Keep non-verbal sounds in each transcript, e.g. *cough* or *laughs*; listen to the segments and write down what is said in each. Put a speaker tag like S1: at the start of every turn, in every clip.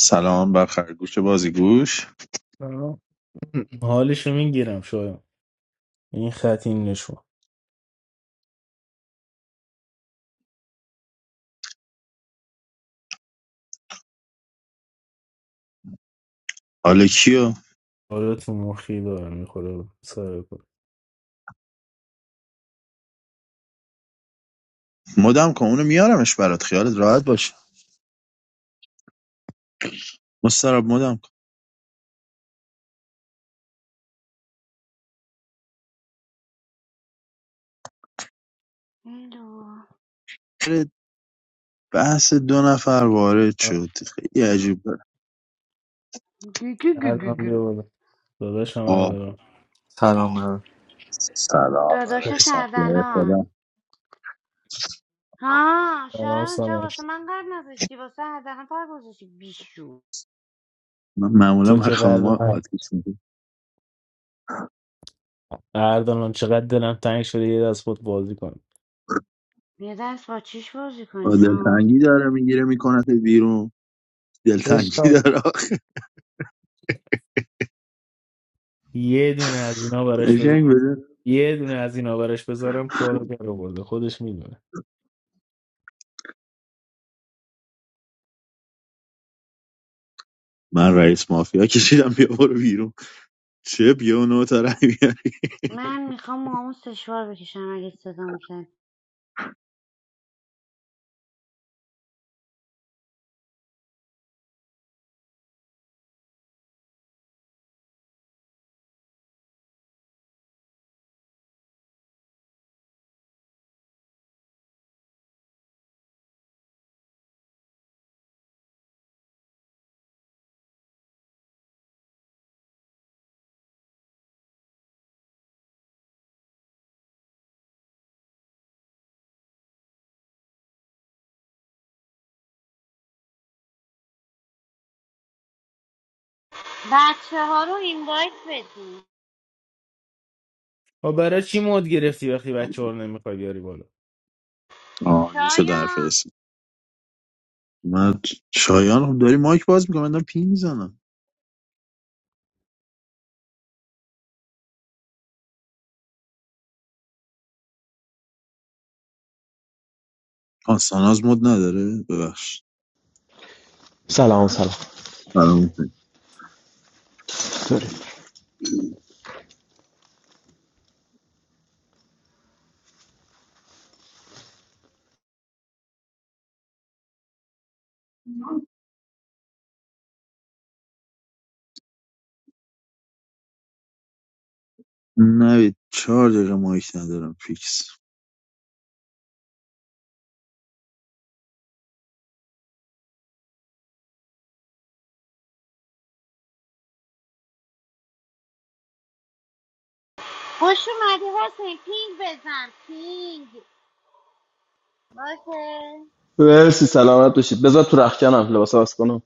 S1: سلام بر خرگوش بازیگوش
S2: آه. *clears throat* حالشو میگیرم شاید این خط این نشون
S1: حالا کیو
S2: حالا تو مخی دارم میخوره سر کن
S1: مدام کن اونو میارمش برات خیالت راحت باشه مستراب مدام کن
S3: الو
S1: آره، بحث دو نفر وارد شد خیلی عجیب بود
S3: گوگو گوگو
S2: الان بیا
S3: گو
S2: بالا داداشم
S1: آه
S2: اردلان
S4: Hello.
S1: سلام بر
S3: داداش
S1: رئیسان
S3: شهردلان
S1: خودم
S3: ها
S2: سلام
S3: شایان چرا
S2: سلام
S3: واسه من قرد نذاشتی واسه اردلان پر گذاشتی بیشو
S1: من معمولا
S2: تو
S1: من
S2: که قلب
S1: خانوما
S2: من
S1: آتیش میده
S2: اردلان چقدر دلم تنگ شده یه دست بود بازی کنم
S3: یه دست با چیش بازی کنی آه.
S1: دلتنگی داره میگیره میکنه بیرون دلتنگی
S2: عشقم
S1: داره آخ.
S2: یه دونه از اینا براش بذارم
S1: قشنگ بده
S2: یه دونه از اینا براش بذارم کارو در آورده خودش میدونه
S1: من رئیس مافیا کشیدم بیا برو بیرون چه بیا اونو تا رای بیاری.
S3: من میخوام موامو سشوار بکشم اگه صدام شد بچه ها رو اینوایت بدی
S2: و برای چی مود گرفتی وقتی بچه ها رو نمیخوای بیاری بالا
S1: آه این شد
S3: شایان
S1: حرف من شایان خب داری مایک باز میکنم من دارم پی میزنم آن ساناز مد نداره ببخش
S5: Salaam salaam.
S1: فراموش کرد.
S5: Sorry.
S1: نه چهار دقیقه مایک ندارم فیکس
S3: خوش اومدی حسین پینگ بزن پینگ باشه
S5: Well, this Salaamah to you. Better to write it now. Let me fasten it.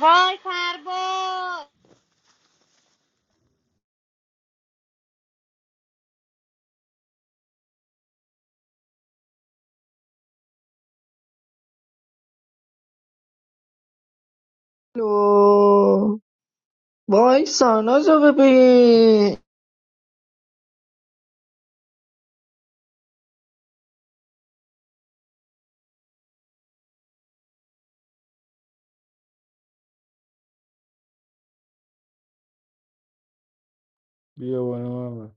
S3: وای فرباد
S6: الو وای سانازو ببین
S2: بیا بالا محمد.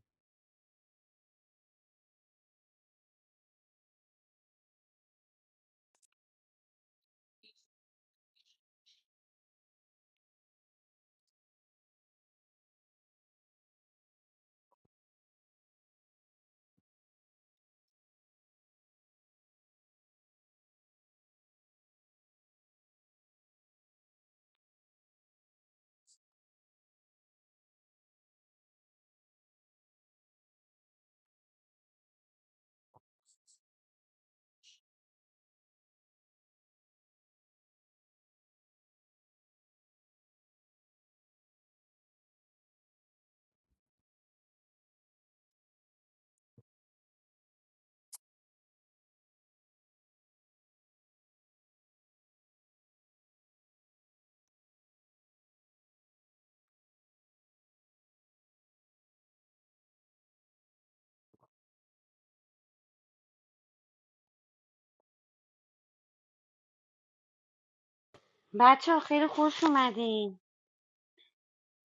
S3: بچه ها خیلی خوش اومدین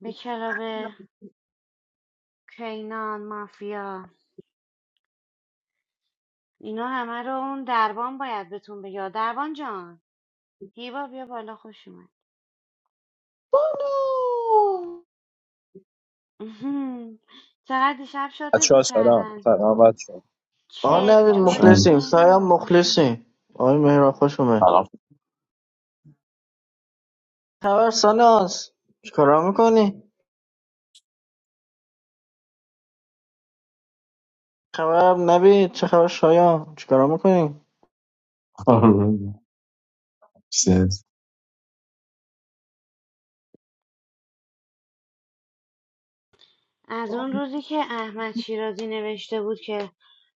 S3: به کلاب کینان مافیا اینا همه رو اون دربان باید بهتون بگه دربان جان هیوا بیا بالا خوش اومد
S6: سانا.
S3: *laughs* چقدر دیشب
S7: I
S3: شاتت
S7: trust. Saddam.
S3: میکردن
S7: Saddam, I don't. I'm not sure.
S6: آقا
S1: آه،
S6: نوید
S1: هم
S3: چطوری
S1: شاید
S6: مخلصیم شایم
S3: مهرا خوش اومد
S6: مخلصیم آقای مهران خوش اومد
S1: سلام
S6: خبر ساناز چیکارا میکنی؟ خبر نوید چه خبر شایان چیکارا میکنی؟
S1: *laughs* خانم. سز.
S3: از اون روزی که احمد شیرازی نوشته بود که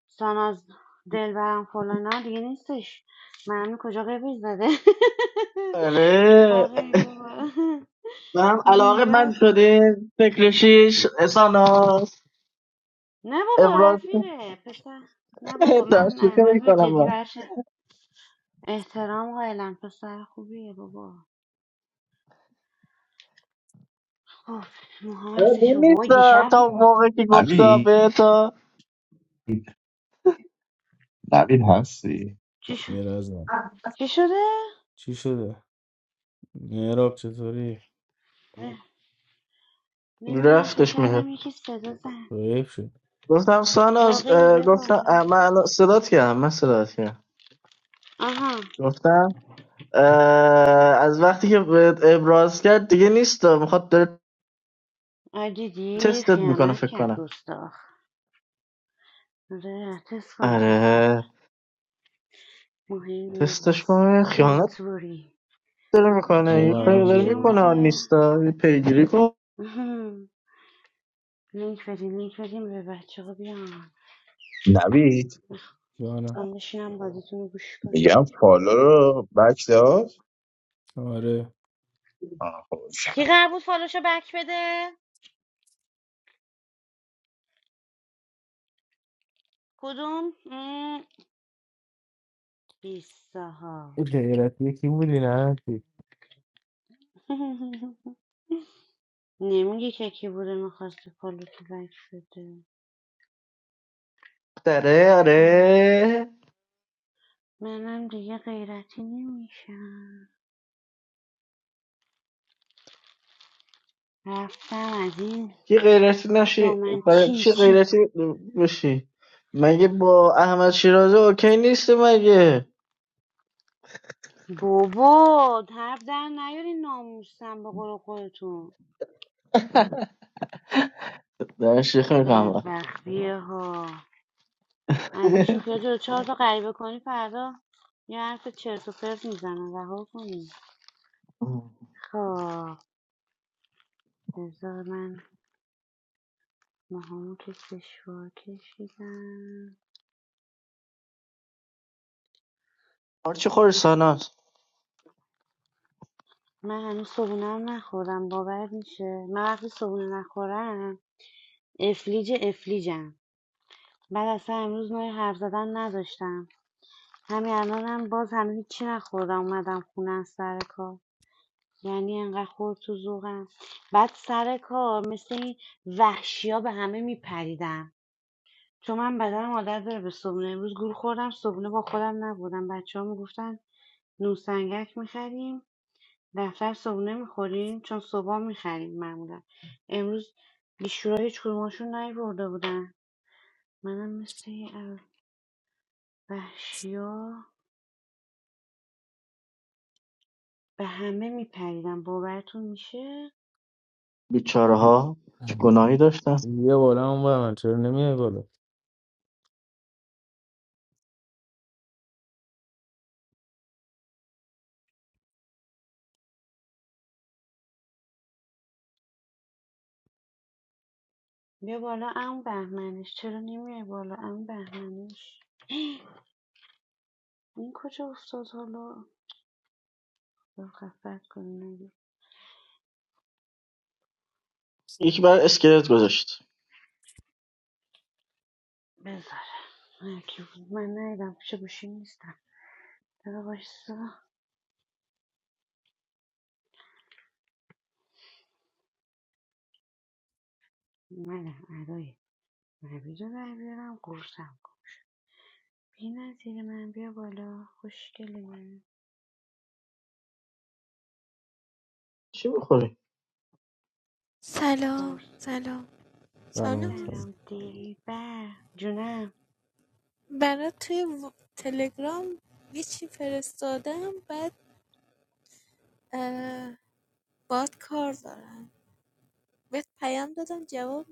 S3: ساناز دلبرم فلانا دیگه نیستش معلوم کجا قیبی زده *laughs* با
S6: آره
S3: قیبی با
S6: من هم علاقه من
S3: لیوز *laughs*
S6: شده فکر شیش ساناز
S3: نه بابا
S6: ابراز
S3: رفیقه پسر نه بابا
S6: *laughs*
S3: من
S6: تشویقی
S3: احمد رو
S6: میکنم من
S3: جدی برش احترام قائلم پسر خوبیه بابا خب موهام
S6: آره، *laughs*
S3: هستش
S6: ببین
S3: بابا
S6: نیست
S3: دیشب
S6: تا
S3: موها
S6: موقع که گفته
S1: نوید
S6: به تا
S1: نوید هستی
S3: چی شد
S2: یه لحظه
S3: چی شده
S2: چی شده؟ میراب چطوری؟
S3: اه، نمیدونم فکر
S6: رفتش مهر
S3: کردم یکی صدا زن
S2: ضعیف شدی؟
S6: گفتم ساناز
S3: واقعی
S6: اه،
S3: بیا
S6: گفتم
S3: بالا
S6: اه، من الان صدات کردم من صدات کردم
S3: آها
S6: گفتم اه، از وقتی که بهت ابراز کرد دیگه نیست میخواد داره
S3: آ دیدی
S6: تستت میکنه
S3: خیانت
S6: فکر
S3: کرد
S6: کنم
S3: گستاخ آره تست کنه تست کنه
S6: آره
S3: مهم
S6: تستش
S3: نیست
S6: کنه
S3: don't
S6: خیانت
S3: worry
S6: داره
S3: چی
S6: میکنه یه
S2: اما
S3: میگم
S6: کاری
S2: برم
S3: هیچ
S6: داره
S3: کی
S2: بیا برو
S3: اومده
S6: میکنه نیستا یه پیگیری کن
S3: آها. لینک بدیم لینک بدیم به بچه ها بیان
S1: نوید
S2: جانم
S3: من بشینم بازیتون رو گوش
S1: میگم
S3: کنم
S1: فالو رو بک داد
S2: آره
S1: آه، خب.
S3: کی قرار بود فالوشو بک بده کدوم؟ بیسته ها
S2: اون غیرت یکی بودی نه چی؟
S3: *laughs* نمیگه که کی بوده میخواسته کلو تو بک شده
S6: داره
S3: من-
S6: آره
S3: منم دیگه غیرتی نمیشم رفتم از این
S6: کی غیرتی نشی
S3: دامن
S6: برای
S3: چین
S6: چی
S3: چین
S6: غیرتی بشی مگه با احمد شیرازه اوکی نیستی مگه
S3: بابا طرف در نیاری ناموسم به قول خودتون
S6: دارم شیخ میکنم
S3: بدبختیه ها از این شوخیات دو چهار تا غریبه کنی فردا یه حرف چرت و پرت میزنم رها کنی
S6: *laughs*
S3: خب بذار من ناهار که سشوار کشیدم
S6: پارچه خور ساناست!
S3: من هنوز صبونه هم نخوردم باورت میشه من وقتی صبونه نخورم افلیج افلیجم بعد اصلا امروز نوع حرف زدن نداشتم همین الانم هم باز هنوز هیچی نخوردم اومدم خونه از سر کار یعنی انقدر خورد تو ذوقم بعد سر کار مثل این وحشی ها به همه میپریدم چون من بدنم عادت داره به صبونه امروز گول خوردم صبونه با خودم نبودم بچه ها میگفتن نوسنگک میخریم دفتر صبحونه میخورین؟ چون صبحها میخریم معمولا امروز بیشورا هیچ کدومشون نیورده بودن منم مثل وحشی ها به همه میپریدم باورتون میشه
S6: بیچاره‌ها چه گناهی داشتند!
S2: یه بالا اون بر من چرا نمیای بالا
S3: بیا بالا عمو بهمنش چرا نمیای بالا عمو بهمنش این کجا افتاد حالا یا خفت کنی نگه
S6: یکی برا اسکلت گذاشت!
S3: بذار هر کی بود. من ندیدم پیش گوشی نیستم چرا بایستا منم ادای نبیده در بیارم قرصم کن بی‌نظیر من بیا بالا خوشگلی من
S6: چی میخوری!
S8: Hello,
S3: قرص
S8: hello. How are
S2: سلام
S8: you?
S2: سلام
S3: سلام دلبر جونم
S8: I have sent Telegram message first. Today, but ah, very hard. Today, but I am today. I have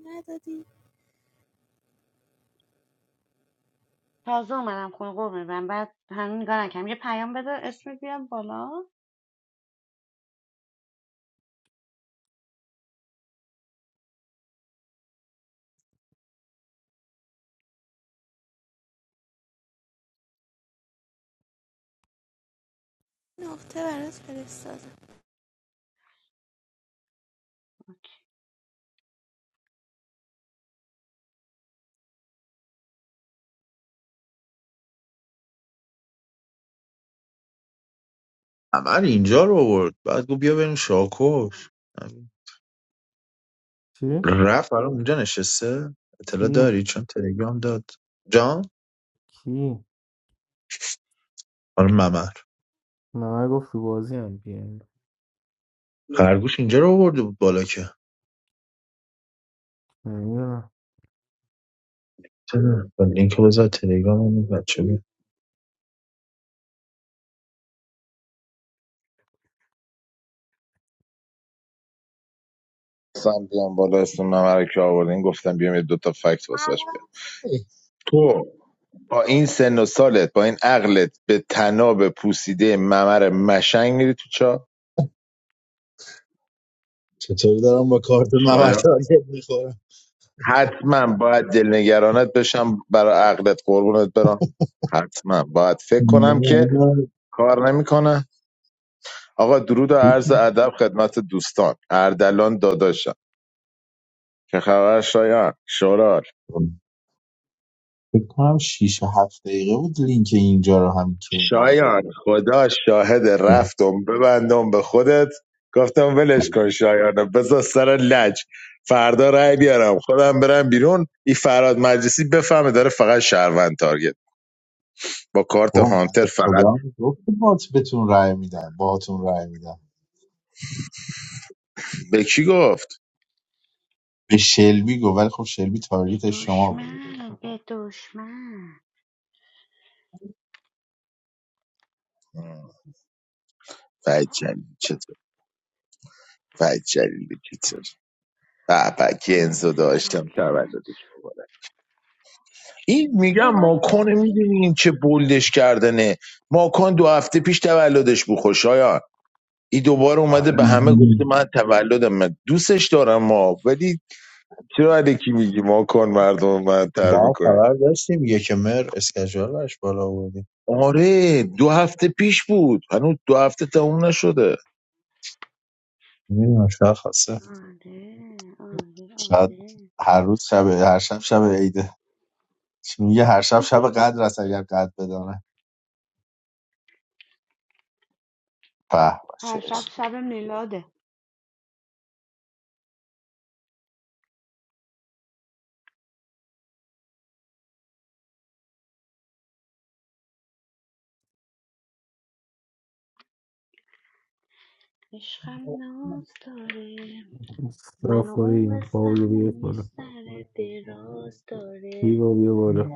S3: تازه اومدم خونه قرمه من بعد هنوز نگاه نکردم یه پیام بده اسم بیاد بالا
S8: sent.
S1: عمل اینجا رو آورد بعد گفت بیا بریم شاکوش
S2: چی؟
S1: رفت برای اونجا نشسته اطلاع
S2: کی؟
S1: داری چون تلگرام داد جان
S2: کی؟
S1: آره ممر
S2: من گفت تو بازی هم بیان
S1: خرگوش اینجا رو آورده بود بالا که
S2: نمیدونم
S1: چرا؟ و لینک رو بذار تلگرام اون بچه بیاد
S9: خواستم بیام بالا اسم ممر رو که آوردین گفتم بیام یه دوتا فکت واسش بیام
S1: ای،
S9: تو با این سن و سالت با این عقلت به تناب پوسیده ممر مشنگ میری تو چا
S1: چطوری دارم با کارت ممر
S9: شاید
S1: تارگت میخورم
S9: حتما باید دلنگرانت بشم برای عقلت قربونت برم حتما باید فکر
S1: نه
S9: کنم که
S1: اینا
S9: کار نمیکنه آقا درود و
S1: فکر
S9: عرض ادب خدمت دوستان اردلان داداشم که خبر شایان شورال
S1: می‌کنم. فکر کنم 6 هفت دقیقه بود لینک اینجا رو هم که اینا رو
S9: شایان
S1: بفرستم
S9: خدا شاهد رفتم ببندم به خودت گفتم ولش کن شایانو بذار سر لج فردا رای بیارم خودم برم بیرون این فراد مجلسی بفهمه داره فقط شهروند تارگت با کارت
S1: بابا
S9: هانتر
S1: بنده خدا
S9: فقط
S1: هم گفت بات بهتون رای میدم باهاتون رای میدم
S9: به کی گفت
S1: به شلبی گفت ولی خب شلبی
S3: به
S1: تارگت شما
S3: دشمن به دشمن
S9: فید جلیل چطور فید جلیل چطور به به
S3: خدا
S9: گنزو داشتم
S3: شکرت
S9: تولدش مبارک این میگم
S3: ای بای
S9: ماکان میدونی این چه بولدش کردنه ماکان دو هفته پیش تولدش بود خوشایند این دوباره اومده
S1: آره
S9: به همه گفته من تولدم من دوستش دارم ما ولی چرا الکی میگی ما کن مردم من تر
S1: ما هم
S9: میکنی
S1: خبر داشتیم یک مهر اسکجول برش بالا آوردیم
S9: آره دو هفته پیش بود هنوز دو هفته تموم نشده
S1: میدونم شاید خواسته
S3: آره آره
S1: شاید
S3: آره
S1: هر روز شب هر شب شب عیده چی میگه هر شب شب قدر است اگر قدر بدانه به به
S3: هر
S1: چه
S3: شب
S1: عشق
S3: شب میلاده عشقم ناز داره من و
S2: صفایی
S3: اون
S2: پابلو بیا
S3: قصه‌مون یه
S2: بالا
S3: سر دراز داره
S2: هیوا بیا بالا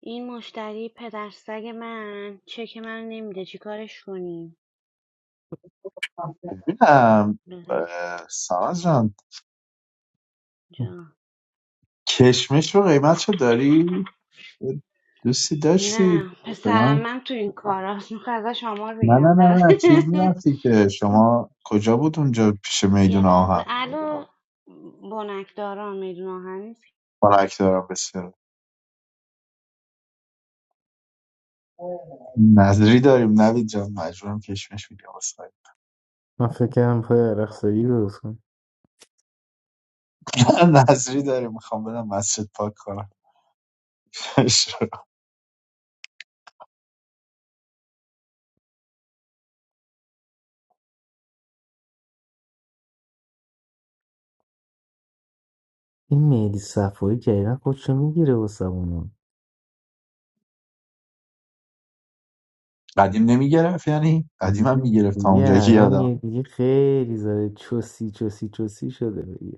S3: این مشتری پدر سگ من چک من نمیده چی کارش کنیم
S1: ببینم
S3: بذار
S1: اه، ساناز جان
S3: جا
S1: کشمش رو قیمت چه داری؟ یه دوستی داشتی
S3: نه
S1: به
S3: پسرم
S1: من
S3: من تو این کار کاراست میخواد ازش آمار
S1: نه نه
S3: بگیرم فقط.
S1: نه نه چیز میرفتی که
S3: *laughs*
S1: شما کجا بود اونجا پیش
S3: یه
S1: میدون
S3: لحظه
S1: آهن
S3: الو بنکداران میدون آهن نیست
S1: خنک دارم بسیار نظری داریم نوید جان مجبورم کشمش میگم اصلا
S2: من فکر کردم پای عرق سایی درست کنم
S1: *laughs* نظری داریم میخوام بدم مسجد پاک کنم *laughs*
S2: این مهدی صفایی جدیدن خودشو میگیره واسه اونو
S1: قدیم نمیگرفت یعنی قدیم هم
S2: دیگه
S1: میگرفت تا
S2: دیگه
S1: اونجایی که
S2: الان
S1: یادم
S2: یه دیگه خیلی زده چوسی چوسی چوسی شده دیگه.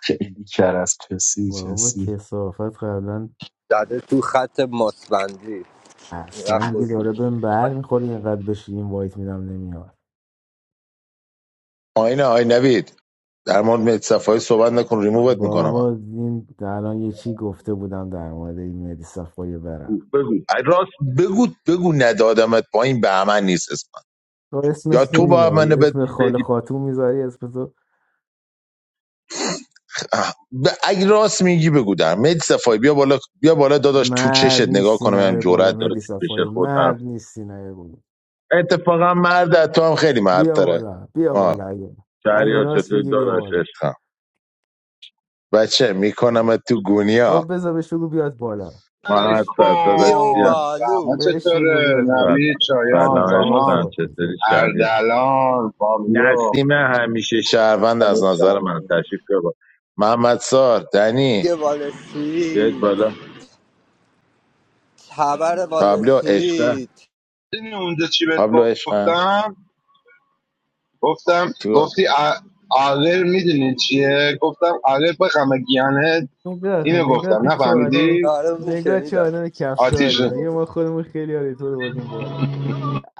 S1: خیلی کرس چسی
S2: بابا
S1: چسی
S2: کسافت قبلا
S10: زده تو خط مصبندی و
S2: اصلا دیگه
S10: خطوط.
S2: داره بهم بر میخوری اینقدر بشی این وایت میدم نمیاد
S9: آینه آی نوید در مورد مهدی صفایی صحبت نکن ریمووت میکنم
S2: بابا این الان یه چی گفته بودم در مورد این مهدی صفای برم
S9: بگو بگو راست بگو بگو ندادمت پایین به من نیست اسم من.
S2: تو
S9: یا
S2: اسمش چی
S9: تو با من
S2: میذاری
S9: بد-
S2: اسم خال
S9: بدی
S2: خاتون میذاری اسم تو
S9: اه، ب... اگه راست میگی بگو در مهدی صفایی بیا بالا بیا بالا داداش تو چشت
S2: مرد
S9: نگاه
S2: نیستی
S9: کنم هم
S2: نه بالا
S9: جرأت داره
S2: مهدی
S9: تو چش
S2: صفایی
S9: خود
S2: مرد نیستی نه بالا
S9: اتفاقا مرد تو هم خیلی مرد
S2: بیا
S9: داره
S2: بالا بیا
S9: آه
S2: بالا اگه اگه
S9: شهریار
S2: راست
S9: چطوری
S2: میگی بیا
S9: داداش
S2: بالا
S9: عشقم بچه میکنم تو گونیا
S2: خب بذار بهش بگو بیاد بالا
S9: ما
S2: بهش
S9: هستم داداش
S10: بیو
S9: بیا
S11: علیکم رحمت
S10: بالو
S2: بهش بگو
S11: چطوره
S2: بیاد بالا
S9: سلام
S11: نوید شایان
S9: سلام
S2: سلام
S9: عشقم
S11: ساناز
S2: آلفا
S9: چطوری شهریار
S11: اردلان پابلو
S9: نسیم همیشه شهروند از
S11: ازت
S9: نظر من
S11: شنویم
S9: تشریف بیار بالا. محمد سار دنی
S10: یه بال
S9: بیاید
S10: سویت
S9: بالا
S10: خبر بال
S9: پابلو عشقه
S10: سویت
S11: میدونی اونجا چی بهت
S9: پابلو عشقه
S11: گفتم گفتم
S9: تو
S11: گفتی ا- عقل میدونی چیه گفتم عقل بخمه گیانت
S2: نگاه کن
S11: اینو
S2: نگاه
S11: گفتم
S2: کن چه آدم
S11: نفهمیدی
S10: داره اونو
S2: نگاه چه
S10: شنیدم
S2: آدم
S11: آتیش
S2: کفشاریه میگه ما خودمون خیلی آره تو رو بردیم بالا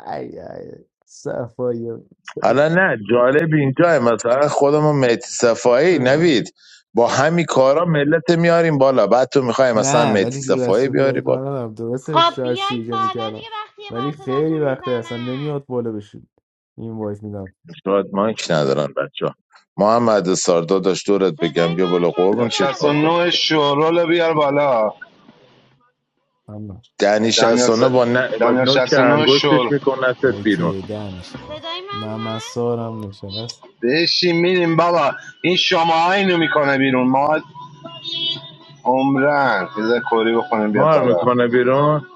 S2: ای ای صفایی آه.
S9: حالا نه جالب اینجا مثلا خودمون مهدی صفایی نوید با همین کارا ملت میاریم بالا بعد تو میخوای مثلا
S2: نه
S9: مهدی
S2: ولی دور از
S9: صفایی
S2: شوخی
S9: بیاری
S2: ولی
S9: بالا
S2: کار ندارم درسته
S3: خب
S2: شاید
S3: بیاید
S2: سوژه
S3: بالا
S2: میکردم
S3: دیگه وقتی یه
S2: ولی
S3: بار
S2: خیلی
S3: صداتون
S2: وقته اصلا
S3: میزنم
S2: نمیاد بالا بشید این وایس میدم
S9: شاید مایک ندارن بچه ها. محمد ساردا داشت دورت
S3: صدای
S9: بگم بیا
S3: من
S9: بالا قربون
S11: دنیا
S3: کسی
S9: چشمات داد
S3: داره
S11: 69 شورولو بیار بالا
S2: اما
S9: دنی
S11: دنیا س...
S9: شستانه با, ن... با
S11: دنیا
S9: نوک
S11: 69
S9: انگشتش
S11: شور
S9: میکنه بیرون
S2: اوکی ده میشینه
S3: صدای من
S2: نه من
S3: هست
S2: سارم نشست
S11: بشین میریم بابا این شما اینو میکنه بیرون ما عمرن یه ذره کوری بخونیم بیاد
S9: ما رو
S11: بالا
S9: میکنه بیرون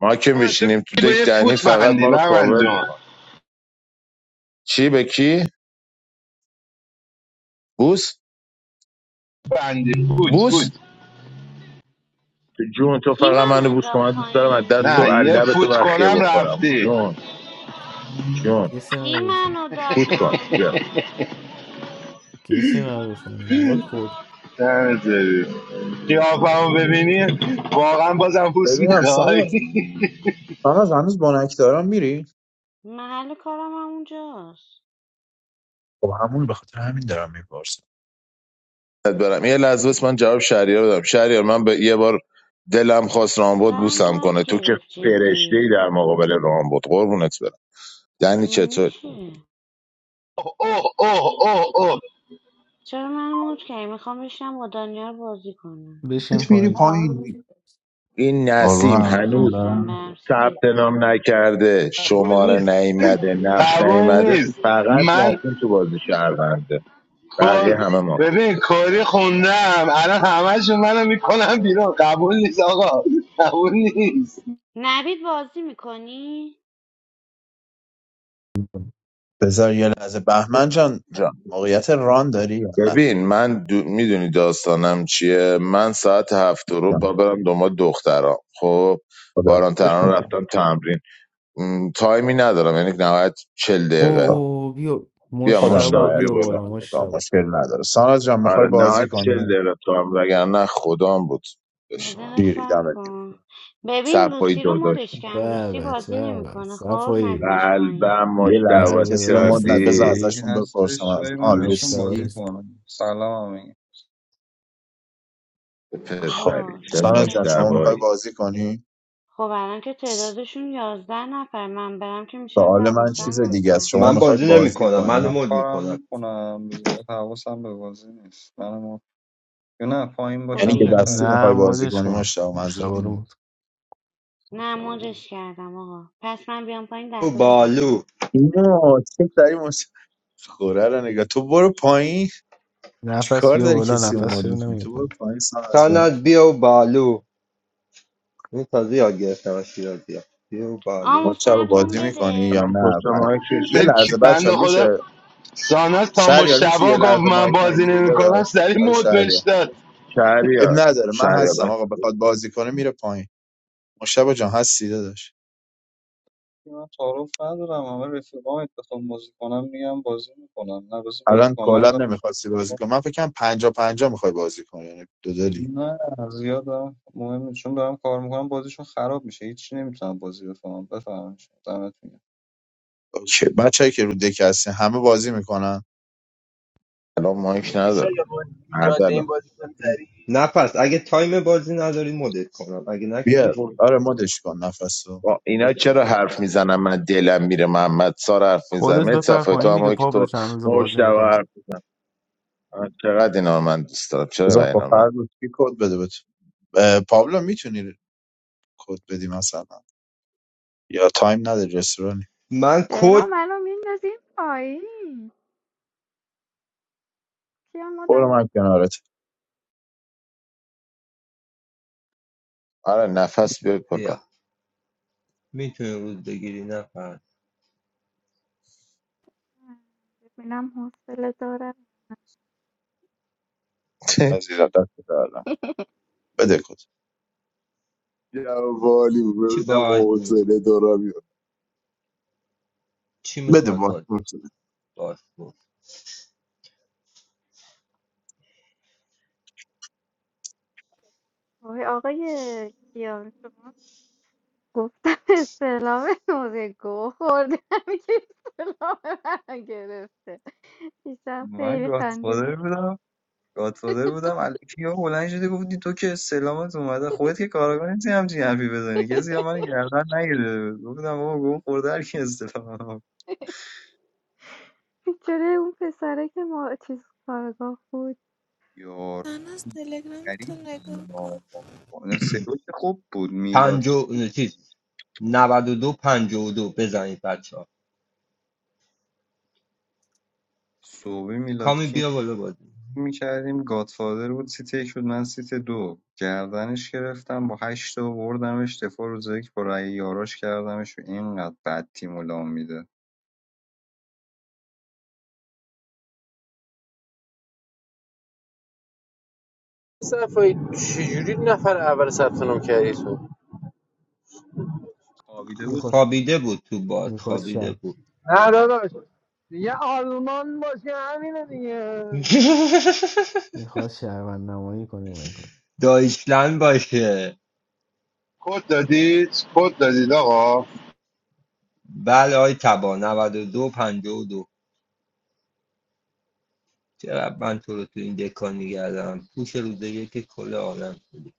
S9: ما که
S11: من تو
S9: میشینیم تو
S11: کی با
S9: دک
S11: یه
S9: دنی
S11: فوت
S9: فقط
S11: بندی
S9: ما رو
S11: برمن
S9: کاور
S11: جان
S9: میکنه چی به کی بوس
S11: بندی فوت فوت
S9: بوس تو جون تو
S3: کی
S9: فقط
S3: منو
S9: منو بوس کن
S3: انداخت
S9: من دوست دارم از
S3: پایین
S9: دست تو
S11: نه
S2: چی؟
S11: یه
S9: لب تو
S11: فوت
S9: بخیه
S11: کنم
S9: بخورم
S11: رفتی
S9: جون جون
S2: کسی
S3: کی
S2: نداره تو.
S3: منو داد
S9: فوت کن بیا
S3: پایین
S2: کسی نداره تو. این وای خود
S11: نمیذاری قیافمو ببینی واقعا بازم فوت
S1: ببینم
S11: میخوای
S1: ساناز ساناز هنوز بانک دارم میری
S3: محل کارم هم اونجاست
S1: خب همون به خاطر همین دارم میپرسم
S9: برم یه لحظه بس من جواب شهریار بدم شهریار من به یه بار دلم خواست رامبد
S3: سرم
S9: بوسم
S3: درد
S9: کنه تو که
S3: گرفت
S9: فرشته ای
S3: جدی
S9: در مقابل رامبد قربونت برم یعنی چطور
S3: نمیشه
S11: اوه اوه اوه اوه
S3: چرا من موت کردی میخوام بشنم با دانیال بازی کنم
S2: بشین
S1: میری
S2: پایین
S1: پایین میری
S12: Hallelujah.
S9: این
S1: قربون
S9: نسیم
S1: همتون
S9: هنوز
S3: نمیخواستم
S1: برم
S3: برم سیت
S9: ثبت نام نکرده
S11: قبول
S9: شماره
S11: نیست
S9: نیمده نقش
S11: قبول
S9: نیمده
S11: نیست
S9: فقط
S11: من
S9: مافین تو بازی شهرونده بقیه
S11: کل
S9: همه مافی
S11: ببین کاری خوندم الان همهشون منو میکنم بیرون قبول نیست آقا قبول نیست
S3: نوید بازی میکنی؟
S1: بذار یه لحظه بهمن جان موقعیت ران داری یا نه
S9: ببین من دو... میدونی داستانم چیه من ساعت هفت رو با
S1: جان،
S9: برم دنبال دخترام خب
S1: خدا
S9: باران تران
S1: حفظشون کن
S9: رفتم تمرین م، تایمی ندارم یعنی نهایت چل
S2: او
S9: دقیقه
S1: خب،
S2: او بیا
S9: بیا
S1: خودم
S2: مشتبا
S9: مشتاق بیا
S2: بیا
S1: نهایتش
S9: بالا
S2: بالا
S1: ران میکنم
S2: مشتبا
S1: مشکل نداره ساناز جان میخوای
S9: آره
S1: بازی
S9: نهایت چل
S1: کنی
S9: دقیقه تایم وگرنه خدام بود بشینم
S3: نظر
S1: دیری
S3: سب
S1: دمت گرم.
S3: کن ببین
S9: صفایی
S3: لوسی رو مدش
S9: داداشم
S3: کم لوسی
S2: بابت
S3: بازی
S2: بابت
S3: نمیکنه خب
S2: صفایی
S3: ندینش پایین
S9: قلبم
S1: یه لحظه
S9: مشتاق
S2: قلب
S1: کسی رو
S2: داداش
S1: مد ند بذار
S9: کردی
S13: کسی
S2: صفایی
S1: ازشون بپرسم
S13: هستش
S1: از
S13: جای من
S1: آن
S13: بهشون
S2: مشتبا
S13: بازی
S1: لوسی
S2: هست.
S13: کنم سلام هم میگم
S1: خب
S3: آقا
S9: پسری چه
S3: چرا
S1: ساناز جان
S3: انقدر
S1: شما میخوای
S9: مشتبایی
S1: بازی کنی
S3: خب الان که تعدادشون یازده نفر من برم که میشم
S1: سوال من
S3: دوازده
S1: چیز دیگه
S13: فقط
S1: است
S3: نفر
S13: گیر
S1: شما
S10: من
S1: میخوای
S10: بازی نمی
S13: اومدم
S1: بازی
S13: دیگه
S10: کنم
S13: من
S10: منو
S13: دارم
S1: کنی
S10: مود
S13: کارم
S10: میکنم
S13: میکنم زیاد حواسم به بازی نیست منم و- یا نه پایین
S3: خب
S1: یعنی
S13: باشم
S1: یه
S3: بیا
S1: دستی
S13: بهتره
S2: نه
S1: میخوای بازی
S2: مودش
S1: کنی
S2: کن
S1: مشتاق منظور
S2: مشتبا رو
S1: اینه
S2: مود.
S3: نه موجش کردم آقا پس من بیام پایین
S10: بیو
S3: دهتاتون تکمیل
S10: بالو
S1: اینو چه داری مشتاق خوره رو نگاه تو برو پایین
S2: نفس
S1: چیکار
S2: بیا
S1: داری
S2: بالا
S1: کسی رو مود
S2: نفس بیا
S1: میکنی
S2: نمیاد
S1: تو برو
S2: بالا.
S1: پایین سان از جا
S10: ساند بیو بالو این تازه یاد گرفتم از شیراز بیا بیو بالو
S1: ما
S3: آمو
S1: شب
S3: صبرم
S1: بازی میکنی یا
S3: بده
S9: الان پشت
S1: نه پ-
S9: مایکش
S1: یه لحظه بچه
S11: بند
S1: ها میشه
S11: خدا ساناز تا
S1: شهریار میشه یه
S11: مشتبا گفت
S1: لحظه
S11: من
S1: مایک
S11: بازی
S1: نگیری
S11: نمیکنم
S1: داداش
S11: سری
S1: آقای
S11: مود بهش
S1: شهریار
S11: داد
S1: اب
S9: شهریار
S1: نداره من
S9: شهریار
S1: هستم
S9: بس
S1: آقا بخواد بازی کنه میره پایین مشتبه جان هستی داداش
S13: من تعارف ندارم همه رفیقام اتفاق بازی کنم میگم بازی میکنم نه بازی بازی
S1: الان
S13: کنم من
S1: کلا
S13: دارم...
S1: نمیخواستی بازی کنی من فکرم پنجا پنجا میخوای بازی کنی یعنی دو دلی
S13: نه زیاد دارم مهم نیست. چون دارم کار میکنم بازیشون خراب میشه هیچی نمیتونم بازی بفهمم بفهمم شما، دمتون گرم.
S1: اوکی بچه‌ای که رو دک هستن همه بازی میکنن
S9: الان مایک
S14: میدی
S9: نداره
S14: شاید من توی این
S9: اردلان
S14: بازیکن کنی سریع
S10: نه پس اگه تایم بازی نداری مدت کنم اگه نه که
S1: بیا
S10: بشین
S1: آره مدش کن نفسو
S9: با اینا چرا حرف میزنم من دلم میره محمد سار حرف میزنم
S2: خودت
S9: یه
S2: بپر
S9: صفحه تو
S2: پایین دیگه
S9: هم که
S2: پابلو
S9: تو
S2: چند روز
S9: مشت
S2: بازی
S9: و
S2: نکردی
S9: حرف آه، چقدر اینا رو من دوست دارم چرا
S1: بذار
S9: اینقدر
S1: خب
S9: اینا رو من
S1: فرد بود کی کد بده بهت اه، پابلو میتونی کد بدی مثلا یا تایم نداری رستورانی
S10: من
S15: چرا
S10: کد
S15: منو میندازیم پایین کیا مدم
S1: برو من
S15: میکنی
S1: کنارت
S9: آره نفس بیار کلا
S10: بیا میتونی روز بگیری نه پس
S15: ببینم حوصله دارم
S9: *laughs*
S1: عزیزم دست دارم
S15: *laughs*
S1: بده کد
S9: جواب عالی بود
S10: چی
S9: ببینم
S10: بازی
S9: حوصله
S10: میکنی
S9: دارم
S10: چی
S1: بده
S10: میخواد بازی کنی؟
S1: پاسپورت بده.
S10: باش
S15: وای آقای کیان شما گفتم استعلام موزه گو خوردم که استعلام منو گرفته پیشم
S13: من
S15: خیلی خندیدم
S13: گادفادر
S15: *laughs*
S13: بودم گادفادر بودم الکی ها بلند شده گفتی تو که سلامت اومده خودت که کاراگاه نیستی همچین حرفی بزنی کسی هم من گردن نگیره گفتم بابا گم خورده هر کی استلام منو.
S15: بیچاره اون پسره که ما چیز کارگاه بود
S13: یار
S8: I have sent Telegram to
S13: غریب
S8: my
S13: بودن.
S8: uncle.
S13: آه. سروش خوب بود میلاد
S10: پنجو چیز 92 دو پنجاه و دو بزنید بچه ها
S13: صوبی میلاد
S10: کامی
S13: کی
S10: بیا بالا بازی
S13: میکردیم گادفادر بود سیت یک بود من سیت دو گردنش گرفتم با هشت تا بردمش دفاع روز یک با رأی یاراش کردمش و اینقدر بد تیم و لام میده
S14: صفایی چجوری نفر اول ثبت نام کردی تو
S13: خوابیده بود
S2: میخواد
S10: خوابیده بود تو باد
S2: میخواد
S10: خوابیده
S2: شهر
S10: بود
S16: نه داداش دیگه آلمان باشه همینه دیگه
S10: *laughs*
S2: میخواد شهروند نمایی کنی من کن
S10: دایشلند باشه
S11: کد دادید کد دادید آقا
S10: بله آی تبا 92 دو پنجاه و دو. چرا من تو رو تو این دکان میگردم پوش روزه یک کل عالم شدی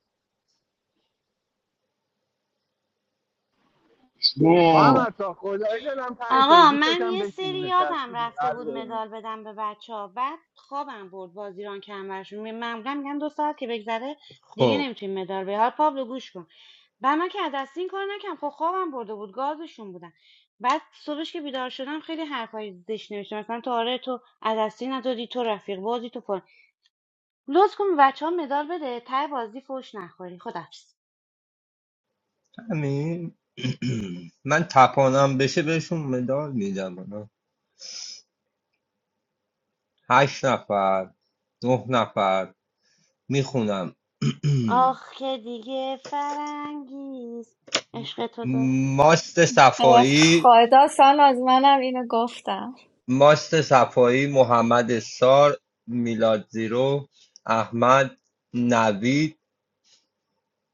S11: بوم
S16: محمد تا خدایی دلم تنگ شده
S3: آقا
S16: دوست
S3: من
S16: داشتم
S3: یه
S16: بشینی
S3: سری یادم
S16: نشستی دیگه.
S3: رفته بود
S16: قلب
S3: مدال بدم به بچه ها بعد خوابم برد بازیران کم برشون می- معمولا میگم دو ساعت که بگذره دیگه
S10: خب
S3: نمیتونی مدال بدی حالا پابلو گوش کن بعد من که از دست این کار نکردم خب خوابم برده بود گازشون بودم بعد صبحش که بیدار شدم خیلی حرفای زشت نوشتم مثلا تو آره تو از دستی ندادی تو رفیق بازی تو فلان لطف کن بچه مدال بده ته بازی فوش نخوری خدافظ
S10: همین *clears throat* من تپانم بشه بهشون مدال میدم آه. هشت نفر نه نفر میخونم *clears throat*
S3: آخ که دیگه فرنگیز عشق تو دار-
S10: ماست
S15: اه،
S10: صفایی
S15: خدا سال از منم اینو گفتم
S10: ماست صفایی محمد سار میلاد زیرو احمد نوید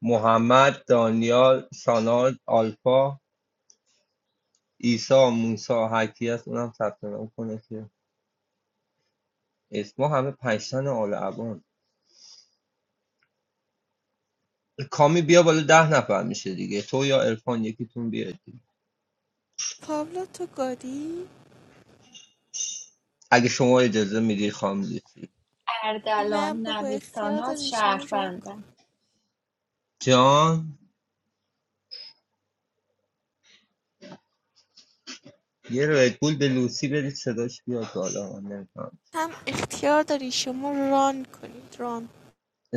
S10: محمد دانیال ساناز آلفا ایسا موسا هرکی هست اونم ثبت نام کنه که اسما همه پنجتن آل عبان کامی بیا بالا ده نفر میشه دیگه تو یا ارفان یکیتون بیاد دیگه.
S8: Pablo to Gadi.
S10: اگه شما اجازه میدی خام لوسی
S8: I
S15: اردلان
S8: have
S15: نویسان از
S8: to choose your rank.
S15: شهروندم
S10: جان یه رگول به لوسی بدید صداش بیاد بالا من نمی‌فهمم.
S8: I have to choose your rank. Run, run.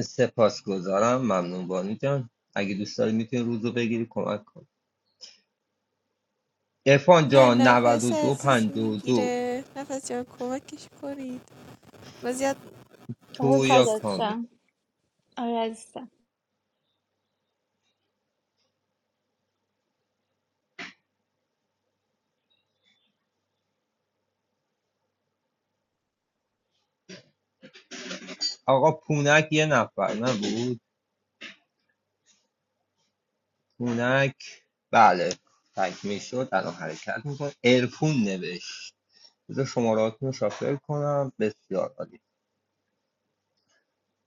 S10: سپاسگزارم ممنون بانی جان اگه دوست داری میتونی روزو بگیری کمک کن ارفان
S8: No,
S10: جان
S8: no. First, I
S10: 92
S8: will give.
S10: 52
S8: First, I will give you a question. But I will
S15: آره
S10: تو
S8: give
S10: یا
S8: you.
S15: فدات
S10: کامی
S15: شم. آره عزیزم
S10: آقا پونک یه نفر نبود پونک بله تک میشد الان حرکت میکن ارفون نوشت بذار شماراتون رو شافل کنم بسیار عالی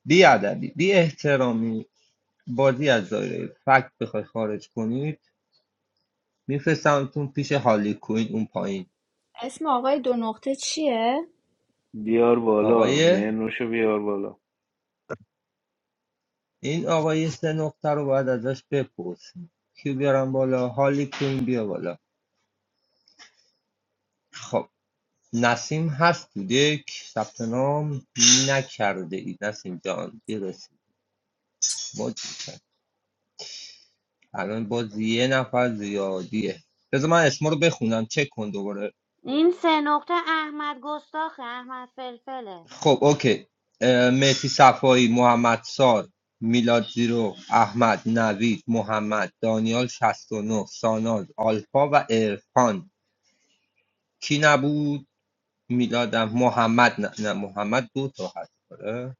S10: بی ادبی بی احترامی بازی از دایره فکت بخوای خارج کنید میفرستمتون پیش هالی کوین اون پایین
S15: اسم آقای دو نقطه چیه؟
S2: بیار بالا
S10: آقای
S2: منوشو بیار بالا
S10: این آقا سه نقطه رو باید ازش بپرسیم کیو بیارم بالا هالی کوین بیا بالا خب نسیم هست تو دک ثبت نام نکرده ای نسیم جان برسید الان باز یه نفر زیادیه بذار من اسما رو بخونم چک کن دوباره
S3: این سه نقطه احمد گستاخه احمد فلفله
S10: خب اوکی اه، مهدی صفایی محمد سار میلاد زیرو احمد نوید محمد دانیال 69 ساناز آلفا و ارفان کی نبود میلادم محمد نه, نه محمد دو تا هست آره.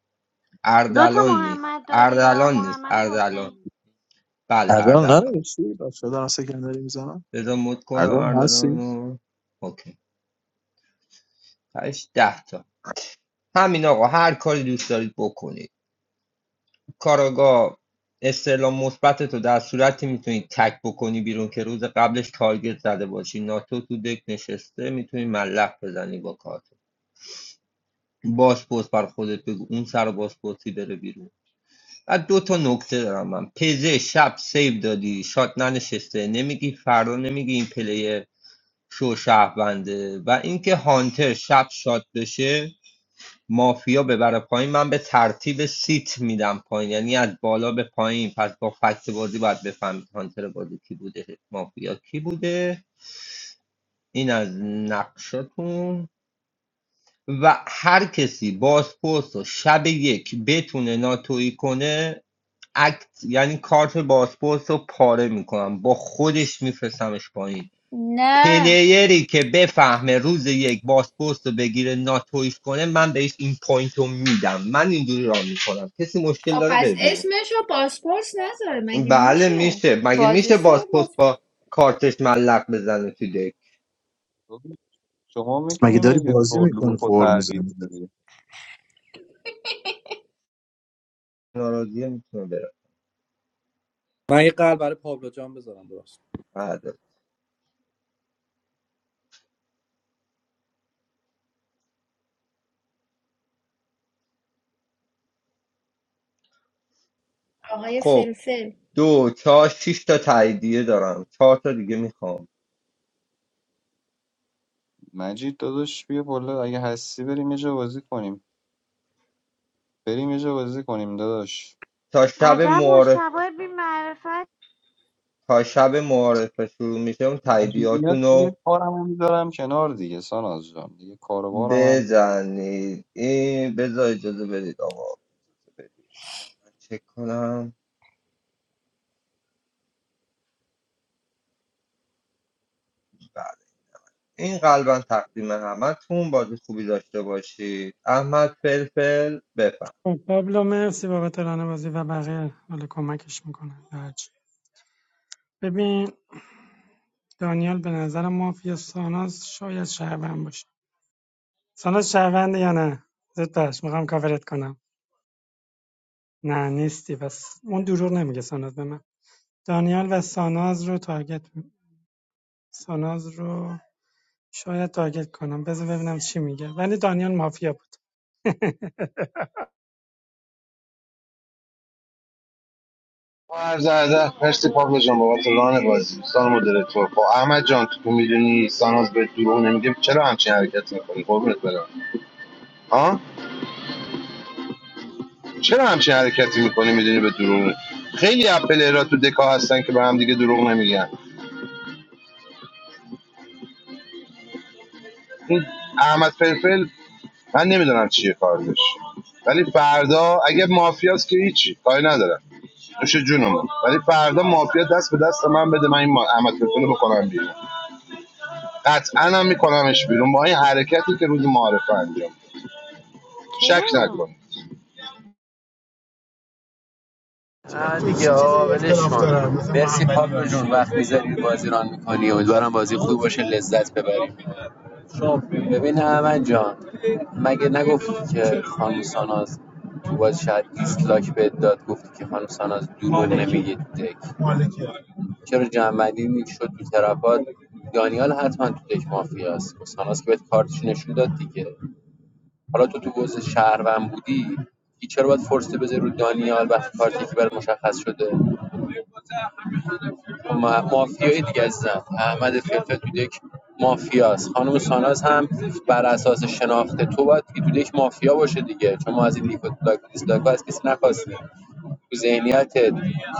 S3: دو تا
S10: اردلان نیست
S3: محمد داری یا
S10: اردلان نیست
S3: محمد
S10: اردلان
S3: حسین
S10: بله
S1: اردلان
S10: اردلان
S1: ننوشتی بچه‌ها دارن سکندری میزنن
S10: بذار مد کنم
S1: اردلان
S10: اردلان
S1: هستی
S10: اوکی هشت ده تا همین آقا هر کاری دوست دارید بکنید کاراگاه استعلام مثبت تو در صورتی میتونید تک بکنی بیرون که روز قبلش تارگت زده باشی ناتو تو دک نشسته میتونی ملق بزنی با کارت باسپورس بر خودت بگو اون سر باسپورسی بره بیرون بعد دو تا نکته دارم من پزه شب سیو دادی شات ننشسته نمیگی فردا نمیگی این پلیر شو شهرونده و اینکه هانتر شب شات بشه مافیا ببره پایین من به ترتیب سیت میدم پایین یعنی از بالا به پایین پس با فکت بازی باید بفهمید هانتر بازی کی بوده مافیا کی بوده این از نقشاتون و هر کسی بازپرس و شب یک بتونه ناتویی کنه اکت یعنی کارت بازپرس رو پاره میکنم با خودش میفرستمش پایین
S15: نه
S10: پلیری که بفهمه روز یک بازپرس رو بگیره ناتویش کنه من بهش این پوینت رو میدم من اینجوری را میکنم کسی مشکل
S15: خب
S10: داره
S15: پس
S10: بره بیرون
S15: اسمش رو پاسپورت نذاره مگه
S10: بله
S15: میشه
S10: میشه مگه
S15: بازی
S10: میشه
S15: سر
S10: بازپرس
S15: باز
S10: با کارتش ملق بزنه تو دک
S13: تو شما
S1: مگه
S13: میتونیم
S1: داری
S13: مگه
S1: بازی
S13: رول
S1: میکنی
S13: رو
S1: خور
S13: تغییر
S1: میزنی
S13: بدی
S10: ناراضیه میتونه بره
S17: من یه قلب برای پابلو جان بذارم درست
S10: بله.
S15: آقای
S10: خب
S15: فلفل
S10: دو چهار شش تا تاییدیه دارم چهار تا دیگه میخوام
S13: مجید داداش بیا بالا اگه هستی بریم یه جا بازی کنیم بریم یه جا بازی کنیم داداش
S10: تا شب
S3: عجب
S10: معارف
S3: مجتبای بی معرفت
S10: تا شب معارفه شروع میشه اون
S13: مجید میاد
S10: تاییدیاتون
S13: دیگه
S10: رو
S13: کارم هم میذارم کنار دیگه ساناز جان دیگه کاروبارم هم میذارم
S10: بزنید این بذار اجازه بدید آقا چک کنم بله این قلبا تقدیم همتون بازی خوبی داشته باشید احمد فلفل بفهم
S18: خب، پابلو مرسی بابت بازی و بقیه حالا کمکش میکنن هرچی ببین دانیال به نظر مافیا ساناز شاید شهروند باشه ساناز شهرونده یا نه زود باش میخوام کاورت کنم نه نیستی بس. اون دروغ نمیگه ساناز به من دانیال و ساناز رو تارگت می- ساناز رو شاید تارگت کنم بذار ببینم چی میگه ولی دانیال مافیا بود
S11: عرض ادب مرسی پابلو جان بابت ران بازی دوستان مدیرتور خب احمد جان تو میدونی ساناز به دروغ نمیگه چرا همچین حرکتی میکنی قربونت برم ها چرا همچین حرکتی میکنی میدونی به دروغ خیلی اپلیرا تو دکا هستن که به هم دیگه دروغ نمیگن این احمد فلفل من نمیدونم چیه کارش ولی فردا اگه مافیاست که هیچی کاری ندارم نوش جونمون ولی فردا مافیا دست به دست من بده من این ما- احمد فلفل رو بکنم بیرون قطعا هم میکنمش بیرون با این حرکتی که روز معارفه انجام داد. شک
S3: چرا؟
S11: نکنید
S14: چقدر نه تو دیگه چی چیزی آقا ولش کن مرسی پابلو جون وقت میذاری بازی ران میکنی امیدوارم بازی خوب باشه لذت ببریم ببین احمد جان مگه نگفتی که خانم ساناز تو باز شاید دیسلایک بهت داد گفتی که خانم ساناز دروغ نمیگه تو دک چرا جنبندی شد تو ترپات دانیال حتما تو دک مافیاست خب ساناز که بهت کارتش نشون داد دیگه حالا تو تو پست شهروند بودی دیگه چرا باید فرصتی بذاری رو دانیال وقتی کارت یکی برات مشخص شده ما- مافیای دیگه عزیزم احمد فلفل تو دک مافیاست خانم ساناز هم بر اساس شناخت تو باید که تو دک مافیا باشه دیگه چون ما از این لیکو دیسلاک دیسلاک از کسی نخواستیم تو ذهنیتت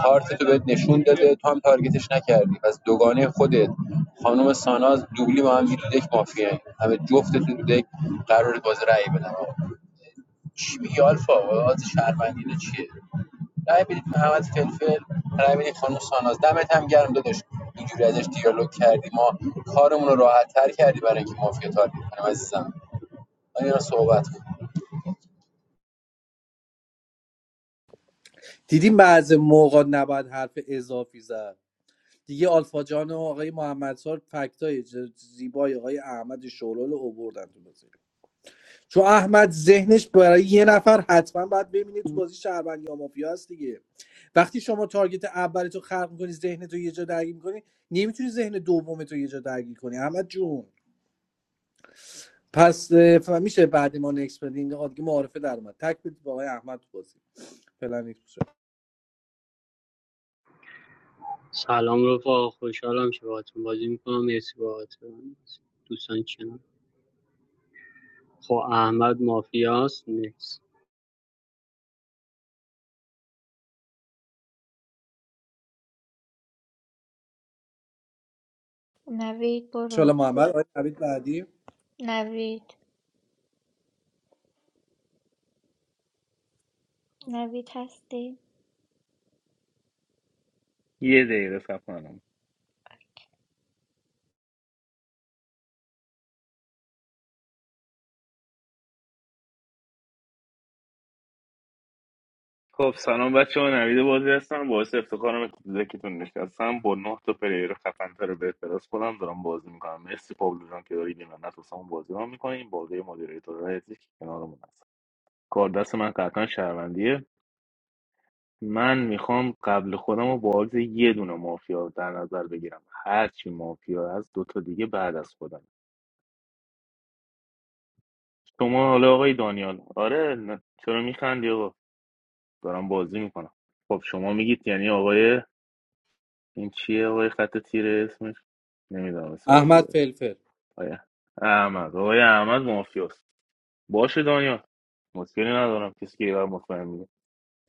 S14: کارت تو بهت نشون داده تو هم تارگتش نکردی پس دوگانه خودت خانم ساناز دوبلی با هم دیگه تو دک مافیا همه جفتتون تو دک قرار باز رأی بدم چی میگی آلفا واسه شهروندی چیه رای بدید محمد فلفل رای بدید خانم ساناز دمت هم گرم داداش اینجوری ازش دیالوگ کردی ما کارمون رو راحت تر کردی برای اینکه مافیا تارگت کنیم عزیزم آیا صحبت
S17: دیدیم بعض موقع نباید حرف اضافی زد دیگه آلفا جان و آقای محمد سار فکتای ج- زیبای آقای احمد شورال رو اووردن تو بازی چون احمد ذهنش برای یه نفر حتما باید ببینه تو بازی شهروند یا مافیا است دیگه وقتی شما تارگت اول تو خلق میکنی ذهن تو یه جا درگیر میکنی نمیتونی ذهن دوم تو یه جا درگیر کنی احمد جون پس اه، میشه بعد ما نکس بدیم آقا دیگه معارفه در اومد تک بدید به آقای احمد تو بازی فعلا نکس
S19: سلام رفا خوشحالم که باهاتون بازی میکنم مرسی باهاتون دوستان کنم خب احمد مافیاست نیست
S15: نوید برو
S17: شاله محمد آقای نوید بعدی
S15: نوید نوید هستی؟
S2: یه دقیقه صبر کن خب سلام بچه ها نوید بازی هستم باعث افتخارم که تو دکتون نشستم با نه تا پلیر خفن‌تر به اعتراض کنم دارم بازی میکنم مرسی پابلو جان که داری نعمت واسمون بازی رو میکنیم بازی مدیریتور هستی که کنارمون هست کار دست من قطعا شهروندیه من میخوام قبل خودم رو با عاجز یه دونه مافیا در نظر بگیرم هرچی مافیا هست دو تا دیگه بعد از خودم شما حالا آقای دانیال آره نه. چرا میخندی آقا دارم بازی میکنم خب شما میگید یعنی آقای این چیه آقای خط تیره اسمش نمیدونم اسمش
S17: احمد
S2: چیه
S17: فلفل
S2: آیا احمد آقای احمد مافیاست باشه دانیال مشکلی ندارم کسی که ایران مطمئن میگه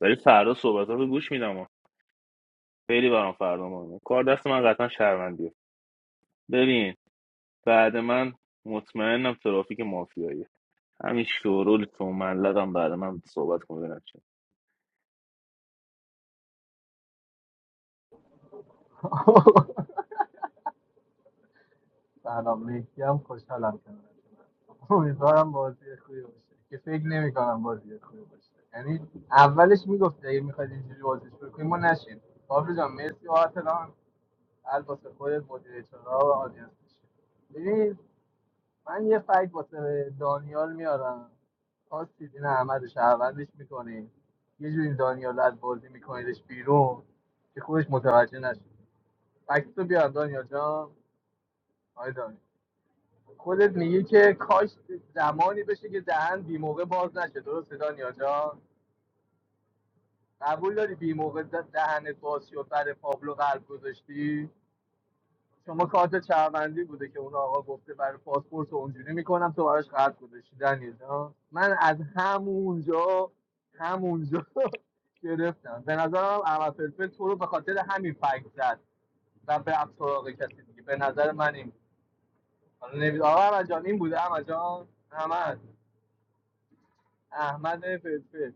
S2: ولی فردا صحبت رو گوش میدم ها. خیلی برام فردا مهمه کار دست من پروندیه ببین بعد من مطمئنم ترافیک مافیاییه همین شورول تو ملقم بعد من صحبت کنه ببینم چیه.
S16: سلام مهدی هم خوشحالم کنارتون امیدوارم بازی خوبی باشه که فکر نمی کنم بازی خوبی باشه یعنی اولش میگفت اگه میخواید اینجوری بازی شروع کنیم ما نشیم بابلو جان مرسی و هم البته خودت مدیر اجرا و آدینس بشی. من یه فکر واسه دانیال میارم خواستید این احمد رو شهروندش میکنید یه جوری دانیال رو از بازی میکنیدش بیرون که خودش متوجه نشه فکت رو بیار دانیال جان آی دانیال خودت میگی که کاش زمانی بشه که دهن بی موقع باز نشه درسته دانیال جان قبول داری بی موقع دهنت باز شد برای پابلو قلب گذاشتی شما کارت شهروندی بوده که اون آقا گفته برای پاسپورت رو اونجوری میکنم تو براش خط گذاشتی دنیل من از همونجا همونجا *laughs* گرفتم به نظرم احمد فلفل تو رو به خاطر همین فکر زد و به سراغ کسی دیگه به نظر من این بود. حالا نمید آقا احمد جان این بوده احمد جان احمد احمد فلفل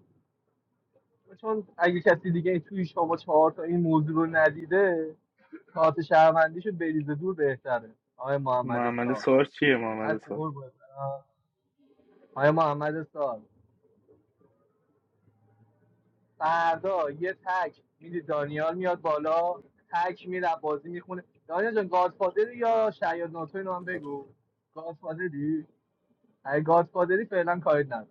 S16: چون اگه کسی دیگه توی شما چهار تا این موضوع رو ندیده کارت شهروندیشو بریزه دور بهتره آقای محمد
S2: محمد
S16: سار
S2: سار چیه محمد
S16: هستی
S2: سار
S16: قربونت برم. آقای محمد سال فردا یه تک میدی دانیال میاد بالا تک میره بازی میخونه دانیال جان گادفادری یا شاید ناتو اینو هم بگو گادفادری اگه گادفادری فعلا کاری ندارم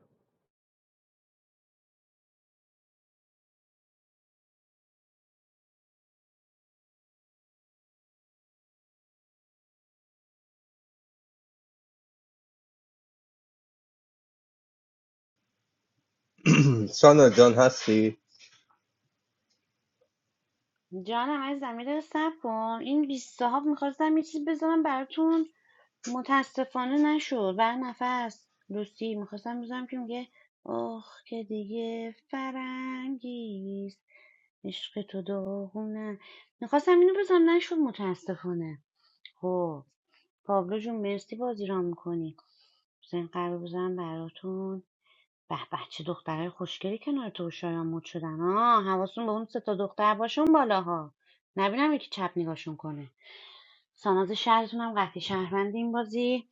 S10: *clears throat* سانا جان هستی
S3: جانم از زمین رو سب کن این بیست صاحب میخواستم یه چیز بذارم براتون متاسفانه نشد بر نفس لوسی میخواستم بزنم که میگه آخ که دیگه فرنگیست عشق تو داغونه میخواستم اینو بزنم نشد متاسفانه خب پابلو جون مرسی بازی را میکنی بزن قرار بزنم براتون به به چه دخترای خوشگلی کنار تو و شایان مد شدن ها حواستون به اون سه تا دختر باشه بالاها نبینم یکی چپ نگاهشون کنه ساناز شهرتون هم قطعی شهروندی این بازی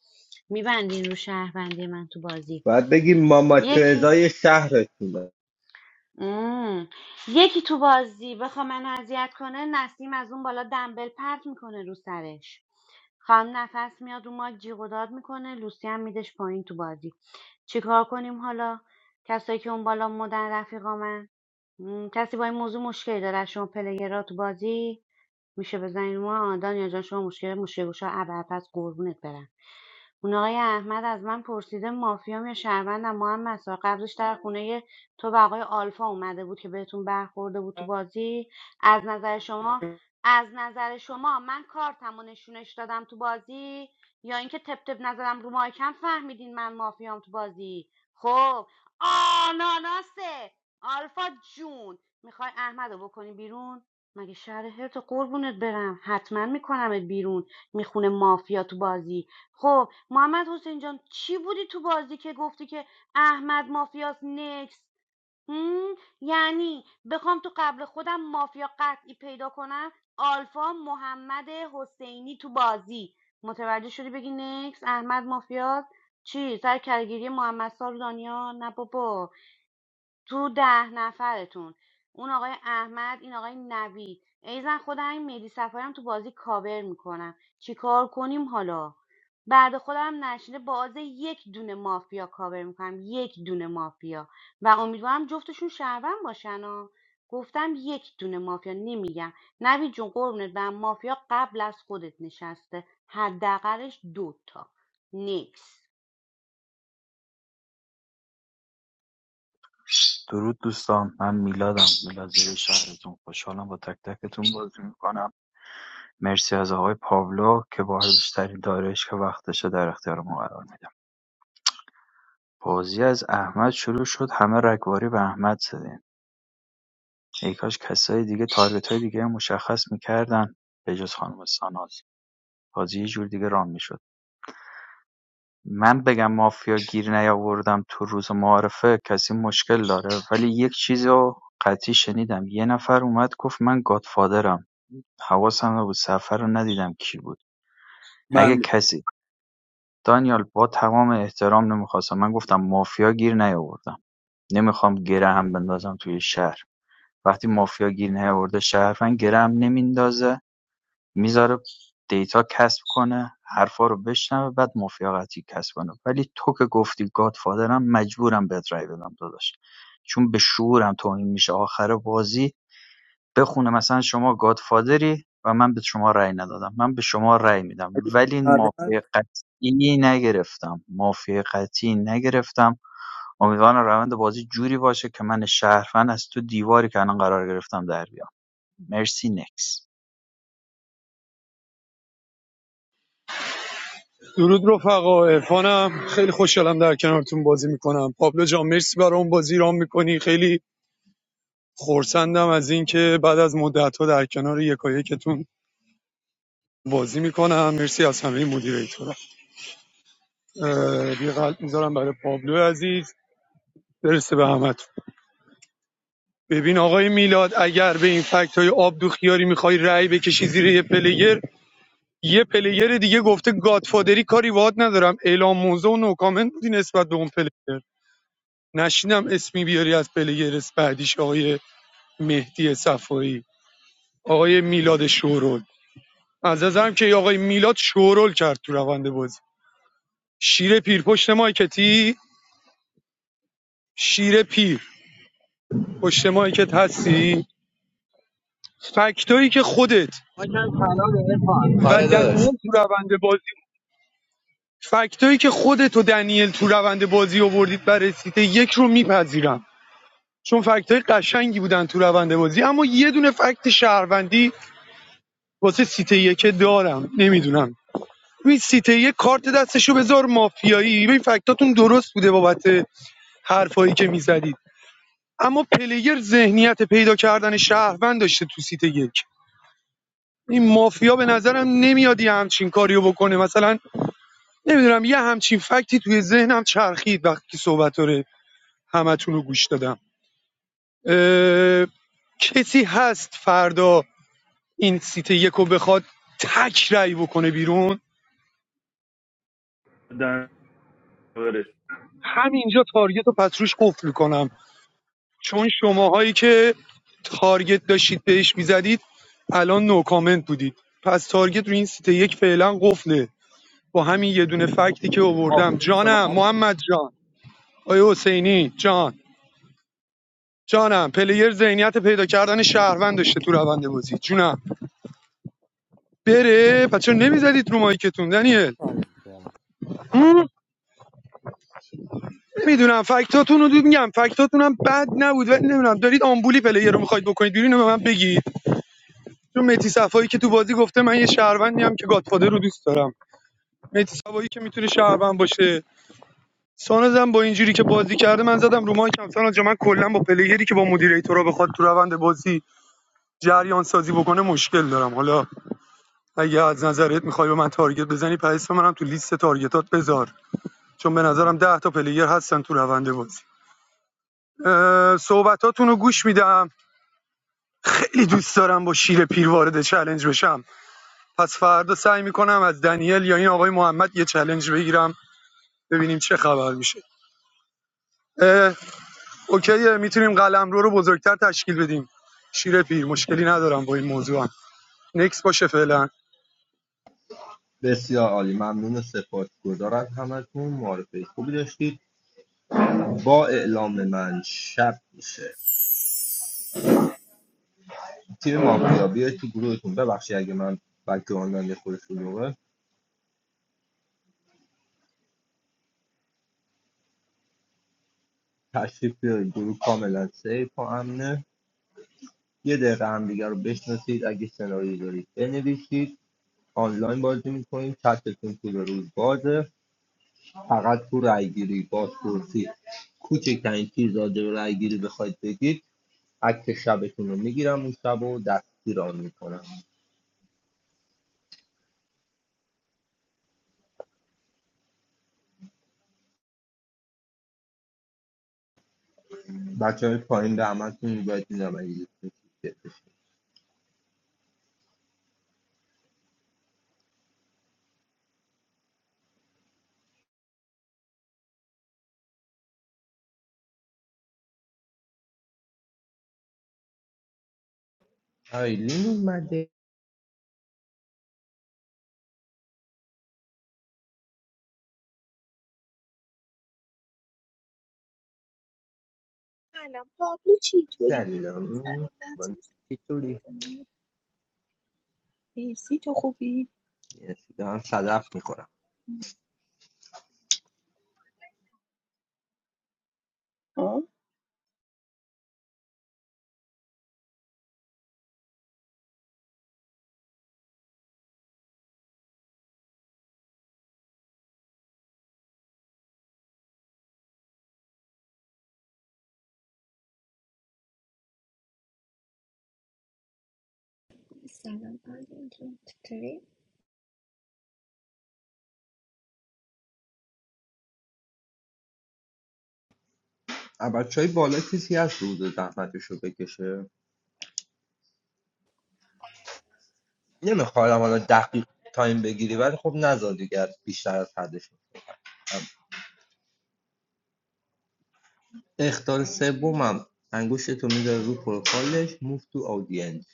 S3: میبندین رو شهروندی من تو بازی
S10: باید بگیم ماما
S3: یکی
S10: ترزای شهرتونه
S3: مم. یکی تو بازی بخوا منو اذیت کنه نسیم از اون بالا دنبل پرت میکنه رو سرش خام نفس میاد اون ماک جیغ و داد میکنه لوسی هم میدش پایین تو بازی چیکار کنیم حالا کسایی که اون بالا مدن رفیقامن م، کسی با این موضوع مشکلی داره از شما پلیرها تو بازی میشه بزنین رو ما آه، دانیا جان شما مشکل مشکل گوشا ابر پس قربونت برم اون آقای احمد از من پرسیده مافیام یا شهروندم محمد سا قبلش در خونه تو و آقای آلفا اومده بود که بهتون برخورده بود تو بازی از نظر شما از نظر شما من کارتم و نشونش دادم تو بازی یا اینکه تپ تپ نزدم رو مایکم فهمیدین من مافیام تو بازی خب آناناسه آلفا جون میخوای احمد رو بکنی بیرون مگه شهر هرت قربونت برم حتما میکنمت بیرون میخونه مافیا تو بازی خب محمد حسین جان چی بودی تو بازی که گفتی که احمد مافیاس نکس یعنی بخوام تو قبل خودم مافیا قطعی پیدا کنم آلفا محمد حسینی تو بازی متوجه شدی بگی نکس احمد مافیاس چی سر کارگیری محمد سار و دانیال نه بابا تو ده نفرتون اون آقای احمد این آقای نوید ایزن خودم این مهدی صفایی هم تو بازی کاور میکنم چیکار کنیم حالا بعد خودم نشینه بازه یک دونه مافیا کاور میکنم یک دونه مافیا و امیدوارم جفتشون شهروند باشن ها گفتم یک دونه مافیا نمیگم نوید جون قربونت برم مافیا قبل از خودت نشسته حداقلش دوتا نیکس
S20: درود دوستان من میلادم میلاد زیر شهرتون خوشحالم با تک تکتون بازی میکنم مرسی از آقای پاولو که با بیشترین دارش که وقتش رو در اختیار ما قرار میدم بازی از احمد شروع شد همه رگباری به احمد زدیم ای کاش کسای دیگه تارگت های دیگه مشخص میکردن به جز خانم ساناز بازی یه جور دیگه رام میشد من بگم مافیا گیر نیاوردم تو روز معارفه کسی مشکل داره ولی یک چیزو رو قطعی شنیدم یه نفر اومد گفت من گادفادرم حواسم نبود سفر رو ندیدم کی بود اگه
S17: من بودم.
S20: کسی دانیال با تمام احترام نمیخواستم من گفتم مافیا گیر نیاوردم نمیخوام گره هم بندازم توی شهر وقتی مافیا گیر نیاورده شهروند گره هم نمیندازه میذاره دیتا کسب کنه حرفا رو بشنوه بعد مافیا قطعی کسب کنه ولی تو که گفتی گادفادرم مجبورم بهت رای بدم داداش چون به شعورم توهین میشه آخر بازی بخونه مثلا شما گادفادری و من به شما رأی ندادم من به شما رأی میدم ولی مافی
S17: پروند
S20: قطعی نگرفتم مافی قطعی نگرفتم امیدوارم روند بازی جوری باشه که من شهروند از تو دیواری که الان قرار گرفتم در بیام مرسی نکس
S21: درود رفقا عرفانم خیلی خوشحالم در کنارتون بازی میکنم پابلو جان مرسی برای اون بازی رام میکنی خیلی خورسندم از اینکه بعد از مدت ها در کنار یکایکتون بازی میکنم مرسی از همه مدیریتورا یه قلب میذارم برای پابلو عزیز برسه به همتون ببین آقای میلاد اگر به این فکت های آبدو خیاری میخوای رأی بکشی زیر یه پلیر یه پلیر دیگه گفته گادفادری کاری واد ندارم اعلام موزه و نو کامنت بودی نسبت به اون پلیر نشینم اسمی بیاری از پلیگرس بعدیش آقای مهدی صفایی آقای میلاد شورول از نظرم که آقای میلاد شورول کرد تو روند بازی شیر پیر پشت مایکتی شیر پیر پشت مایکت هستی فکتایی که خودت
S14: کن
S21: و
S14: آره داداش
S21: دنیل تو روند بازی فکتایی که خودت و دنیل تو روند بازی آوردید برای سیت یک رو میپذیرم چون فکتای قشنگی بودن تو روند بازی اما یه دونه فکت شهروندی واسه سیت یک دارم نمیدونم ببین سیته یک کارت دستشو بذار مافیایی این فکتاتون درست بوده بابت حرفایی که میزدید اما پلیر ذهنیت پیدا کردن شهروند داشته تو سیت یک این مافیا به نظرم نمیاد یه همچین کاریو بکنه مثلا نمیدونم یه همچین فکتی توی ذهنم چرخید وقتی که صحبت رو همتون رو گوش دادم اه، کسی هست فردا این سیت یکو بخواد تک رأی بکنه بیرون
S2: دن برش.
S21: همینجا تارگت رو پس روش قفل کنم چون شماهایی که تارگت داشتید بهش میزدید الان نو کامنت بودید پس تارگت رو این سیت یک فعلا قفله با همین یه دونه فکتی که
S17: آقا
S21: آوردم
S17: سلام
S21: جانم محمد جان آیا حسینی جان جانم پلیر ذهنیت پیدا کردن شهروند داشته تو روند بازی جونم بره پس چرا نمیزدید رو مایکتون دنیل
S17: عرض می‌کنم.
S21: میدونم فکتاتون رو دید، میگم فکتاتون هم بد نبود ولی نمیدونم دارید آمبولی پلیر رو میخواید بکنید بیرون اینو به من بگید چون مهدی صفایی که تو بازی گفته من یه شهروندی هم که گادفادر رو دوست دارم مهدی صفایی که میتونه شهروند باشه ساناز هم با اینجوری که بازی کرده من زدم رو مایکم ساناز جا من کلا با پلیگری که با مدیریتورا بخواد تو روند بازی جریان سازی بکنه مشکل دارم حالا اگه از نظرت میخوای به من تارگت بزنی پس اسم منم تو لیست تارگتات بذار چون به نظرم 10 تا پلیگر هستن تو روند بازی اه، صحبتاتون رو گوش میدم خیلی دوست دارم با شیر پیر وارد چلنج بشم پس فردا سعی میکنم از دنیل یا این آقای محمد یه چلنج بگیرم ببینیم چه خبر میشه اه، اوکیه میتونیم قلمرو رو بزرگتر تشکیل بدیم شیر پیر مشکلی ندارم با این موضوعم نکس باشه فعلا
S10: بسیار عالی ممنون و سپاسگزار از همتون معرفه خوبی داشتید با اعلام من شب میشه تیم مافیا بیاید تو گروهتون ببخشید اگه من بک‌گراندم یه خورده شلوغه تشریف بیارید گروه کاملا سیف و امنه یه دقیقه هم دیگه رو بشناسید اگه سناریویی دارید بنویسید آنلاین بازی میکنید چتتون طول روز بازه فقط تو رأیگیری بازپرسی کوچکترین چیز راجع به رأیگیری بخواید بگید عکس شبتون رو میگیرم اون شب و دستگیران میکنم بچه های پایین به همتون باید میدم اگه دوستون چیزی. آیلین اومده
S22: سلام پابلو چطوری؟
S10: سلام
S22: سلام
S10: من
S22: نتیز
S10: چطوری؟
S22: مرسی تو خوبی؟
S10: یه دارم صدف میخورم
S22: ها؟
S15: سلام آقای
S10: بچه های بالا کسی هست روز زحمتش رو حدود زحمتشو بکشه نمیخوام حالا دقیق تایم بگیری ولی خب نزار دیگه از- بیشتر از حدش نکنم. اختار سومم انگشتتو میذاره رو پروفایلش موف تو آودینس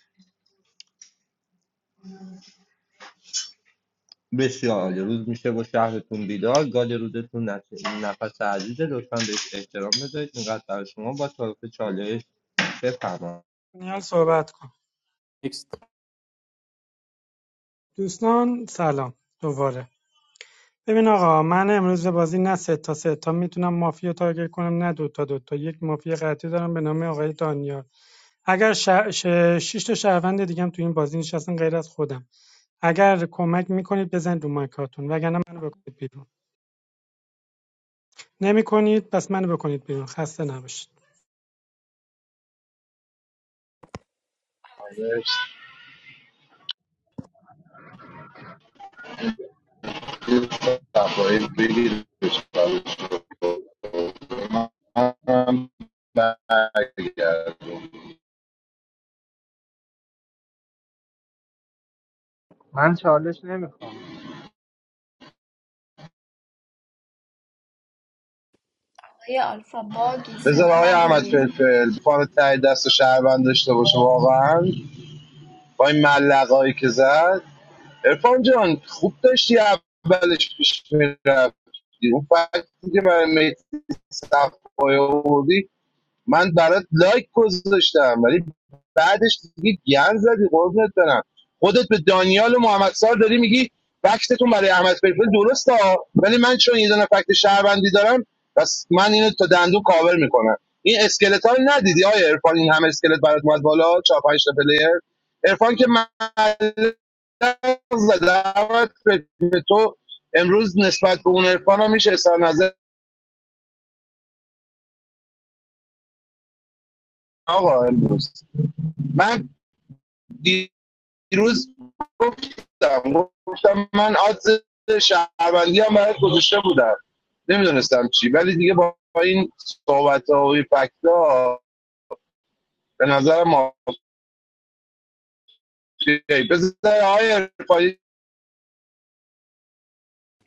S10: بسیار عالی روز میشه با شهرتون بیدار گال رودتون نشه این نفس عزیزه لطفا بهش احترام بذارید اینقدر برای شما با طرف چالش بفرما
S18: دانیال صحبت کن
S17: نکست
S18: دوستان سلام دوباره ببین آقا من امروز بازی نه سه تا سه تا میتونم مافیا تارگت کنم نه دو تا دو تا یک مافیا قطعی دارم به نام آقای دانیال اگر ش... ش... شش تا شهروند دیگه هم تو این بازی نشستن غیر از خودم اگر کمک میکنید بزنید رو مایکاتون وگرنه منو بکنید بیرون نمیکنید پس منو بکنید بیرون خسته نباشید
S11: صفایی بگیرش منم برگردم.
S16: من چالش نمیخوام
S15: آقای آلفا باگی
S11: بذار
S15: صدا
S11: آقای احمد
S15: نداریم
S11: فلفل فان تای دست شهروند داشته باشه واقعا با این ملقایی که زد ارفان جان خوب داشتی اولش پیش میرفتی اون فکتی که برای مهدی صفایی آوردی من برات لایک گذاشتم ولی بعدش دیگه گن زدی قربونت برم خودت به دانیال و محمد سار داری میگی فکتتون برای احمد فلفل درسته ها. ولی من چون یه دونه فکت شهروندی دارم پس من اینو تا دندون کاور میکنم این اسکلت ها رو ندیدی آیا عرفان این همه اسکلت برات اومد بالا چهار پنج تا پلیر عرفان که من زده به تو امروز نسبت به اون عرفان هم میشه اظهار نظر آقا امروز من دیروز گفتم گفتم من عادز شهروندی هم برای گذاشته بودم نمیدونستم چی ولی دیگه با این صحبت ها و این فکت به نظر ما بذار های ارفایی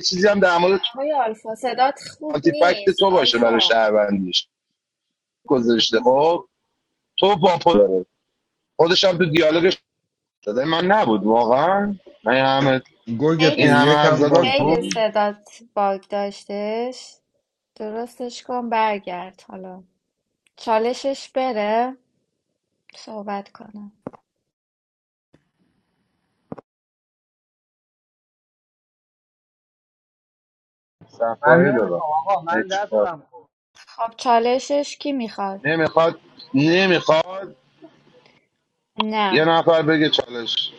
S11: چیزی هم در مورد
S15: آقای آلفا صدات خوب
S11: آنتی فکت
S15: نیست
S11: تو باشه برای
S15: آلفا
S11: شهروندیش گذاشته خب تو با خود داره خودش هم تو دیالوگش داده من نبود واقعا من این همه
S10: گرگ
S15: خیلی
S11: این همه
S15: س-
S10: پیریک
S11: حرف
S10: هم
S11: زدن
S10: باگ
S15: خیلی
S10: بود
S11: خب،
S15: صدات باگ داشتش درستش کن برگرد حالا چالشش بره صحبت کنم
S16: من
S11: صفایی دادم
S16: نمیخوام آقا من دستم خورد
S15: خب چالشش کی میخواد
S11: نمیخواد نمیخواد یه
S15: نه
S11: نفر بگه چالش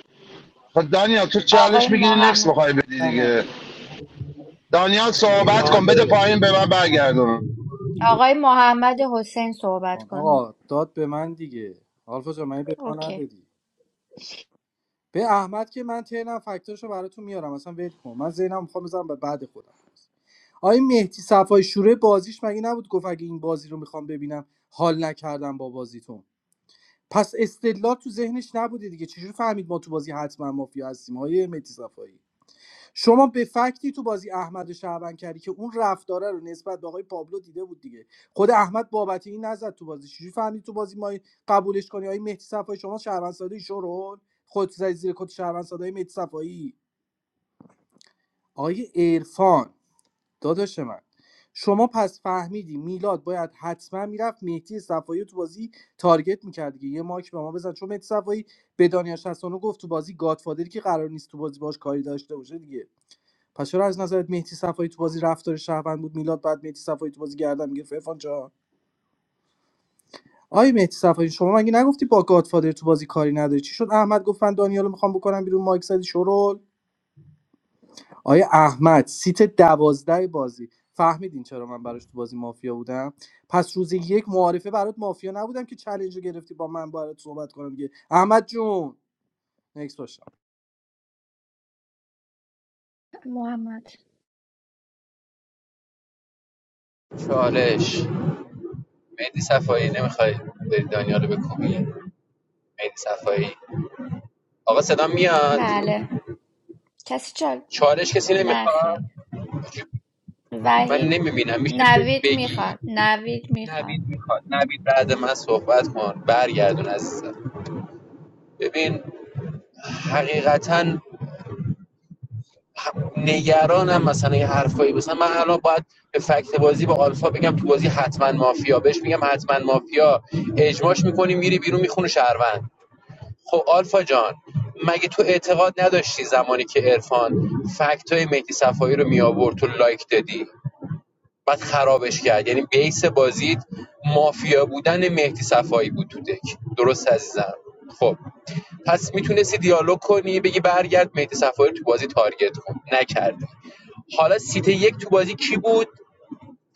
S11: خب دانیال تو
S15: آقای
S11: چالش میگیری نکس
S15: محمد
S11: میخوای بدی
S17: نه نه
S11: دیگه
S17: بده.
S11: دانیال صحبت کن
S14: چال-
S11: بده پایین به من برگردون
S15: آقای محمد حسین صحبت کنه
S17: آقا داد به من دیگه آلفا جان من به ما
S15: اوکی
S17: ندادی به احمد که من تهرم فکتاشو براتون میارم اصلا ول کن من ذهنم میخوام بزنم به بعد خودم آقای مهدی صفای شوره بازیش مگه نبود گفت اگه این بازی رو میخوام ببینم حال نکردم با بازیتون پس استدلال تو ذهنش نبوده دیگه چجوری فهمید ما تو بازی حتما مافیا هستیم آقای مهدی صفایی شما به فکتی تو بازی احمد شعبان که اون رفتاره رو نسبت به آقای پابلو دیده بود دیگه خود احمد بابتی این نزد تو بازی چجوری فهمید تو بازی ما قبولش کنی آقای مهدی صفایی شما شعبان ساده شورول خود زدی زیر کت شعبان ساده مهدی صفایی آقای عرفان داداش من شما پس فهمیدی میلاد باید حتما میرفت مهدی صفایی رو تو بازی تارگت میکرد دیگه یه ماک به ما بزن چون مهدی صفایی به دانیال شصتانو گفت تو بازی گادفادری که قرار نیست تو بازی باش کاری داشته باشه دیگه پس چرا از نظرت مهدی صفایی تو بازی رفتار شهروند بود میلاد بعد مهدی صفایی تو بازی گردن میگرفت عرفان جان آی مهدی صفایی شما مگه نگفتی با گادفادر تو بازی کاری نداری چی شد احمد گفت من دانیال میخوام بکنم بیرون مایک زدی شرول آیا احمد سیت دوازده بازی فهمیدین چرا من براش تو بازی مافیا بودم پس روز یک معارفه برات مافیا نبودم که چالش رو گرفتی با من برات صحبت کنم دیگه احمد جون نکس باشم
S15: محمد
S14: چالش مهدی صفایی نمیخوای بری دنیا رو بکوبی مهدی صفایی آقا صدا میاد
S15: بله کسی چال
S14: چالش کسی
S15: نه
S14: نمیخواد
S15: خیر
S14: من
S15: وحید
S14: نمیبینم میشه
S15: نوید
S14: بگی
S15: میخواد نوید میخواد
S14: نوید میخواد نوید بعد من صحبت کن برگردون عزیزم ببین حقیقتا نگرانم مثلا یه حرفایی مثلا من الان باید به فکت بازی با آلفا بگم تو بازی حتما مافیا بهش میگم حتما مافیا اجماش میکنی میری بیرون میخونه شهروند خب آلفا جان مگه تو اعتقاد نداشتی زمانی که عرفان فکت های مهدی صفایی رو میآورد تو لایک دادی بعد خرابش کرد یعنی بیس بازیت مافیا بودن مهدی صفایی بود تو دک درست عزیزم خب پس میتونستی دیالوگ کنی بگی برگرد مهدی صفایی تو بازی تارگت کن نکردی حالا سیت یک تو بازی کی بود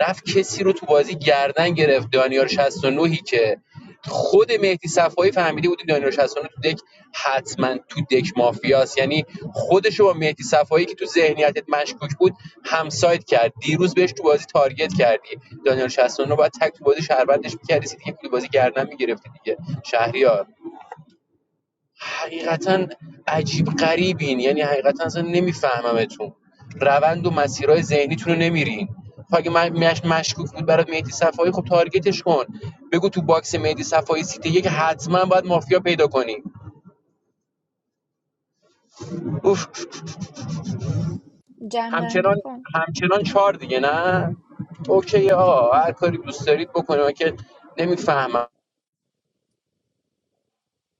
S14: رفت کسی رو تو بازی گردن گرفت دانیال 69 که خود مهدی صفایی فهمیده بود این دانیال 69 تو دک حتما تو دک مافیاست یعنی خودش رو با مهدی صفایی که تو ذهنیتت مشکوک بود همساید کرد دیروز بهش تو بازی تارگت کردی دانیال 69 باید تک تو بازی شهروندش می‌کردی سیتی که تو بازی گردن می‌گرفتی دیگه شهریار حقیقتا عجیب غریبین یعنی حقیقتا اصلا نمیفهممتون روند و مسیرهای ذهنیتون رو نمیرین خب اگه من مش مشکوک بود برات مهدی صفایی خب تارگتش کن بگو تو باکس مهدی صفایی سیت یک حتما باید مافیا پیدا کنی اوف
S15: جنبندی
S14: همچنان
S15: کن
S14: همچنان چهار دیگه نه اوکی آقا هر کاری دوست دارید بکنید من که نمیفهمم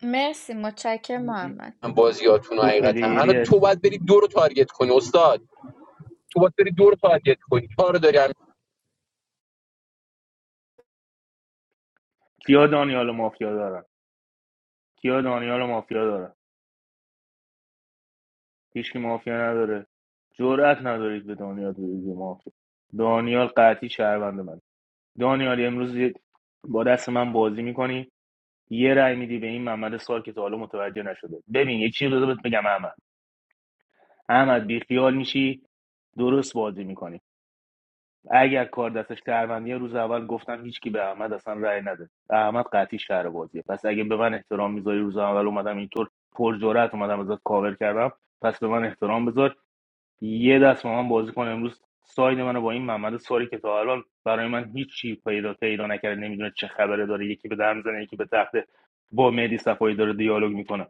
S15: مرسی متشکرم محمد
S14: بازیاتون رو
S2: تو
S14: حقیقتا
S2: پلیری
S14: الان تو
S2: هستی
S14: باید بری دو رو تارگت کنی استاد تو باید بری دو رو تارگت کنی چهار رو داری
S2: کیا دانیال و مافیا دارن کیا دانیال و مافیا دارن هیچ کی مافیا نداره دانیال ریزی ما دانیال قطعی شهروند من دانیال امروز یه- با دست من بازی میکنی یه رأی میدی به این محمد سال که تا حالا متوجه نشده ببین یه چیز رو بهت بگم احمد احمد بیخیال میشی درست بازی میکنی اگر کار دستش شهروندیه روز اول گفتم هیچکی به احمد اصلا رأی نده احمد قطعی شهر بازیه پس اگه به من احترام میذاری روز اول اومدم اینطور پر جرأت اومدم ازت کاور کردم پس به من احترام بذار یه دست با من بازی کنه امروز ساید منو با این محمد ساری که تا الان برای من هیچی پیدا پیدا نکرده نمیدونه چه خبره داره یکی به در میزنه یکی به تخته با مهدی صفایی داره دیالوگ میکنه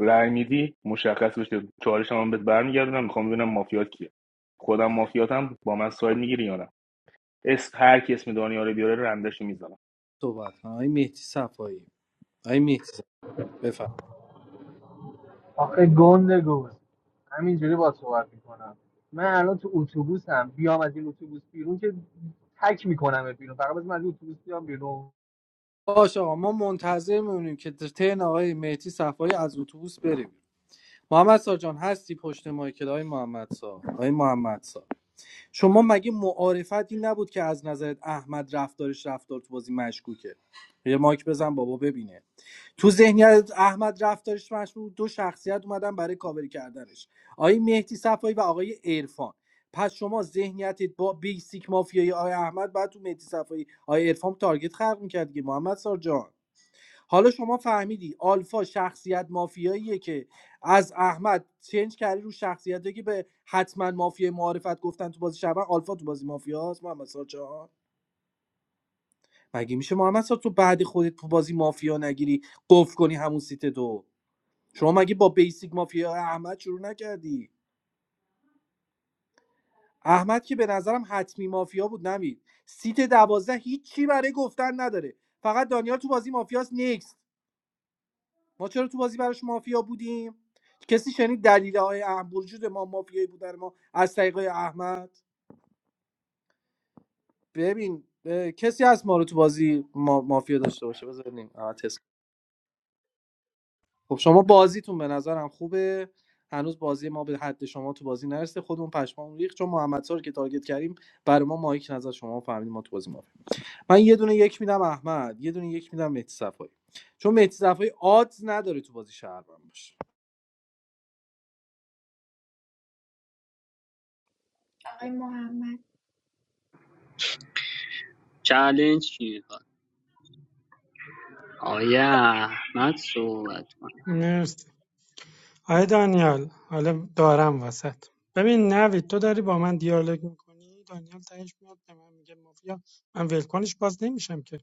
S2: رأی میدی مشخص بشه چالش هم بهت برمیگردونم میخوام ببینم مافیات کیه خودم مافیاتم با من ساید میگیری یا نه اسم هر کی اسم دانیال رو بیاره رندش میزنم
S17: صحبت کن. آی مهدی صفایی آی مهدی صفایی. بفرمایید.
S16: آخه گنده گوز همینجوری با صحبت میکنم من الان تو اتوبوسم بیام از این اتوبوس بیرون که تک میکنم بیرون فقط بذار من از این اتوبوس بیام بیرون
S17: باشه آقا ما منتظر میمونیم که ترن آقای مهدی صفایی از اتوبوس بریم محمد سا جان هستی پشت مایکل آقای محمد سا آقای محمد سا شما مگه معارفتی نبود که از نظرت احمد رفتارش رفتار تو بازی مشکوکه یه مایک بزن بابا ببینه تو ذهنیت احمد رفتارش مشکوک دو شخصیت اومدن برای کاوری کردنش آقای مهدی صفایی و آقای عرفان پس شما ذهنیتت با بیسیک مافیای آقای احمد بعد تو مهدی صفایی آقای عرفان تارگت خلق می‌کرد دیگه محمد سار جان حالا شما فهمیدی آلفا شخصیت مافیاییه که از احمد چنج کردی رو شخصیتی که به حتما مافیا معرفت گفتن تو بازی شبان آلفا تو بازی مافیاست محمد سار جان مگه میشه محمد سار تو بعد خودت تو بازی مافیا نگیری قفل کنی همون سیت دو شما مگه با بیسیک مافیا احمد شروع نکردی احمد که به نظرم حتمی مافیا بود نمید سیت دوازده هیچی برای گفتن نداره فقط دانیال تو بازی مافیاس نیکس ما چرا تو بازی براش مافیا بودیم کسی شنید دلیل های اهم وجود ما مافیایی بودن ما از طریق آقای احمد ببین اه، کسی از ما رو تو بازی ما... مافیا داشته باشه بذاریم تست خب شما بازیتون به نظرم خوبه هنوز بازی ما به حد شما تو بازی نرسیده خودمون پشمام ریخت چون محمد رو که تارگت کردیم برای ما مایک نظر شما فهمیدیم ما تو بازی مافیا من یه دونه یک میدم احمد یه دونه یک میدم مهدی صفایی چون مهدی صفایی آدز نداره تو بازی شهر باشه
S15: آقای محمد
S19: چالش کی میخواد آیا احمد صحبت کن
S18: مرسی آقای دانیال حالا دارم وسط ببین نوید تو داری با من دیالوگ میکنی دانیال تهش میاد به من میگه مافیا من ولکنش باز نمیشم که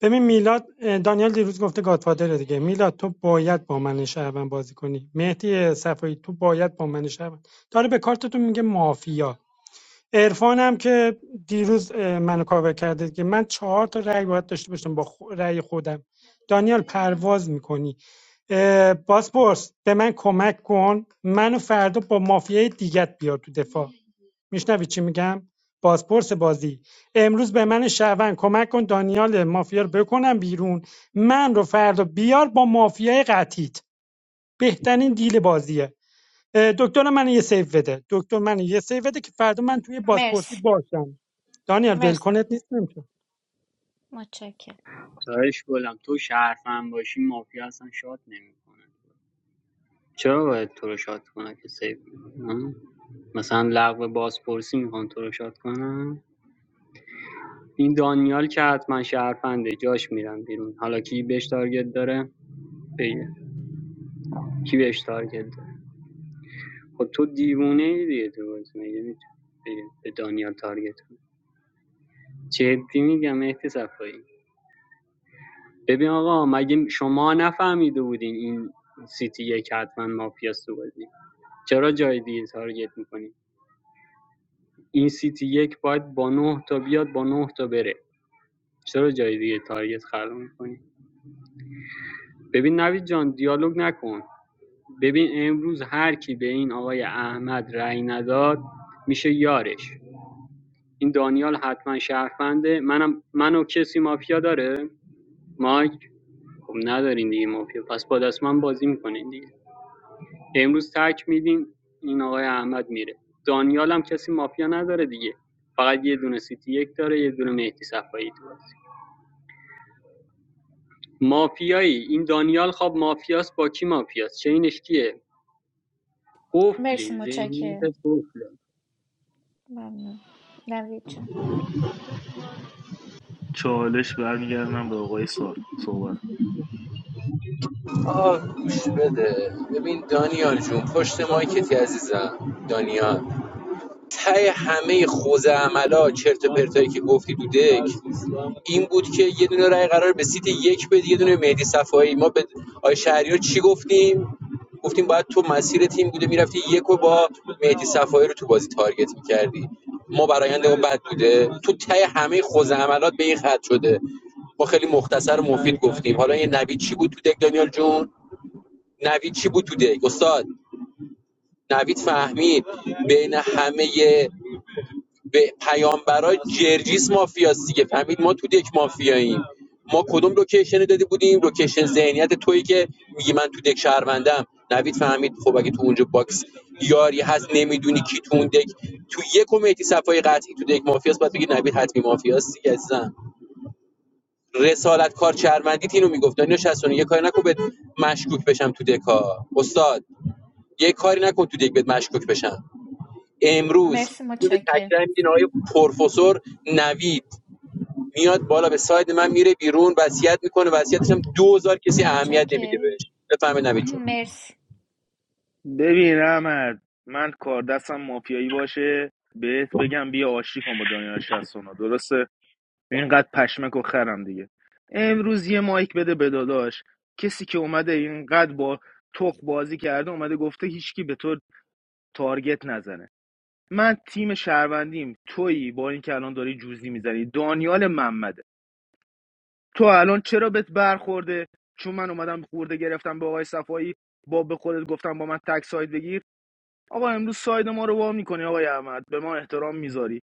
S18: ببین میلاد دانیال دیروز گفته گاتفادره دیگه میلاد تو باید با من شهروند بازی کنی مهدی صفایی تو باید با من شهروند داره به کارتتون میگه مافیا عرفان هم که دیروز منو کاور کرده که من چهار تا رأی باید داشته باشم با خ- رأی خودم دانیال پرواز میکنی باسپورس به من کمک کن منو فردا با مافیای دیگت بیار تو دفاع میشنوی چی میگم بازپرس بازی امروز به من شهروند کمک کن دانیال مافیا رو بکنم بیرون من رو فردا بیار با مافیای قطیت بهترین دیل بازیه دکتر من یه سیو بده دکتر من یه سیو بده که فردا من توی بازپرسی
S15: مرسی
S18: باشم دانیال
S15: مرسی
S18: ولکنت نیست نمیشه
S15: متشکرم
S19: تایش بولم تو شرفم باشی مافیا اصلا شاد نمیکنه چرا باید تو رو شاد کنه که سیف می‌کنه؟ مثلا لغو بازپرسی میخوان تو رو شاد کنن این دانیال که حتما شرفنده جاش میرن بیرون حالا کی بهش تارگت داره بگه کی بهش تارگت داره خب تو دیوونه ای دیگه تو بازی مگه میتونی به دانیال تارگت کنی؟ جدی میگم مهدی صفایی ببین آقا مگه شما نفهمیده بودین این سیتی یک حتما مافیاست تو بازی چرا جای دیگه تارگت میکنی این سیتی یک باید با نه تا بیاد با نه تا بره چرا جای دیگه تارگت خلق میکنی ببین نوید جان دیالوگ نکن ببین امروز هر کی به این آقای احمد رأی نداد میشه یارش این دانیال حتما شهرفنده منم منو کسی مافیا داره مایک خب ندارین دیگه مافیا پس با دست من بازی میکنین دیگه امروز تک میدین این آقای احمد میره دانیال هم کسی مافیا نداره دیگه فقط یه دونه سیتی یک داره یه دونه مهدی صفایی تو بازی مافیایی این دانیال خب مافیاست با کی مافیاست چینش کیه
S15: مرسی
S19: قفلی ذهنیت
S15: متشکرم
S19: قفله
S15: ممنون نوید جان
S2: چالش برمیگردونم به آقای سار صحبت
S14: آقا گوش بده ببین دانیال جون پشت مایکتی عزیزم دانیال تای همه خوزه عملا چرت و پرتایی که گفتی تو دک این بود که یه دونه رای قرار به سیت یک بدی یه دونه مهدی صفایی ما به آی شهریار چی گفتیم گفتیم باید تو مسیر تیم بوده میرفتی یک با مهدی صفایی رو تو بازی تارگت میکردی ما برایندمون بد بوده تو تای همه خوزه عملات به این خط شده ما خیلی مختصر و مفید گفتیم حالا این نوید چی بود تو دک دانیال جون نوید چی بود تو دک استاد نوید فهمید بین همه به پیامبرای جرجیس مافیاست دیگه فهمید ما تو دک مافیاییم ما کدوم لوکیشن داده بودیم لوکیشن ذهنیت تویی که میگی من تو دک شهروندم نوید فهمید خب اگه تو اونجا باکس یاری هست نمیدونی کی تو اون دک تو یک کمیتی صفای قطعی تو دک مافیاست بعد بگی نوید حتمی مافیاست دیگه عزیزم رسالت کار چرمندیت اینو میگفت دانیو یک کاری نکو بهت مشکوک بشم تو دکا استاد یه کاری نکن تو دیگه بهت مشکوک بشن امروز
S15: مرسی
S14: بدون
S15: متشکرم
S14: تکرار میدین آقای پروفسور نوید میاد بالا به ساید من میره بیرون وصیت میکنه وصیتش هم 2000 کسی اهمیت نمیده
S15: متشکرم
S14: بهش بفهمه نوید
S15: *clears throat*
S14: جون
S15: مرسی
S2: ببین احمد من کار دستم مافیایی باشه بهت بگم بیا آشتی کن با دنیا 69 درسته اینقدر پشمک و خرم دیگه امروز یه مایک بده به داداش کسی که اومده اینقدر با تخ بازی کرده اومده گفته هیچکی به تو تارگت نزنه من تیم شهروندیم تویی با این که الان داری جوزی میزنی دانیال محمده تو الان چرا بهت برخورده چون من اومدم خورده گرفتم به آقای صفایی با به خودت گفتم با من تک ساید بگیر آقا امروز ساید ما رو وا میکنی آقای احمد به ما احترام میذاری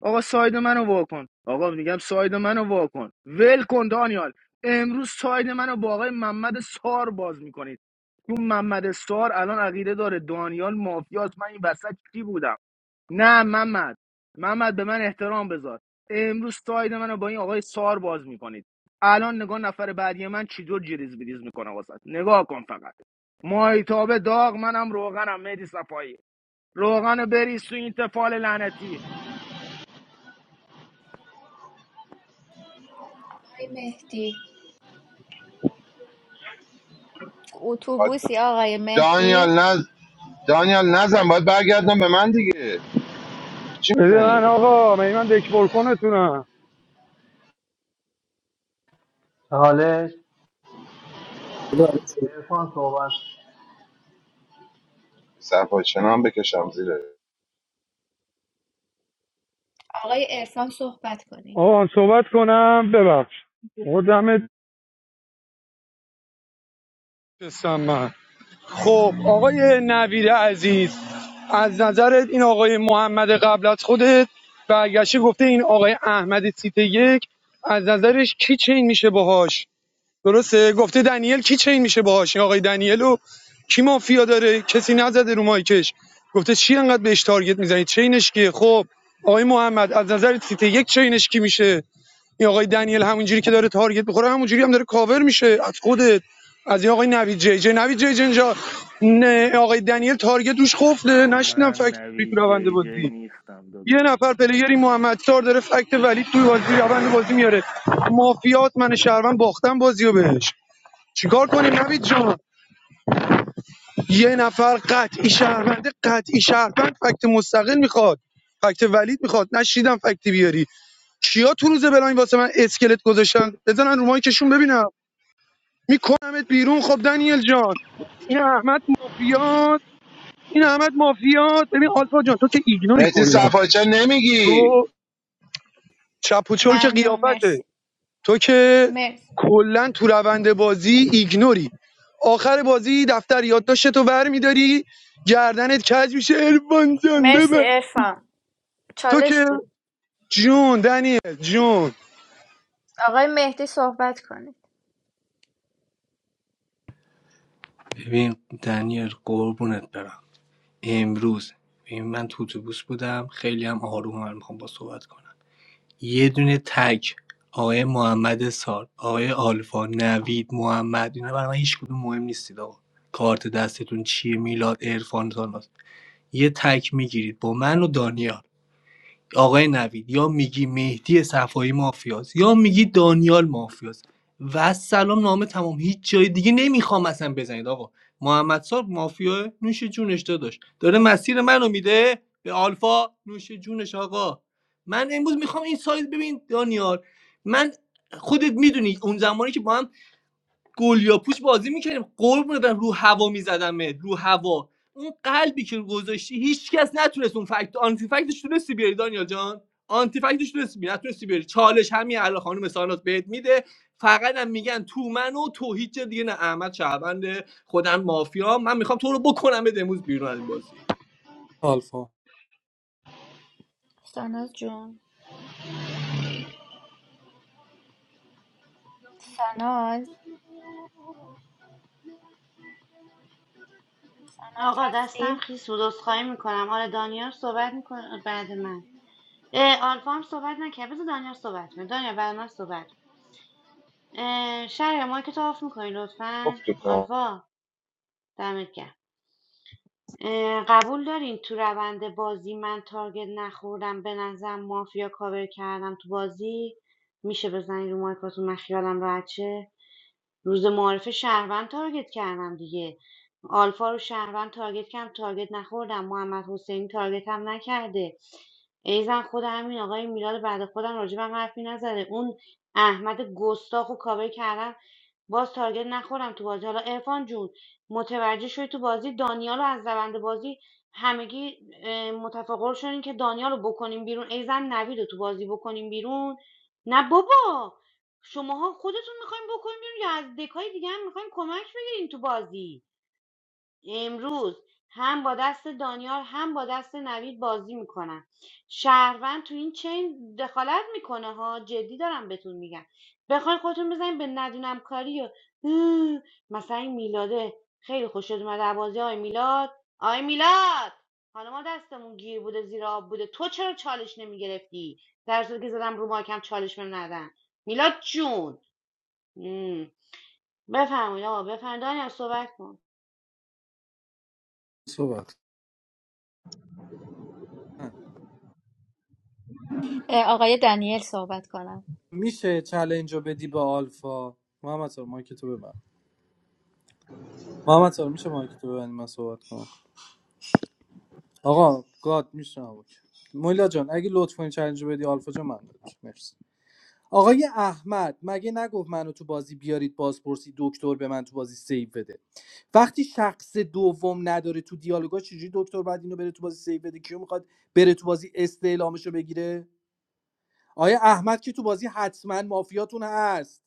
S2: آقا ساید منو وا کن آقا میگم ساید منو وا کن ول کن دانیال امروز ساید منو با آقای محمد سار باز میکنید اون محمد سار الان عقیده داره دانیال مافیاست من این وسط کی بودم نه محمد محمد به من احترام بذار امروز ساید منو با این آقای سار باز میکنید الان نگاه نفر بعدی من چی جور جریز بریز میکنه واسه نگاه کن فقط مایتابه داغ منم روغنم مهدی صفایی روغن بریز تو این تفال لعنتی
S15: آقای مهدی اتوبوسی آقای
S11: دانیال
S15: مهدی
S11: نز دانیال نزن باید برگردن به من دیگه چی
S21: بده من
S11: میزنی؟
S21: آقا من من دکبر کنتونم
S16: چالش عرفان صحبت
S11: صفایچن هم بکشم زیره
S15: آقای عرفان صحبت کنید
S21: آقا صحبت کنم ببخش خودمت بسم الله. خب آقای نویر عزیز از نظرت این آقای محمد قبل از خودت برگشته گفته این آقای احمد سیت یک از نظرش کی چین میشه باهاش درسته گفته دنیل کی چین میشه باهاش آقای دنیلو کی مافیا داره کسی نزده رو مایکش گفته چی انقدر بهش تارگت میزنی چینش کیه خب آقای محمد از نظر سیته یک چینش کی میشه این آقای دنیل همونجوری که داره تارگت میخوره همونجوری هم داره کاور میشه از خودت از این آقای نوید جی جی نوید جی جی اینجا آقای دنیل تارگت روش خفته نشینم
S2: من
S21: فکت توی تو
S2: نوید
S21: روند
S2: جی جی
S21: بازی
S2: نیستم
S21: یه
S2: داداش
S21: نفر
S2: نوید جی
S21: پلیگری محمد سار داره فکت ولی توی بازی روند بازی میاره مافیات من شهروند باختم بازیو بهش چیکار کنیم نوید جان یه نفر قطعی شهرونده قطعی شهروند فکت مستقل میخواد فکت ولید میخواد نشیدم فکتی بیاری کیا تو روز بلاین واسه من اسکلت گذاشتن بزنن رو مایکشون ببینم میکنمت بیرون خب دنیل جان این احمد مافیات این احمد مافیات ببین آلفا جان تو که ایگنوری
S11: مهدی
S21: کلا
S11: صفایچن نمیگی
S21: تو چپ و چل که
S15: ممنون
S21: قیافته
S15: مرسی
S21: تو که
S15: مرسی
S21: کلا تو روند بازی ایگنوری آخر بازی دفتر یادداشت تو ور میداری گردنت کج میشه ارفان جان
S15: مرسی
S21: ببر
S15: ارفان
S21: تو
S15: چالش
S21: که
S15: بود
S21: جون دنیل جون
S15: آقای مهدی صحبت کنید
S16: ببین دنیل قربونت برم امروز ببین من تو اتوبوس بودم خیلی هم آروم من میخوام با صحبت کنم یه دونه تک آقای محمد سار آقای آلفا نوید محمد اینا برای من هیچ کدوم مهم نیستید آقا کارت دستتون چیه میلاد عرفان ساناز یه تک میگیرید با من و دانیال آقای نوید یا میگی مهدی صفایی مافیاست یا میگی دانیال مافیاست و سلام نامه تمام هیچ جای دیگه نمیخوام اصلا بزنید آقا محمد سار مافیا نوش جونش داداش داره مسیر منو میده به آلفا نوش جونش آقا من امروز میخوام این سایت ببین دانیال من خودت میدونی اون زمانی که با هم گلیا پوش بازی میکردیم قرب برم رو هوا میزدمت رو هوا اون قلبی که گذاشتی هیچکس کس نتونست اون فکت آنتی فکتش تونستی بیاری دانیال جان آنتی فکتش تونستی بیاری نتونستی بیاری چالش همین الان خانم سانات بهت میده فقط هم میگن تو من و تو هیچ جا دیگه نه احمد شهروند خودم مافیا من میخوام تو رو بکنم به امروز بیرون از این بازی
S17: آلفا
S15: ساناز جون ساناز ساناز
S3: آقا دستم
S15: هستی؟
S3: خیس بود عذرخواهی میکنم آره دانیال صحبت میکنه بعد من اه، آلفا هم صحبت نکرد بذار دانیال صحبت کنه دانیال بعد من صحبت کن. اه، شهر ما که تو آف میکنی
S11: گفت
S3: لطفا
S11: کن
S3: آلفا دمت گرم اه، قبول دارین تو روند بازی من تارگت نخوردم به نظرم مافیا کاور کردم تو بازی میشه بزنین رو مایکاتون من خیالم راحت شه روز معارف شهروند تارگت کردم دیگه آلفا رو شهروند تارگت کردم تارگت نخوردم محمد حسینی تارگت هم نکرده ایزن خود همین آقای میلاد بعد خودم راجبم حرفی نزده اون احمد گستاخ و کابل کردم باز تارگت نخورم تو بازی حالا ارفان جون متوجه شدی تو بازی دانیا رو از روند بازی همگی اه، متفق شدین که دانیا رو بکنیم بیرون ای زن نوید رو تو بازی بکنیم بیرون نه بابا شماها خودتون میخوایم بکنیم بیرون یا از دکای دیگه هم میخوایم کمک بگیرین تو بازی امروز هم با دست دانیال هم با دست نوید بازی میکنن شهروند تو این چین دخالت میکنه ها جدی دارم بهتون میگم بخواین خودتون بزنین به ندونم کاری و اه، مثلا این میلاده خیلی خوشت اومده از بازی آی میلاد آی میلاد حالا ما دستمون گیر بوده زیر آب بوده تو چرا چالش نمیگرفتی در صورتی که زدم رو ماکم چالش بهم ندن میلاد جون ام، بفرمایید آقا بفرمایید دانیال صحبت کن
S17: صحبت
S15: اه، آقای دنیل صحبت کنم
S17: میشه چلنج رو بدی با آلفا محمد سار مایک تو ببند محمد سار میشه مایک تو ببند من صحبت کنم آقا گاد میشه آقا. مولا جان اگه لطف کنی چلنج رو بدی آلفا جان من دارم. مرسی آقای احمد مگه نگفت منو تو بازی بیارید بازپرسی دکتر به من تو بازی سیو بده وقتی شخص دوم نداره تو دیالوگا چجوری دکتر بعد اینو بره تو بازی سیو بده کیو میخواد بره تو بازی استعلامش رو بگیره آقای احمد که تو بازی حتما مافیاتون هست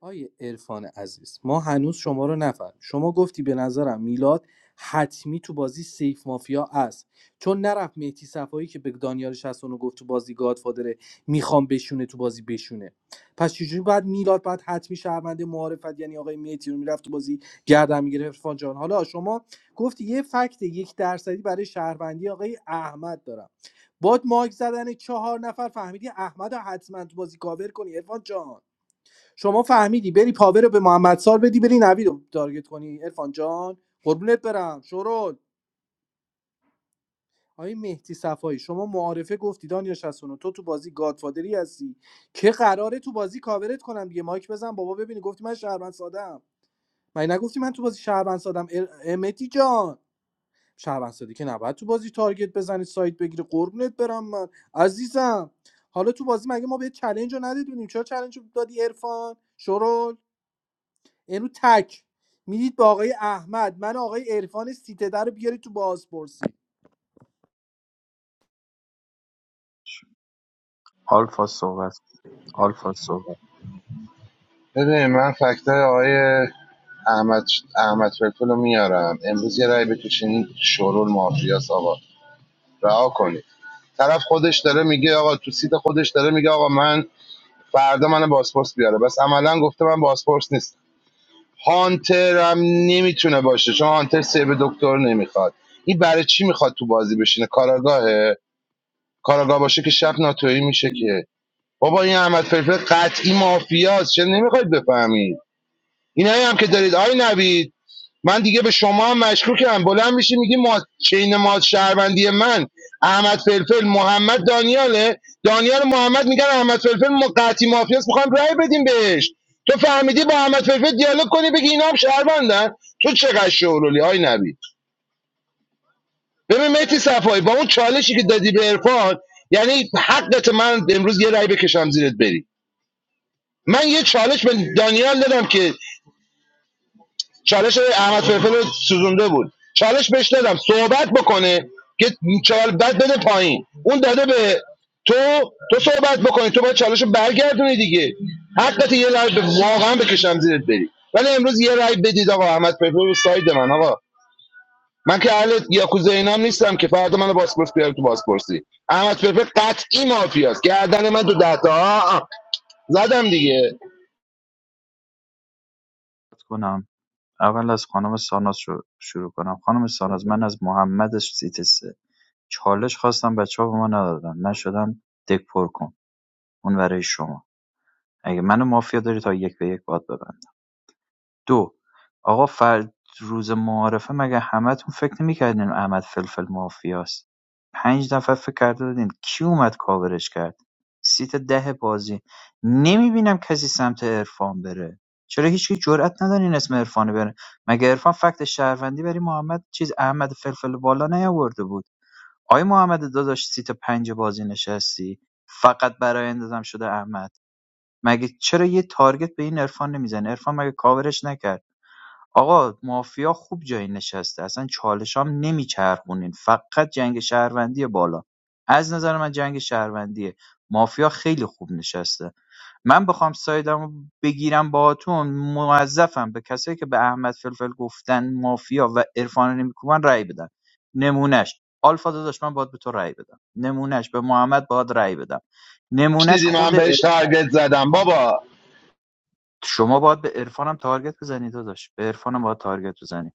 S17: آیه عرفان عزیز ما هنوز شما رو نفهمیم شما گفتی به نظرم میلاد حتمی تو بازی سیف مافیا است چون نرفت مهدی صفایی که به دانیال 69 گفت تو بازی گادفادره میخوام بشونه تو بازی بشونه پس چجوری بعد میلاد بعد حتمی شهرمنده معارفت یعنی آقای مهدی رو میرفت تو بازی گردن میگرفت عرفان جان حالا شما گفتی یه فکت یک درصدی برای شهروندی آقای احمد دارم باد ماک زدن چهار نفر فهمیدی احمد رو حتما تو بازی کاور کنی عرفان جان شما فهمیدی بری پاور رو به محمد سال بدی بری نوید رو تارگت کنی عرفان جان قربونت برم شورول آقای مهدی صفایی شما معارفه گفتی دانیا 69 تو تو بازی گادفادری هستی که قراره تو بازی کاورت کنم دیگه مایک بزن بابا ببینی گفتی من شهروند سادم من نگفتی من تو بازی شهروند سادم ار- مهدی جان شهروند سادی که نباید تو بازی تارگت بزنی سایت بگیری قربونت برم من عزیزم حالا تو بازی مگه ما به چلنج رو ندیدونیم چرا چلنج رو دادی عرفان شورول امروز تک میدید با آقای احمد من آقای عرفان سیتده رو بیاری تو بازپرسی
S20: آلفا صحبت کن، آلفا صحبت
S11: ببین من فکتای آقای احمد احمد فلفل رو میارم امروز یه رای بکشین شورول مافیاس آقا رها کنید طرف خودش داره میگه آقا تو سیت خودش داره میگه آقا من فردا من بازپرس بیاره بس عملا گفته من بازپرس نیست هانتر هم نمیتونه باشه چون هانتر سیو دکتر نمیخواد این برای چی میخواد تو بازی بشینه کاراگاهه کاراگاه باشه که شب ناتویی میشه که بابا این احمد فلفل قطعی مافیاست چه نمیخواید بفهمید اینایی هم که دارید آی نوید من دیگه به شما هم مشکوکم بلند میشی میگی ما چین ما شهروندی من احمد فلفل محمد دانیاله دانیال محمد میگن احمد فلفل ما قطعی مافیاس میخوام رأی بدیم بهش تو فهمیدی با احمد فلفل دیالوگ کنی بگی اینا هم شهروندن تو چقدر شورولی آی نوید ببین مهدی صفایی با اون چالشی که دادی به عرفان یعنی حقت من امروز یه رأی بکشم زیرت بری من یه چالش به دانیال دادم که چالش احمد فلفل رو سوزونده بود چالش بهش دادم صحبت بکنه که چال بعد بده پایین اون داده به تو تو صحبت بکنی تو باید چالش رو برگردونی دیگه حقت یه رای به واقعا بکشم زیرت بری ولی امروز یه رای بدید آقا احمد فلفل رو ساید من آقا من که اهل یاکوزا اینام نیستم که فردا منو باسپورس بیاره تو بازپرسی احمد فلفل قطعی مافیاست گردن من تو ده تا آه، آه. زدم دیگه
S20: کنم اول از خانم ساناز شو- شروع کنم خانم ساناز من از محمد سیت سه چالش خواستم بچه ها به ما ندادن من شدم دک پر کن اون برای شما اگه منو مافیا داری تا یک به یک باد ببند دو آقا فرد روز معارفه مگه همتون فکر نمیکردین احمد فلفل مافیاست پنج نفر فکر کرده بودین کی اومد کاورش کرد سیت ده بازی نمیبینم کسی سمت عرفان بره چرا هیچکی جرئت ندارین اسم عرفان بره مگه عرفان فکت شهروندی بری محمد چیز احمد فلفل بالا نیاورده بود آی محمد داداش سیت پنج بازی نشستی فقط برای اندازم شده احمد مگه چرا یه تارگت به این عرفان نمیزنه عرفان مگه کاورش نکرد آقا مافیا خوب جایی نشسته اصلا چالش هم نمیچرخونین فقط جنگ شهروندی بالا از نظر من جنگ شهروندیه مافیا خیلی خوب نشسته من بخوام سایدمو بگیرم باهاتون موظفم به کسایی که به احمد فلفل گفتن مافیا و عرفان نمیکوبن رأی بدن نمونهش آلفا داداش من باید به تو رأی بدم نمونهش به محمد باید رأی بدم نمونهش
S11: دیدی من
S20: خود
S11: بهش تارگت زدم بابا
S20: شما باید به عرفانم تارگت بزنی داداش به عرفانم باید تارگت بزنی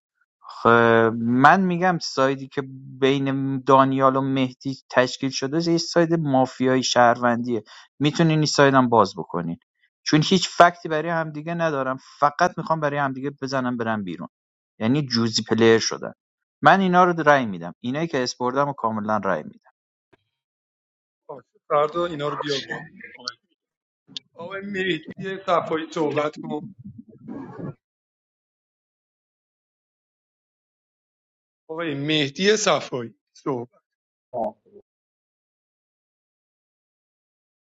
S20: خب، من میگم سایدی که بین دانیال و مهدی تشکیل شده یه ساید مافیایی شهروندیه میتونین این سایدم باز بکنین چون هیچ فکتی برای همدیگه ندارم فقط میخوام برای همدیگه بزنم برم بیرون یعنی جوزی پلیر شدن من اینا رو رأی میدم اینایی که اسپوردم و کاملا رأی میدم
S21: فردا اینا رو بیار بود آقای آقای مهدی صفایی صحبت کن آقای مهدی صفایی صحبت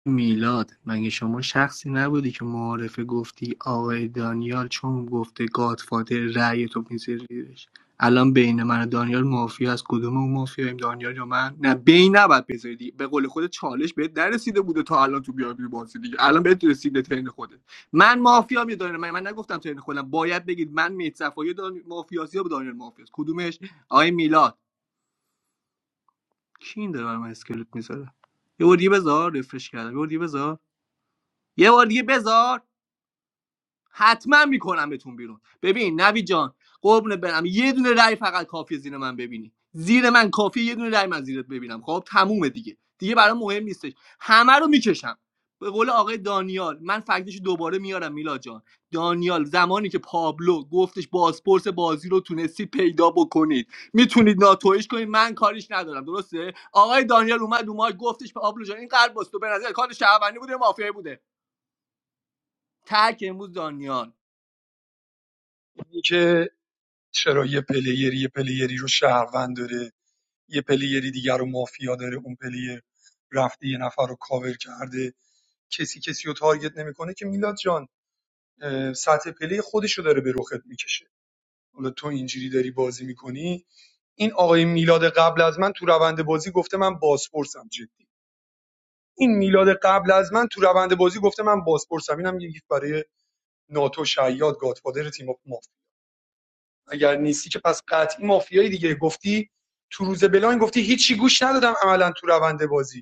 S16: میلاد مگه شما شخصی نبودی که معارفه گفتی آقای دانیال چون گفته گادفادر رأی تو می‌ذاری زیرش الان بین من و دانیال مافیا از کدوم اون مافیاییم دانیال یا من نه بین نباید بذاری به قول خود چالش بهت نرسیده بوده تا الان تو بیابی بازی دیگه الان بهت رسیده ترین خودت من مافیا می دانیال من, من نگفتم ترین خودم باید بگید من میت صفای دان... مافیاسی یا دانیال مافیاس کدومش آقای میلاد کی این داره برای من اسکلت میذاره یه بار دیگه بذار رفرش کردم یه بار دیگه بذار یه بار دیگه بذار حتما میکنم بهتون بیرون ببین نوی جان قربونت برم یه دونه رای فقط کافیه زیر من ببینی زیر من کافیه یه دونه رای من زیرت ببینم خب تمومه دیگه دیگه برام مهم نیستش همه رو میکشم به قول آقای دانیال من فکتش رو دوباره میارم میلاد جان دانیال زمانی که پابلو گفتش بازپرس بازی رو تونستی پیدا بکنید میتونید ناتویش کنید من کاریش ندارم درسته آقای دانیال اومد اومد گفتش پابلو جان این قلب تو به نظر کار شهروندی بوده مافیایی بوده تک امروز دانیال
S21: این که چرا یه پلیری یه پلیری رو شهروند داره یه پلیری دیگر رو مافیا داره اون پلیر رفته یه نفر رو کاور کرده کسی کسی رو تارگت نمیکنه که میلاد جان اه، سطح پلی خودش رو داره به رخت میکشه حالا تو اینجوری داری بازی میکنی این آقای میلاد قبل از من تو روند بازی گفته من بازپرسم جدی این میلاد قبل از من تو روند بازی گفته من بازپرسم اینم یه گیف برای ناتو شیاد گادفادر تیم مافیا اگر نیستی که پس قطعی مافیایی دیگه گفتی تو روز بلاین گفتی هیچی گوش ندادم عملا تو روند بازی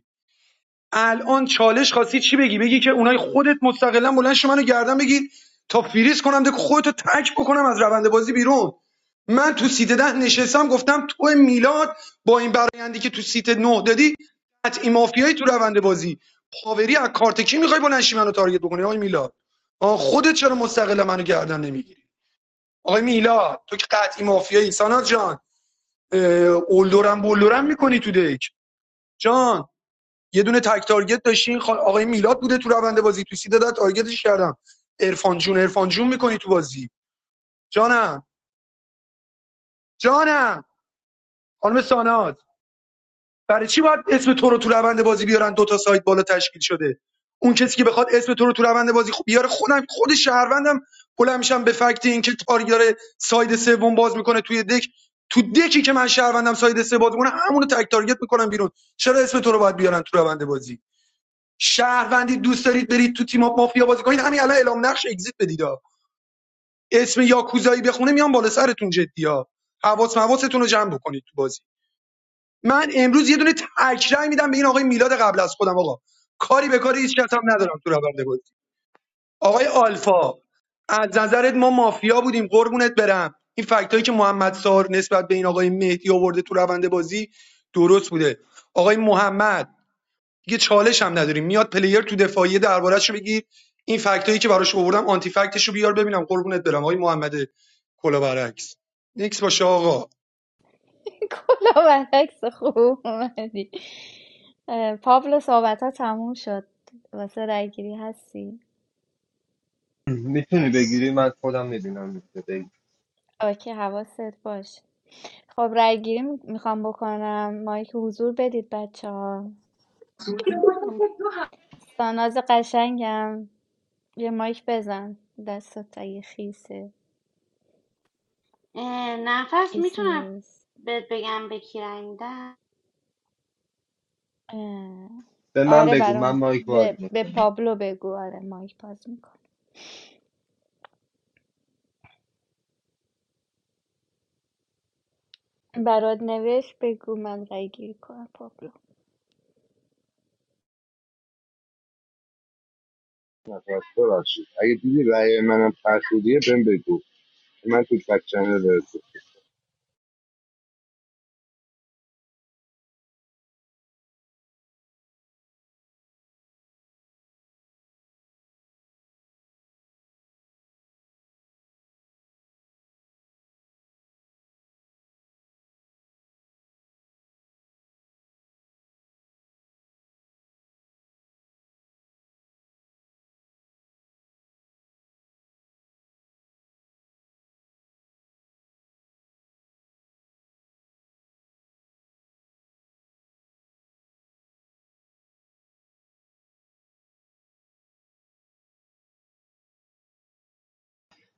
S21: الان چالش خواستی چی بگی بگی که اونای خودت مستقلا بلند شو منو گردن بگی تا فریز کنم دک خودتو تک بکنم از روند بازی بیرون من تو سیت ده نشستم گفتم تو میلاد با این برایندی که تو سیت نه دادی قطعی مافیایی تو روند بازی پاوری از کارت کی میخوای بلند شی منو تارگت بکنی آقای میلاد آه، خودت چرا مستقلا منو گردن نمیگیری آقای میلاد تو که قطعی مافیایی سانات جان اه، اولدورم بولدورم میکنی تو دک جان یه دونه تک تارگت داشتین آقای میلاد بوده تو روند بازی تو سیده داد تارگتش کردم عرفان جون عرفان جون میکنی تو بازی جانم جانم خانم سانات برای چی باید اسم تو رو تو روند بازی بیارن دو تا سایت بالا تشکیل شده اون کسی که بخواد اسم تو رو تو روند بازی خوب بیاره خودم خود شهروندم بلند میشم به فکت اینکه تارگت ساید سوم باز میکنه توی دک تو دکی که من شهروندم ساید سه باز میکنه همونو تک تارگت میکنم بیرون چرا اسم تو رو باید بیارن تو روند بازی شهروندی دوست دارید برید تو تیم اپ مافیا بازی کنید همین الان اعلام نقش اگزییت بدید ها. اسم یاکوزایی بخونه میام بالا سرتون جدی ها حواس مواستون رو جمع بکنید تو بازی من امروز یه دونه تکرای میدم به این آقای میلاد قبل از خودم آقا کاری به کاری هیچ کس ندارم تو روند بازی آقای آلفا از نظرت ما مافیا بودیم قربونت برم این فکتایی که محمد سار نسبت به این آقای مهدی آورده تو روند بازی درست بوده آقای محمد دیگه چالش هم نداریم میاد پلیر تو دفاعیه دربارهش رو بگیر این فکتایی که براش آوردم آنتی فکتشو بیار ببینم قربونت برم آقای محمد کلا برعکس نیکس باشه آقا
S15: *laughs* کلا برعکس خوب اومدی اه، پابلو صحبت ها تموم شد واسه رای گیری هستی
S10: میتونی بگیری من خودم میبینم میشه بگی
S15: اوکی حواست باش. خب رای گیری میخوام بکنم مایک حضور بدید بچه ها ساناز قشنگم یه مایک بزن دستت اگه خیسه
S3: اه، نفس
S15: خیس
S3: میتونم
S15: نیست
S3: بهت بگم به کی رنگ دم؟
S15: اه،
S10: به من
S15: آره
S10: بگو من
S15: برام
S10: مایک باز
S15: به, به
S10: میکنم
S15: پابلو بگو آره مایک باز میکن برات نوشت بگو من رای گیری کنم پابلو
S11: ببخشید اگه دیدی رأی منم فرسودیه بهم بگو من تو بک چنل برسه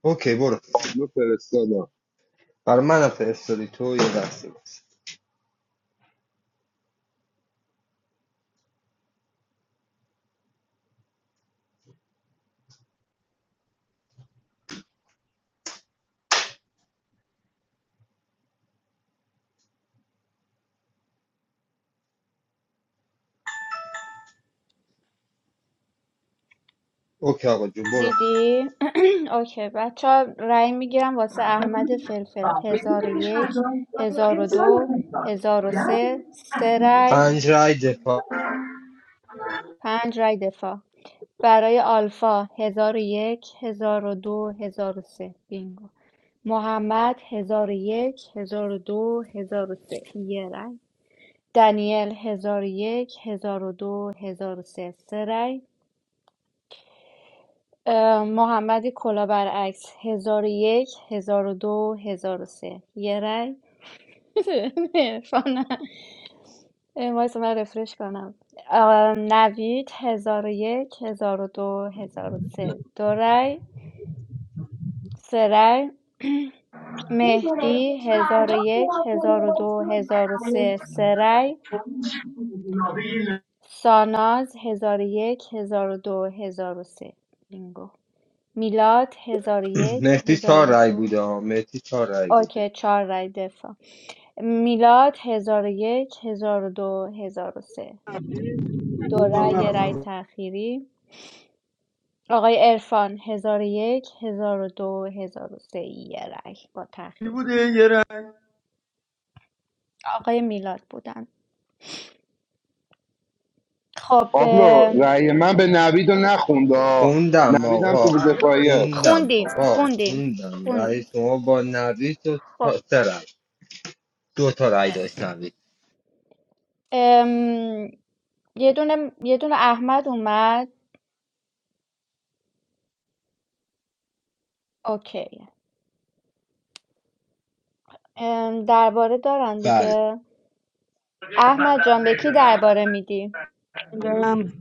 S10: اوکی برو
S11: پابلو فرستادم
S10: برای من فرستادی تو یه دستی بس اوکی آقا جون برو
S15: دیدی؟ *clears throat* اوکی بچه ها رأی میگیرم واسه احمد فلفل هزار و یک هزار و دو هزار و سه سه رأی
S10: پنج رای دفاع
S15: پنج رأی دفاع برای آلفا هزار و یک هزار و دو هزار و سه بینگو محمد هزار و یک هزار و دو هزار و سه یه رأی دانیل هزار و یک هزار و دو هزار و سه سه رأی اه، محمد کلا برعکس هزار و یک هزار و دو هزار و سه یه رای *laughs* عرفان اه، وایسا من رفرش کنم اه، نوید هزار و یک هزار و دو هزار و سه دو رای سه رای *clears throat* مهدی هزار و یک هزار و دو هزار و سه سه رای ساناز هزار و یک هزار و دو هزار و سه بینگو میلاد هزار و
S10: *clears throat*
S15: یک
S10: مهدی
S15: هزار
S10: چهار
S15: و
S10: رای
S15: دو
S10: بوده ها مهدی چهار رای
S15: اوکی
S10: بوده
S15: ۴ رای دفاع میلاد ۱۰۰۱ ۱۰۰۲ ۱۰۰۳ دو هزار و سه. دو رای یه رای تأخیری آقای عرفان ۱۰۰۱ ۱۰۰۲ ۱۰۰۳ یه رای با
S21: کی
S15: تأخیر
S21: بوده یه رنگ
S15: آقای میلاد بودن خب
S11: پابلو
S15: ام،
S11: رأی من به نوید رو نخوند آه.
S10: خوندم
S11: نوید هم
S10: آقا
S11: تو دفاعیه
S10: خوندم
S15: خوندیم
S10: آقا
S15: خوندیم
S10: خوندم رای
S15: خوندیم
S10: شما با نوید و
S15: خب
S10: تا- سه رای دو تا رای داشت نوید
S15: ام، یه دونه یه دونه احمد اومد اوکی ام، درباره دارن
S10: بله
S15: دیگه احمد جان به کی درباره میدی
S18: بندم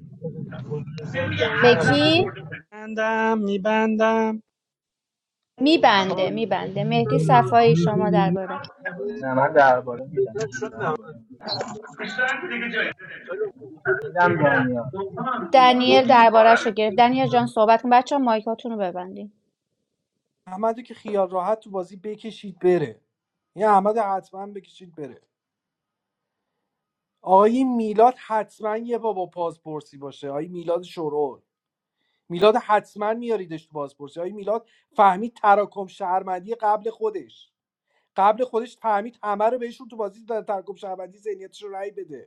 S14: گلدوزه دقیقا
S15: به
S14: نریم بود
S15: کی
S18: بندم میبندم
S15: میبنده میبنده مهدی صفایی شما درباره
S16: نه من درباره میدم درباره میدم میدم دانیال
S15: دنیل دربارهش رو گرفت دنیل جان صحبت کن بچه ها مایکاتون رو ببندین
S17: احمدو که خیال راحت تو بازی بکشید بره یه احمد حتما بکشید بره آقای میلاد حتما یه بابا با بازپرسی باشه آقای میلاد شرور میلاد حتما میاریدش تو بازپرسی آقای میلاد فهمید تراکم شهرمندی قبل خودش قبل خودش فهمید همه رو بهشون تو بازی در تراکم شهرمندی ذهنیتش رو رأی بده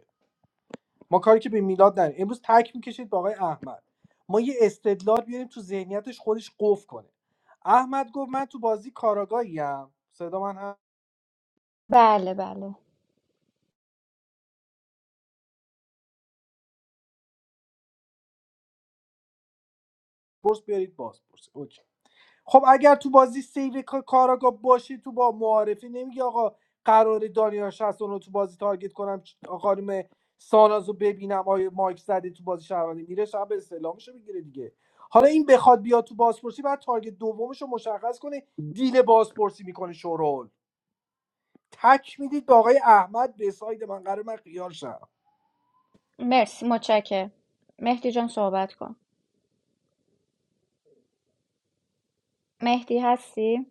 S17: ما کاری که به میلاد نداریم امروز تک میکشید با آقای احمد ما یه استدلال بیاریم تو ذهنیتش خودش قف کنه احمد گفت من تو بازی کاراگاهیم صدا من هست
S15: بله بله
S17: برس بیارید باز برس اوکی. خب اگر تو بازی سیو کا- کاراگاه باشی تو با معارفی نمیگی آقا قرار دانیال 60 رو تو بازی تارگت کنم چ- خانم ساناز رو ببینم آیا مایک زده تو بازی شهروندی میره شب استعلامش میگیره دیگه حالا این بخواد بیاد تو بازپرسی بعد تارگت دومش رو مشخص کنه دیل بازپرسی میکنه شورول تک میدید به آقای احمد به ساید من قرار من خیال شم
S15: مرسی متشکرم مهدی جان صحبت کن مهدی هستی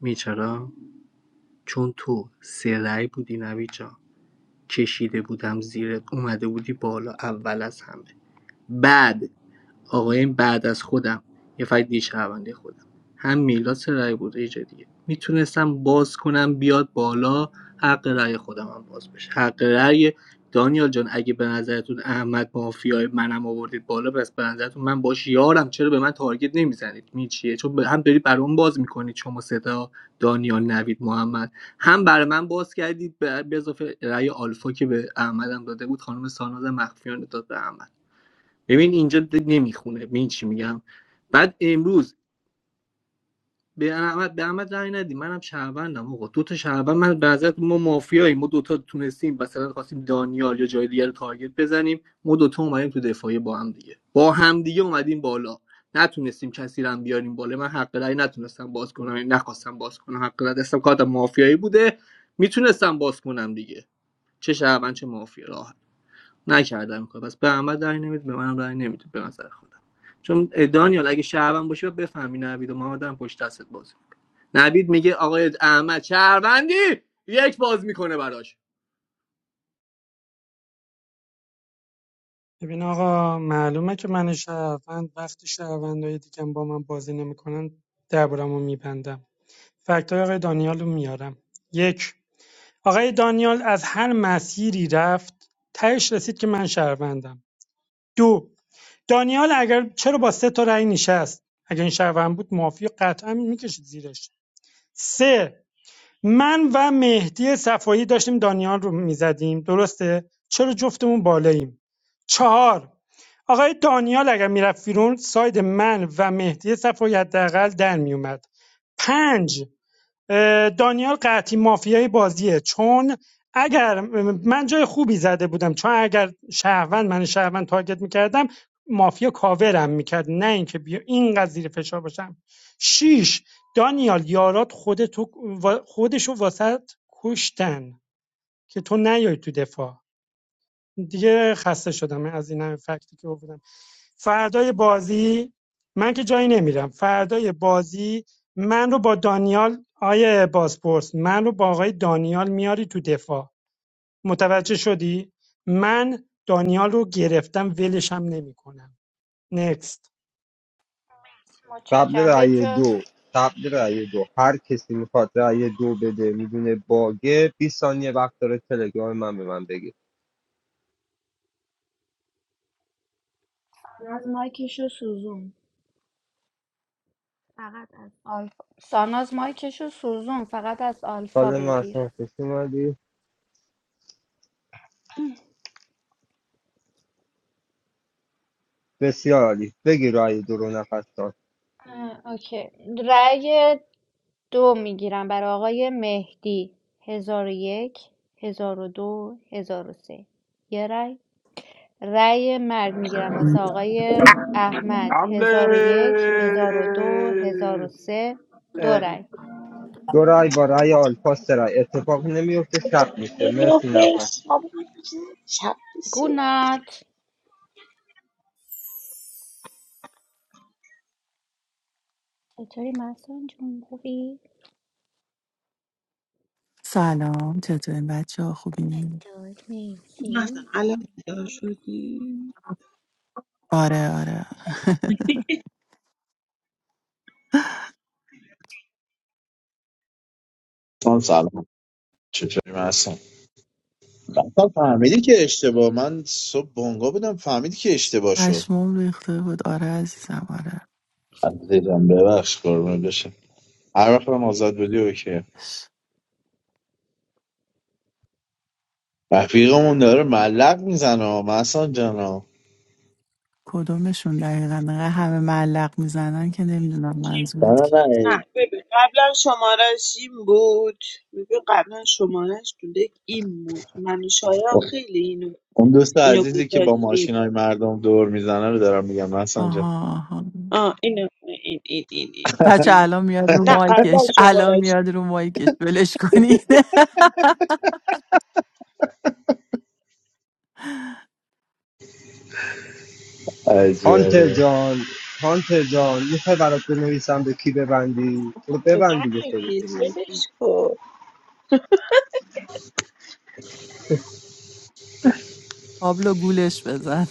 S16: میچرا چون تو سه رأی بودی نوید جان کشیده بودم زیرت اومده بودی بالا اول از همه بعد آقای بعد از خودم یه فردی شهروندی خودم هم میلاد سه رأی بود یه جای دیگه میتونستم باز کنم بیاد بالا حق رای خودم هم باز بشه حق رای دانیال جان اگه به نظرتون احمد مافیای منم آوردید بالا بس به نظرتون من باش یارم چرا به من تارگت نمیزنید می چیه چون هم دارید برام باز میکنید شما صدا دانیال نوید محمد هم برای من باز کردید به به اضافه رأی آلفا که به احمدم داده بود خانم ساناز مخفیان داد به احمد ببین اینجا د- نمیخونه ببین چی میگم بعد امروز به احمد به احمد رای ندی منم شهروندم آقا دو تا شهروند من به نظرت ما مافیاییم ما دوتا تونستیم مثلا خواستیم دانیال یا جای دیگر رو تارگت بزنیم ما دوتا اومدیم تو دفاعی با هم دیگه با هم دیگه اومدیم بالا نتونستیم کسی رو هم بیاریم بالا من حق رأی نتونستم باز کنم یعنی نخواستم باز کنم حق رأی دستم کارت مافیایی بوده میتونستم باز کنم دیگه چه شهروند چه مافیا راحت نکردم کار پس به احمد رأی نمیدید به منم رأی نمیدید به نظر خودم چون دانیال اگه شهروند باشی باید بفهمی نوید و محمد هم پشت دستت بازی نوید میگه آقای احمد شهروندی یک باز میکنه براش
S18: ببین آقا معلومه که من شهروند وقتی شهروندهای دیگه با من بازی نمیکنن دربارمو میبندم فکتای آقای دانیال رو میارم یک آقای دانیال از هر مسیری رفت تهش رسید که من شهروندم دو دانیال اگر چرا با سه تا رأی نشست اگر این شهروند بود معافی قطعا میکشید زیرش سه من و مهدی صفایی داشتیم دانیال رو میزدیم درسته چرا جفتمون بالاییم چهار آقای دانیال اگر میرفت بیرون ساید من و مهدی صفایی حداقل در میومد پنج دانیال قطعی مافیای بازیه چون اگر من جای خوبی زده بودم چون اگر شهروند من شهروند تارگت میکردم مافیا کاورم میکرد نه اینکه بیا اینقدر زیر فشار باشم شیش دانیال یارات خودتو خودشو واسط کشتن که تو نیای تو دفاع دیگه خسته شدم از این همه فکتی که آوردم فردای بازی من که جایی نمیرم فردای بازی من رو با دانیال آیه بازپرس من رو با آقای دانیال میاری تو دفاع متوجه شدی من دانیال رو گرفتم ولشم نمیکنم نکست
S10: قبل
S15: متشکرم به
S10: رأی
S15: جز
S10: دو قبل رأی دو هر کسی میخواد رأی دو بده میدونه باگه 20 ثانیه وقت داره تلگرام من به من بگه
S15: ساناز مایکش رو سوزون فقط از آلفا ساناز مایکش رو سوزون فقط از آلفا
S10: سالم
S15: بگیر
S10: اصلا خوش اومدی بسیار عالی بگی رأی دو رو نفس دار
S15: اه، اوکی رأی دو میگیرم برای آقای مهدی هزار و یک هزار و دو هزار و سه یه رأی رأی مرگ میگیرم واسه آقای احمد هزار و یک هزار و دو هزار و سه دو رأی
S10: دو رأی با رأی آلفا سه رأی اتفاق نمیفته شب میشه مرسی
S22: نمیافه
S10: نفس
S15: شب.
S22: شب شب بخیر.
S15: گونات چطوری محسن جون خوبی؟
S23: سلام چطورین بچه ها خوبین؟
S15: دکتر
S22: مثلا
S15: مرسی
S22: الان بیدار شدی
S23: آره آره *laughs*
S1: سلام سلام چطوری من هستم مثلا فهمیدی که اشتباه من صبح بونگا بودم فهمیدی که اشتباه شد
S23: پشمام ریخته بود آره عزیزم آره
S1: عزیزم ببخش قربونت بشم هر وقت هم آزاد بودی اوکی رفیقمون داره ملق میزنه مثلا جانا
S23: کدومشون دقیقا انقدر همه معلق میزنن که نمیدونم
S22: شیم
S1: نه
S22: بود
S23: منظورت کی
S1: نه
S22: نه ببین قبلا شمارش این بود ببین قبلا شمارش تو دک این بود من و شایان
S1: نه.
S22: خیلی اینو
S1: اون دوست
S22: اینو
S1: عزیزی که با
S22: گذاشتیم
S1: ماشینای مردم دور میزنه رو دارم میگم حسن جان
S23: آها آها
S22: آه اینو این این این این,
S23: بچه
S22: این.
S23: الان میاد رو
S22: نه قبلا
S23: مایکش الان
S22: شمارش این
S23: میاد رو مایکش بلش کنید *laughs*
S1: عجب
S10: هانتر جان هانتر جان میخوای برات بنویسم به کی ببندی برو
S22: بود.
S10: ببند دیگه خودت
S22: ننویس
S10: رو
S22: ولش کن
S23: پابلو گولش بزن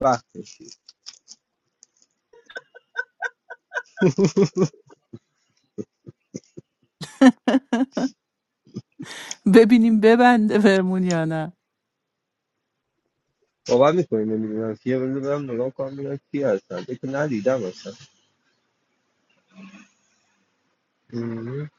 S10: وقت میشی *laughs*
S23: *laughs* ببینیم ببنده فرمون یا نه
S10: باور میکنی نمیدونم کیه بذار برم نگاه کنم ببینم کی هستن فکر ندیدم اصلا مم.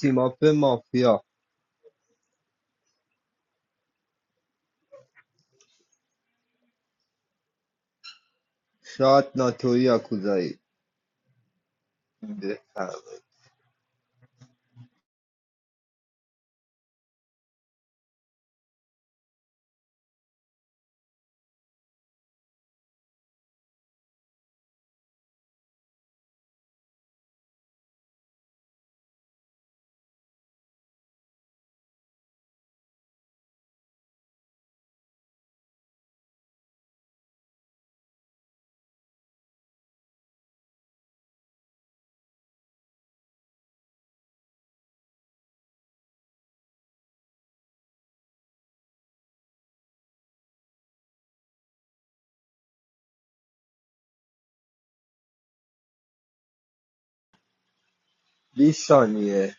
S10: تیماپ مافیا شاید ناتوی یاکوزایی بفهم 20 ثانیه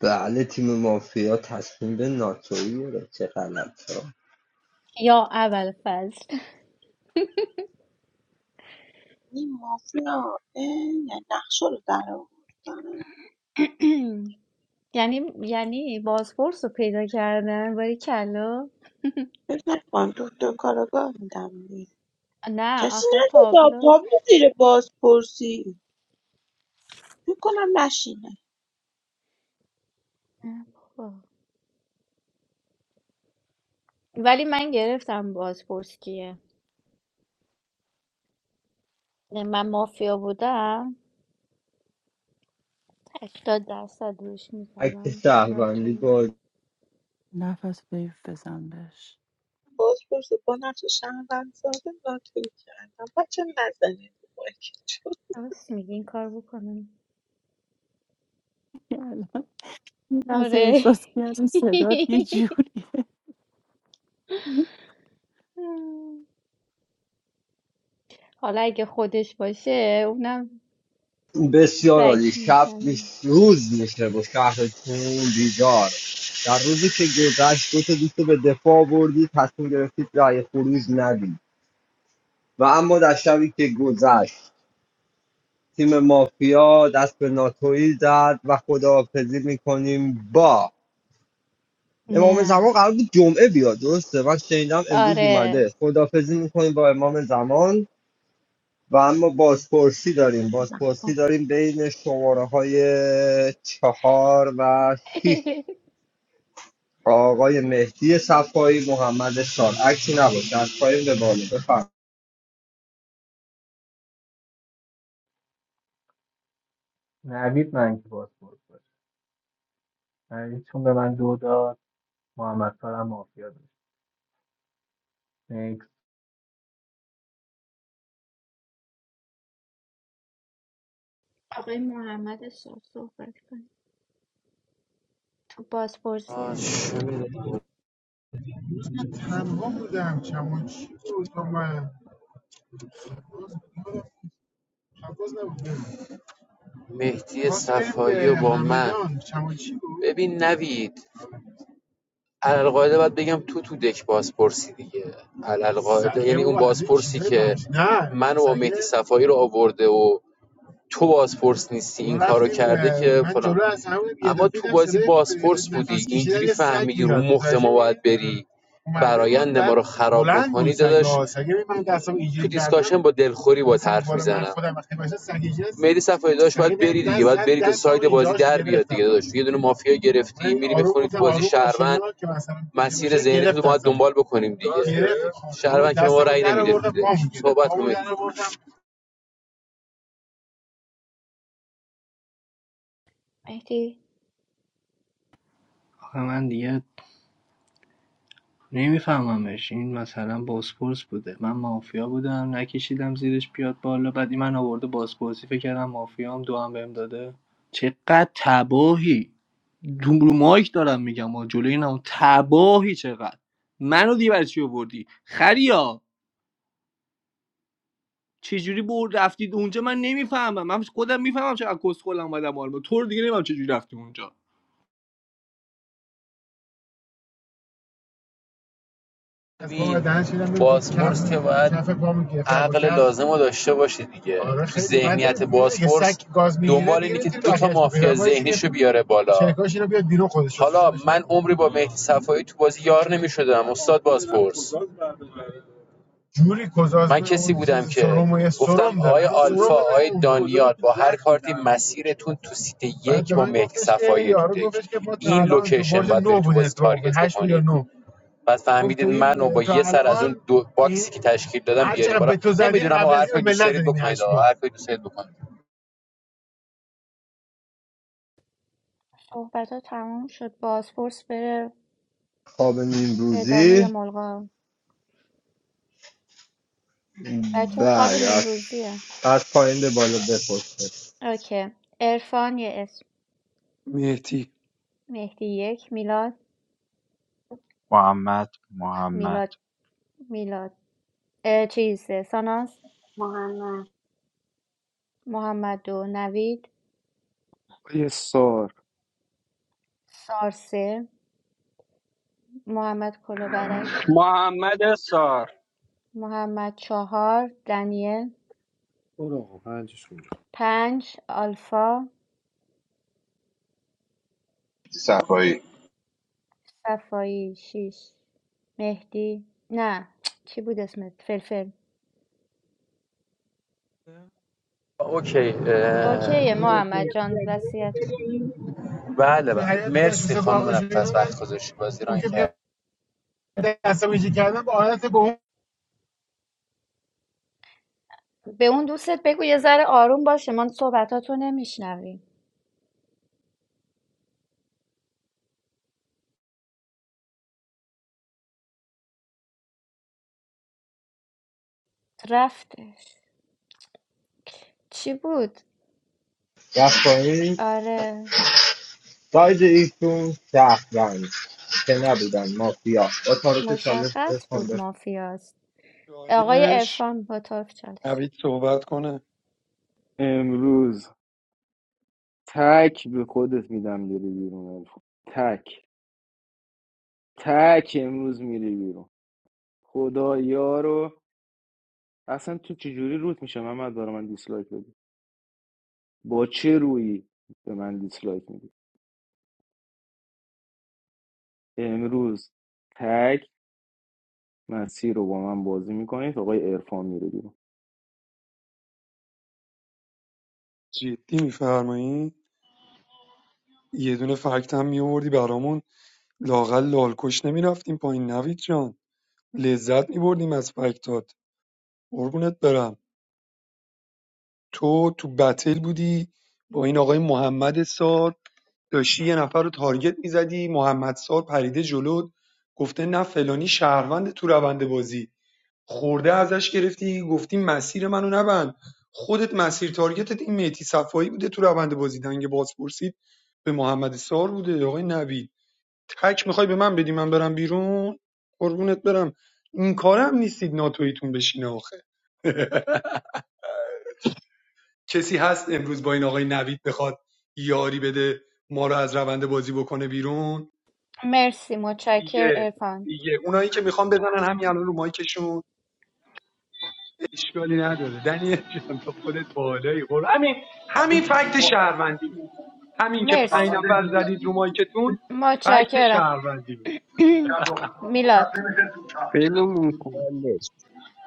S10: بله تیم مافیا تصمیم به ناتوی گرفت چه غلط ها
S15: یا اول فصل
S22: این مافیا اه، یعنی نقشه رو در آوردن
S15: *clears throat* یعنی یعنی بازپرس رو پیدا کردن باری کلا
S22: بفکر کنم تو دو کارگاه میدم بیرون.
S15: نه
S22: کسی
S15: آخه
S22: ندید
S15: پابلو
S22: پا می زیر بازپرسی فکر کنم نشینه
S15: نه بابا. ولی من گرفتم بازپرسیه من مافیا بودم هشتاد درصد روش
S10: اکت
S15: میزنم
S10: شهروندی
S15: ناتوی
S10: با
S23: نفس بیف بزن بهش
S22: بازپرسی با نقش شهروند ساده ناتوی کردم بچه نزنید رو مایکتون.
S15: راست میگی این کار بکنم
S23: *laughs* الان این لحظه
S15: آره
S23: احساس کردم صدات یه جوریه *laughs*
S15: حالا اگه خودش باشه اونم
S10: بسیار عالی
S15: بک
S10: شب میش...
S15: میزنه
S10: روز میشه با شهرتون بیدار در روزی که گذشت دو تا دوست رو به دفاع آوردید تصمیم گرفتید رأی خروج ندید و اما در شبی که گذشت تیم مافیا دست به ناتویی زد و خداحافظی میکنیم با امام
S15: نه
S10: زمان قرار بود جمعه بیاد درسته من شنیدم امروز
S15: آره
S10: اومده خداحافظی میکنیم با امام زمان و اما بازپرسی داریم بازپرسی داریم بین شماره های چهار و شیش آقای مهدی صفایی محمد سال عکسی نباشه از پایین به بالا بفرم
S16: نوید من که باز بود نوید چون به من دو داد محمد سارم مافیا داشت نیکس
S15: آقای محمد سر صحبت کن تو بازپرسی هستی
S14: مهدی صفایی و با من ببین نوید علالقاعده باید بگم تو تو دک بازپرسی دیگه علالقاعده یعنی اون بابا عزیز بازپرسی که ببخش نه منو با مهدی صفایی رو آورده و تو بازپرس نیستی این کارو کرده که من فلان اما تو بازی صدای بازپرس بودی نفس کشیدن اینجوری فهمیدی رو میاد مخت متوجه ما باید بری برایند ما رو خراب بلند بود بکنی داداش تو اینجوری کردم دیسکاشن با دلخوری با مثلا حرف میزنم میری صفحه داشت سگ باید به بری دیگه دست باید بری تا ساید بازی در بیاد دیگه گرفتم داشت یه دونه مافیا گرفتی میری آروم میخونی تو بازی آروم شهروند مسیر اینا ذهنی تو گرفت باید دنبال بکنیم دیگه گرفت شهروند که به ما دستم رو رأی نمیده صحبت کنید
S15: مهدی
S16: آخه من دیگه نمیفهممش این مثلا بازپرس بوده من مافیا بودم نکشیدم زیرش بیاد بالا بعد این من آورده بازپرسی فکر کردم مافیام دو هم بهم داده چقدر تباهی دوم رو مایک دارم میگم و جلوی نمون تباهی چقدر منو دیگه برای چی آوردی خریا چجوری برد رفتید اونجا من نمیفهمم من خودم میفهمم چقدر کسخلم اومدم آلمان تو رو دیگه نمیفهم چجوری رفتی اونجا
S14: بازپرس که باید عقل لازم رو داشته باشه دیگه آره ذهنیت بازپرس سگ گاز میگیره دنبال میره اینه که دو تا مافیا ذهنیشو بیاره بالا حالا من عمری با مهدی صفایی تو بازی یار نمیشدم استاد بازپرس من کسی بودم که سرم و یه گفتم سرم آقای آلفا آقای دانیال با هر کارتی مسیرتون تو سیت یک با من مهدی صفایی این الان تو لوکیشن باید برید تو بازی تارگت هشت بود بعد خب فهمیدید تو این منو با یه سر از اون دو باکسی که تشکیل دادم هر بیارید چقدر بالا به تو نمیدونم هر از کاری اون به بکنید هر کاری دوست دارید بکنید
S15: صحبت ها تمام شد بازپرس بره
S10: خواب
S15: ادامه یا
S10: نیمروزی
S15: ملغا بچه خواب
S10: بله از
S15: نیمروزیه
S10: پایین به بالا بپرسه
S15: اوکی عرفان یه اسم
S21: مهدی
S15: مهدی یک میلاد
S20: محمد محمد
S15: میلاد میلاد اه، چیزه ساناس
S3: محمد
S15: محمد دو نوید
S2: آقای سار
S15: سار سه محمد کلو برعکس
S19: محمد سار
S15: محمد چهار دنیل
S17: برو آقا پنجش کن
S15: پنج آلفا
S11: صفایی
S15: صفایی شیش مهدی نه چی بود اسمت فلفل
S14: اوکی
S15: اوکی
S14: اه،
S15: محمد جان وصیت کن
S14: بله بله مرسی احساس خانم واقعی وقت گذاشتی بازی اون ران که کرد بیام دستم ایجی کردم با آلت
S15: به اون دوستت بگو یه ذره آروم باشه ما صحبتاتو نمیشنویم رفتش چی بود؟
S10: از پایین
S15: آره
S10: ساید ایشون شهروند که نبودن مافیا با تعارف چالش
S15: مشخص
S10: ارفان
S15: بود
S10: به-
S15: مافیاست آقای
S21: چالش
S15: عرفان با طرف چالش
S21: نوید صحبت کنه
S2: امروز تک به خودت میدم میری بیرون الفا تک تک امروز میری بیرون خدا یارو اصلا تو چجوری روت میشه محمد برای من دیسلایک بدی با چه رویی به من دیسلایک میدی امروز تک مسیر رو با من بازی میکنید آقای عرفان میره بیرون
S21: جدی میفرمایی یه دونه فکت هم میوردی برامون لاغل لالکش نمیرفتیم پایین نوید جان لذت میبردیم از فکتات قربونت برم تو تو بتل بودی با این آقای محمد سار داشتی یه نفر رو تارگت میزدی محمدسار پریده جلوت گفته نه فلانی شهروند تو روند بازی خورده ازش گرفتی گفتی مسیر منو نبند خودت مسیر تارگتت این میتی صفایی بوده تو روند بازی دنگ بازپرسی به محمد سار بوده آقای نوید تک میخوای به من بدی من برم بیرون قربونت برم این کارم نیستید ناتویتون بشینه آخه کسی هست امروز با این آقای نوید بخواد یاری بده ما رو از روند بازی بکنه بیرون
S15: مرسی متشکر
S21: دیگه
S15: عرفان
S21: دیگه اونایی که میخوان بزنن همین الان رو مایکشون اشکالی نداره دنیل جان تو خودت بالایی قرار همین همین فکت شهروندیه همین که پنج
S15: مرسی
S21: نفر زدید رو مایکتون فکت
S15: متشکرم
S21: شهروندیه
S15: *clears throat* میلاد
S19: بلمون کن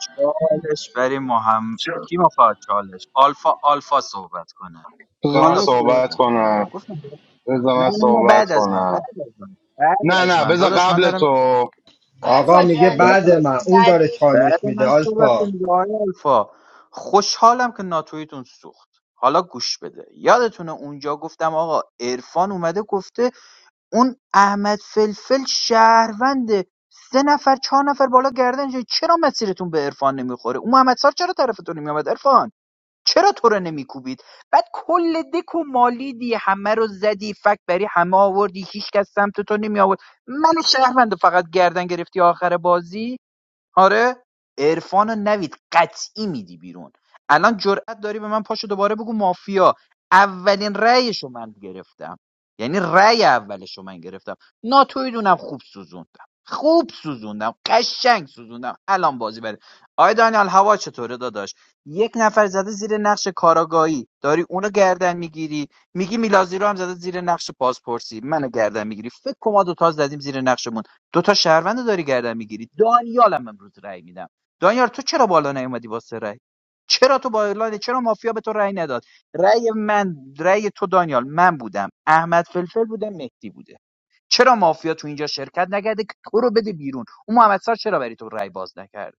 S20: چالش برای محمد کی میخواد چالش آلفا آلفا صحبت کنه
S11: بذار من
S20: حالا
S19: زمان
S20: صحبت
S11: صحبت
S20: میکنم برات
S11: کنم
S20: گفتم
S11: بذار
S20: نه
S11: من
S20: نه نه
S11: صحبت
S20: بعد از من
S11: کنم
S20: بعد از من بعد
S11: نه
S20: از
S11: نه
S20: من
S11: بذار
S20: داداش من
S11: قبل
S20: دارم
S11: تو
S10: آقا
S15: آلفا
S10: میگه
S15: جان
S10: بعد
S20: داداش،
S10: من اون داره
S15: ودود
S10: چالش
S20: بعد
S10: میده
S20: من صحبت
S10: آلفا
S20: کنید آقای آلفا خوشحالم که ناتویتون سوخت حالا گوش بده یادتونه اونجا گفتم آقا عرفان اومده گفته اون احمد فلفل شهرونده سه نفر چهار نفر بالا گردن چرا مسیرتون به عرفان نمیخوره اون محمد سار چرا طرفتون نمیامد عرفان چرا تو رو نمیکوبید بعد کل دک و مالیدی همه رو زدی فک بری همه آوردی هیچ کس سمت تو نمی آورد من شهروند فقط گردن گرفتی آخر بازی آره عرفانو نوید قطعی میدی بیرون الان جرأت داری به من پاشو دوباره بگو مافیا اولین رأیشو من گرفتم یعنی رأی اولشو من گرفتم ناتوی دونم خوب سوزوندم خوب سوزوندم قشنگ سوزوندم الان بازی بره آی دانیال هوا چطوره داداش یک نفر زده زیر نقش کاراگاهی داری اونو گردن میگیری میگی میلازی رو هم زده زیر نقش پاسپورسی منو گردن میگیری فکر کما دو تا زدیم زیر نقشمون دوتا شهروند رو داری گردن میگیری دانیالم امروز رأی میدم دانیال تو چرا بالا نیومدی واسه رأی چرا تو بالا نی- چرا مافیا به تو رأی نداد رأی من رأی تو دانیال من بودم احمد فلفل بوده مهدی بوده چرا مافیا تو اینجا شرکت نکرده که تو رو بده بیرون اون محمد سار چرا بری تو رأی باز نکرده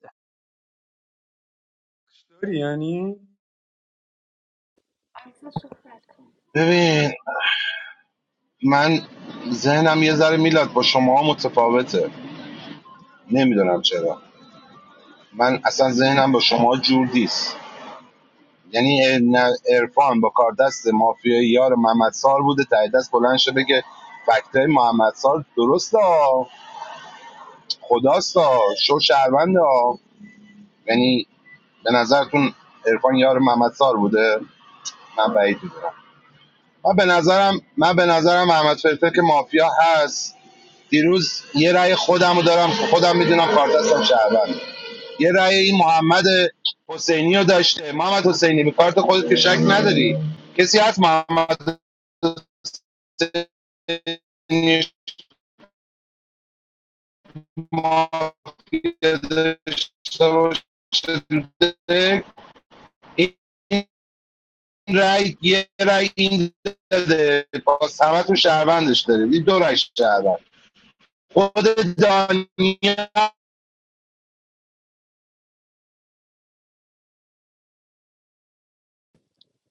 S21: داری یعنی
S15: آلفا صحبت کن
S11: ببین من ذهنم یه ذره میلاد با شما متفاوته نمیدونم چرا من اصلا ذهنم با شما جور نیست یعنی عرفان با کاردست مافیای یار محمد بوده ته دست بلند شه بگه فکتای محمد درسته خداسته شو شهروند یعنی به نظرتون عرفان یار محمد بوده من بعید میدونم من به نظرم من به نظرم محمد فرته که مافیا هست دیروز یه رأی خودم رو دارم که خودم میدونم کاردستم شهروند یه رأی این محمد حسینی رو داشته محمد حسینی به کارت خودت که شک نداری کسی هست محمد حسینی مافیا داشته باشه این رأی یه رأی این داده باز همه تو شهروندش داره این دو رأی شهروند خود دانیال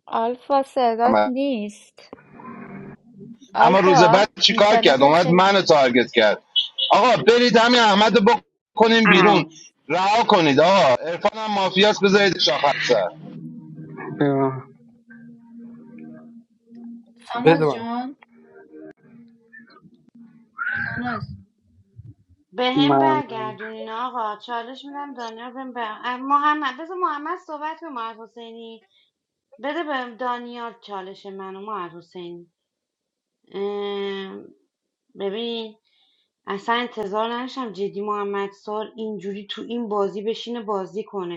S15: آلفا صدات نیست
S11: اما روز
S15: آلفا
S11: بعد چیکار کرد
S15: اینترنتت
S11: اومد
S15: خیلی بر
S11: منو تارگت کرد آقا برید همین احمد رو بکنیم بیرون رها کنید آقا عرفان هم مافیاس بذارید شاخر سر
S17: بده
S15: ساناز
S17: من
S15: جان ساناز
S3: به هم برگردونین آقا چالش میدم دانیال بهم بر- اه، محمد بذار محمد صحبت به محمد حسینی بده به دانیال چالش منو محمد حسینی اه، ببین اصلا انتظار نداشتم جدی محمد سال اینجوری تو این بازی بشینه بازی کنه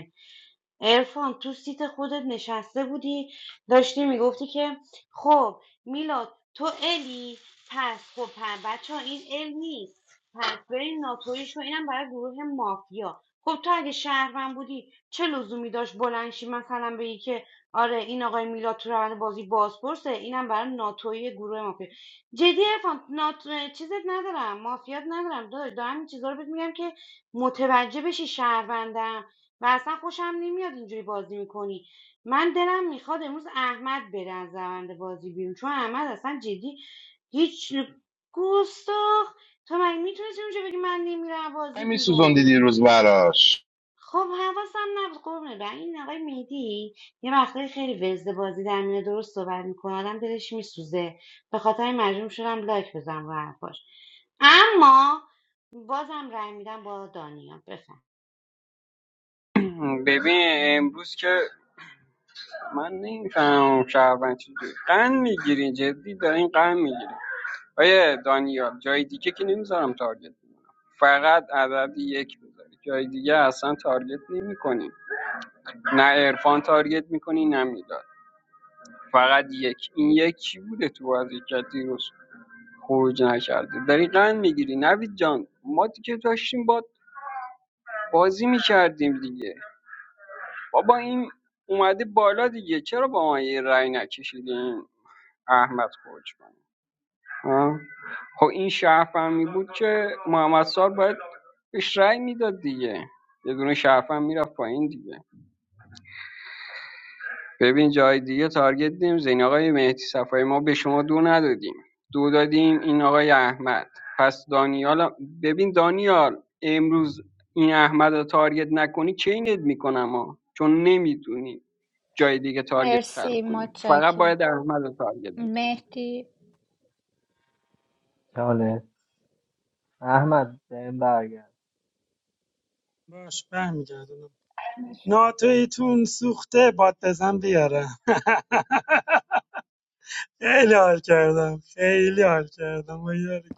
S3: عرفان تو سیت خودت نشسته بودی داشتی میگفتی که خب میلاد تو الی پس خب بچه ها این ال نیست پس بریم ناتوریش و اینم برای گروه مافیا خب تو اگه شهروند بودی چه لزومی داشت بلنشی مثلا بگی که آره این آقای میلاد تو روند بازی بازپرسه اینم برای ناتوی گروه مافیا جدی عرفان نات... چیزت ندارم مافیات ندارم داداش، دارم این چیزا رو بهت میگم که متوجه بشی شهروندم و اصلا خوشم نمیاد اینجوری بازی میکنی من دلم میخواد امروز احمد بره از روند بازی بیرون چون احمد اصلا جدی هیچ گستاخ تو مگه میتونستی اونجا بگی من نمیرم بازی
S11: همین
S3: بیرون
S11: سوزوندی دیروز براش
S3: خب حواسم نبود قربونه برم این آقای مهدی یه وقتایی خیلی وزده بازی در میاد درست صحبت میکنه آدم دلش میسوزه به خاطر این مجبور شدم لایک بزنم رو حرفاش اما بازم رای میدم با دانیال بفهم
S19: ببین امروز که من نمیفهمم شهروند چجوری قند میگیری جدی دارین قند میگیری؟ آیه دانیال جای دیگه که نمیذارم تارگت کنی. فقط عدد یک بذاری جای دیگه اصلا تارگت نمی‌کنی. نه عرفان تارگت میکنی نه میلاد فقط یک این یکی بوده تو بازی که دیروز خروج نکرده داری قند میگیری نوید جان ما دیگه داشتیم با بازی میکردیم دیگه بابا این اومده بالا دیگه چرا با ما یه رأی نکشیدی این احمد خروج کنه ها؟ خب این شهرفهمی بود که محمد سال باید بهش رأی میداد دیگه یه دونه شهرفهم میرفت پایین دیگه ببین جای دیگه تارگت دیم زین آقای مهدی صفایی ما به شما دو ندادیم دو دادیم این آقای احمد پس دانیال ببین دانیال امروز این احمد رو تارگت نکنی چینت میکنم ها چون نمیدونی جای دیگه تارگت
S15: مرسی
S19: خلق کنی فقط
S15: متشکر
S19: باید احمد رو تارگت بزنی
S15: مهدی
S16: چاله احمد بهم برگرد
S18: باش برمیگردونم ناتویتون سوخته باد بزن بیارم *laughs* خیلی حال کردم خیلی حال کردم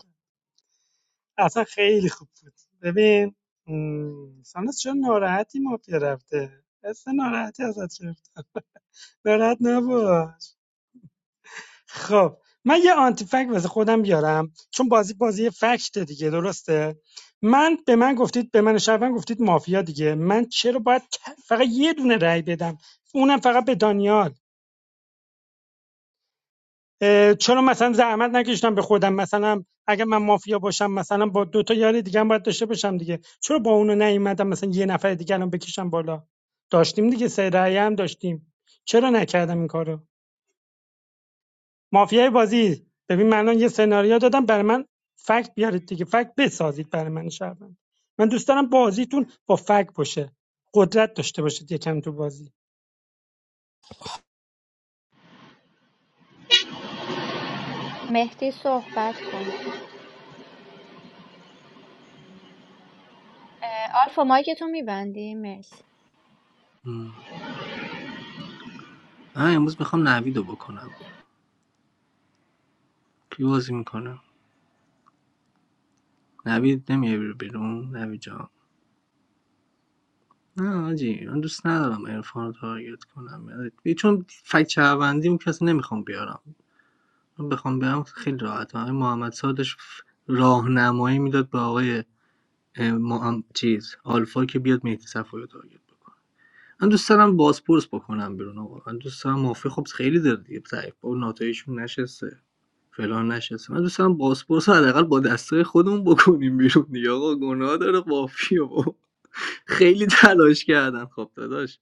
S18: اصلا خیلی خوب بود ببین م، ساناز چرا ناراحتی مافیا رفته اصلا ناراحتی ازت گرفت ناراحت نباش خب من یه آنتی فکت واسه خودم بیارم چون بازی بازی فکت دیگه درسته من به من گفتید به من شهروند گفتید مافیا دیگه من چرا باید ت- فقط یه دونه رأی بدم اونم فقط به دانیال اه، چرا مثلا زحمت نکشتم به خودم مثلا اگه من مافیا باشم مثلا با دو تا یار دیگه هم باید داشته باشم دیگه چرا با اونو نیومدم مثلا یه نفر دیگه رو بکشم بالا داشتیم دیگه سه رأی هم داشتیم چرا نکردم این کارو مافیای بازی ببین من الان یه سناریو دادم برای من فکت بیارید دیگه فکت بسازید برای من شهروند من دوست دارم بازیتون با فکت باشه قدرت داشته باشید یکم تو بازی
S15: مهدی صحبت کن آلفا مایکتو میبندی؟ مرسی
S16: مم. من امروز میخوام نویدو بکنم بیرون کی بازی می‌کنه؟ نوید نمیای بری بیرون نوید جان نه آجی من دوست ندارم عرفان رو تارگت کنم یعنی چون فکت شهروندیم کسی نمیخوام بیارم من بخوام بیارم خیلی راحت آقای محمد سادش راهنمایی میداد به آقای اه، چیز آلفا که بیاد مهدی صفایی رو تارگت بکنه من دوست دارم بازپرس بکنم بیرون آقا من دوست دارم مافی خب خیلی داره دیگه ضعیف با ناتایشون نشسته فلان نشسته من دوست دارم بازپرس رو حداقل با دستای خودمون بکنیم بیرون دیگه آقا گناه داره مافی خیلی تلاش کردن خب داداش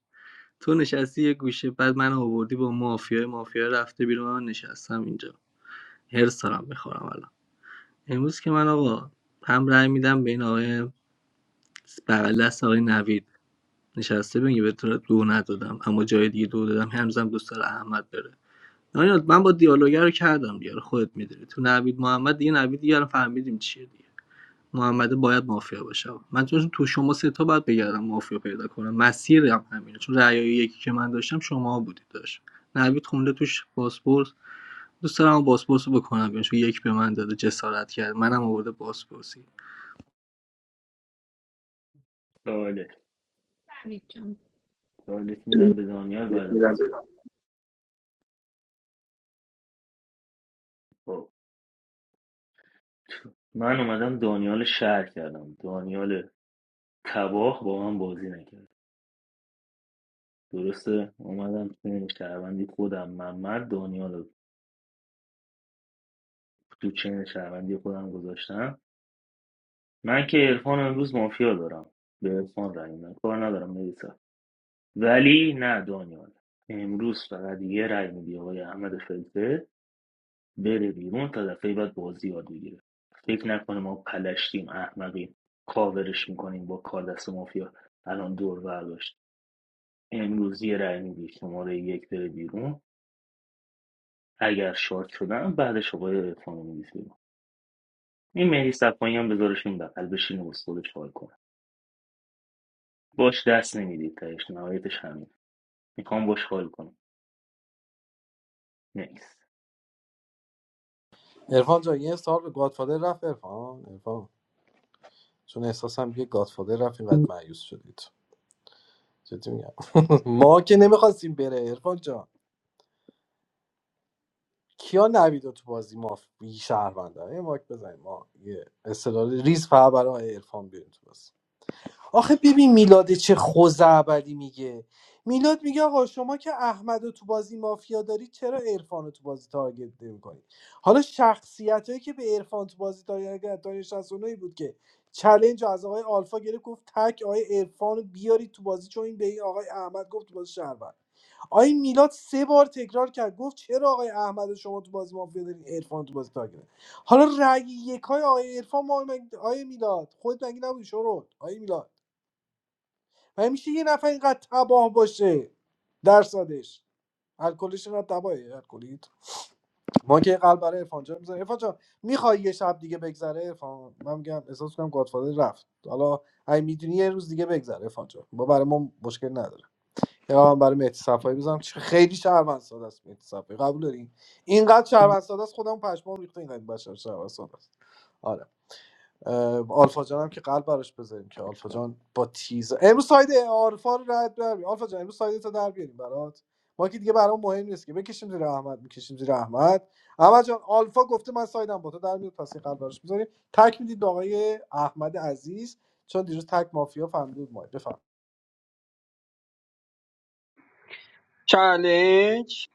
S16: تو نشستی یه گوشه بعد من آوردی با مافیای مافیا رفته بیرون من نشستم اینجا هرس دارم میخورم الان امروز که من آقا هم رأی میدم به این آقای بغل دست آقای نوید نشسته بگی به تو دو ندادم اما جای دیگه دو دادم هنوزم دوست داره احمد بره نه، من با دیالوگر رو کردم دیگه رو خودت میدونی تو نوید محمد دیگه نوید دیگه الان فهمیدیم چیه دیگه محمده باید مافیا باشه من تو تو شما سه تا باید بگردم مافیا پیدا کنم مسیرم همینه چون رأی یکی که من داشتم شما بودید داشت نوید خونده توش پاسپورت دوست دارم پاسپورت رو بکنم بیان چون یک به من داده جسارت کرد منم آورده پاسپورتی
S2: سوالت
S15: حمید جان
S2: سوالت میدم به دانیال بعد من صحبت. خب من اومدم دانیال شدم ولی تبازی نکرد درسته اومدم چین شهروندی خودم محمد دانیال رو تو چین شهروندی خودم گذاشتم من که عرفان امروز مافیا دارم به عرفان رای میدم کار ندارم میسا ولی نه دانیال امروز فقط یه رای میدی آقای احمد فلفل بره بیرون تا دفعه بعد بازی یاد بگیره فکر نکنه ما پلشتیم احمقیم کاورش میکنیم با کار دست مافیا الان دور برداشت امروز یه رأی میدی شماره یک بره بیرون اگر شارت شدن بعدش آقای عرفان رو میدید بیرون این مهدی صفایی هم بذارش این بغل بشینه و خودش حال کنه باش دست نمیدید تهش نهایتش همین میخوام باش حال کنم نیست
S17: ارفان جان یه سال به گادفادر رفت ارفان ارفان چون احساسم یه گادفادر رفت اینقدر مایوس شدید جدی میگم *laughs* ما که نمیخواستیم بره ارفان جان کیا نوید تو بازی ما بی شهروندن یه ماک بزنیم ما یه استدلال ریز فقط برای آقای عرفان بیاریم تو بازی. آخه ببین میلاد چه خوزعبلی میگه میلاد میگه آقا شما که احمد رو تو بازی مافیا داری چرا عرفان رو تو بازی تارگت نمیکنید حالا شخصیت هایی که به عرفان تو بازی تارگت دانش شصت و نه بود که چلنج رو از آقای آلفا گرفت گفت تک آقای عرفان رو بیارید تو بازی چون این به این آقای احمد گفت تو بازی شهروند آقای میلاد سه بار تکرار کرد گفت چرا آقای احمد رو شما تو بازی مافیا دارید عرفان تو بازی تارگت حالا رأی یکای آقای عرفان ما آقای میلاد خودت مگه نبودی شروع آقای میلاد و میشه یه نفر اینقدر تباه باشه درصدش الکلیش اینقدر تباهه الکلیت ما که قلب برای عرفان جان می‌ذاریم. عرفان جان میخوای یه شب دیگه بگذره عرفان من میگم احساس کنم گادفادر رفت حالا اگه می‌دونی یه روز دیگه بگذره عرفان جان با برای ما مشکل نداره یا من برای مهدی صفایی بزنم خیلی شهروند ساده است مهدی صفایی قبول دارین اینقدر شهروند ساده است خودمون پشمام ریخته اینقدر بشر شهروند ساده است آره. اه، آلفا جان هم که قلب براش بذاریم که آلفا جان با تیز امروز ساید آلفا رو رد بیاریم آلفا جان امروز ساید تو در بیاریم برات ما که دیگه برام مهم نیست که بکشیم زیر احمد میکشیم زیر احمد احمد جان آلفا گفته من سایدم با تو در میاد پس یه قلب براش بذاریم تک میدید به آقای احمد عزیز چون دیروز تک مافیا فهمیده بود ما بفر
S19: چالش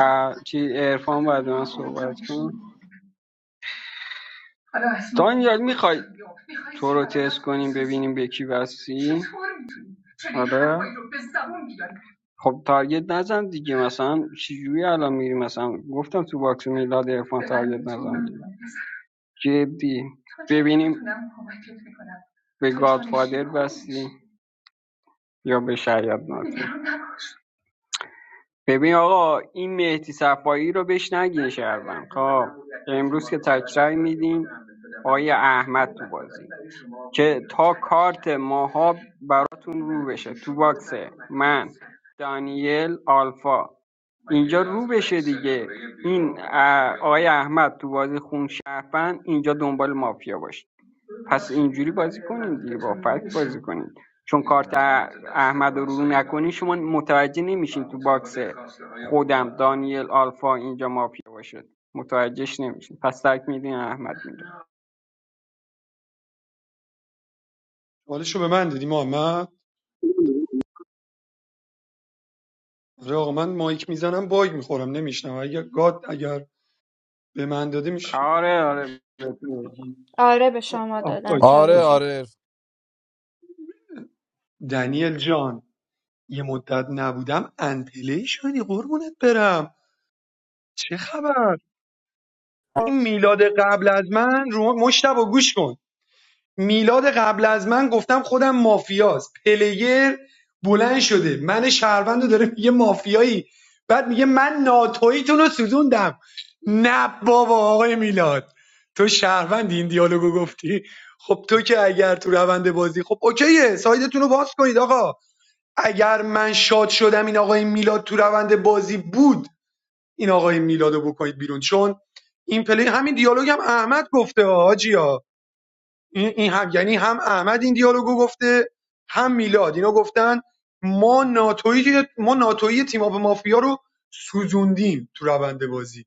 S19: اه، چی عرفان بعد من صحبت کن حالا اسم دانیال میخوای تو رو تست کنیم ببینیم به کی وصلی آره خب تارگت نزن دیگه مثلا چجوری الان میری مثلا گفتم تو باکس میلاد عرفان به من تارگت نزن دیگه جدی ببینیم میتونم کمکت میکنم به گادفادر نشین یا به شاید ناتو ببین آقا این مهدی صفایی رو بهش نگین شهروند خب امروز که تکرای میدیم آقای احمد تو بازی که تا کارت ماها براتون رو بشه تو باکس من دانیل آلفا اینجا رو بشه دیگه این اه، آقای احمد تو بازی خون شهروند اینجا دنبال مافیا باشه پس اینجوری بازی کنید دیگه با فکت بازی کنید چون کارت احمد رو رو نکنی شما متوجه نمیشین تو باکس خودم دانیل آلفا اینجا مافیا باشه متوجهش نمیشین پس ترک میدین احمد میره
S21: حالشو به من دادی محمد آره آقا من مایک میزنم باگ میخورم نمیشنم اگر گاد اگر به من داده میشه
S19: آره آره بگو.
S21: بگی
S15: آره به
S21: آه،
S15: شما
S21: آه،
S15: دادن
S21: اوکی،
S24: آره
S21: اوکی.
S15: چالشو
S24: آره
S21: دنیل جان یه مدت نبودم انپلی شدی قربونت برم چه خبر این میلاد قبل از من رو مشتبه گوش کن میلاد قبل از من گفتم خودم مافیاست پلیر بلند شده من شهروند رو داره میگه مافیایی بعد میگه من ناتویتون رو سوزوندم نه بابا آقای میلاد تو شهروند این دیالوگو گفتی خب تو که اگر تو روند بازی خب اوکیه سایدتون رو باز کنید آقا اگر من شاد شدم این آقای میلاد تو روند بازی بود این آقای میلادو بکنید بیرون چون این پلی همین دیالوگ هم احمد گفته ها، حاجیا این, این هم یعنی هم احمد این دیالوگو گفته هم میلاد اینا گفتن ما ناتوی ما ناتوی تیم اپ مافیا رو سوزوندیم تو روند بازی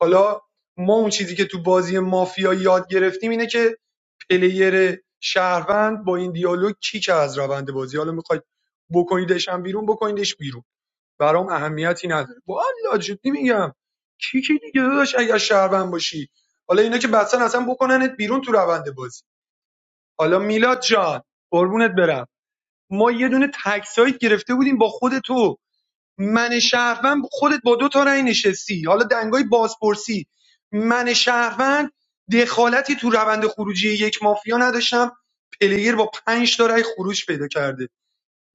S21: حالا ما اون چیزی که تو بازی مافیا یاد گرفتیم اینه که پلیر شهروند با این دیالوگ کیک از روند بازی حالا میخواید بکنیدش هم بیرون بکنیدش بیرون برام اهمیتی نداره والا جدی میگم کی کی دیگه داداش اگر شهروند باشی حالا اینا که بسن اصلا بکننت بیرون تو روند بازی حالا میلاد جان قربونت برم ما یه دونه تکسایت گرفته بودیم با خود تو من شهروند خودت با دو تا رأی نشستی حالا دنگای بازپرسی من شهروند دخالتی تو روند خروجی یک مافیا نداشتم پلیر با پنج تا رأی خروج پیدا کرده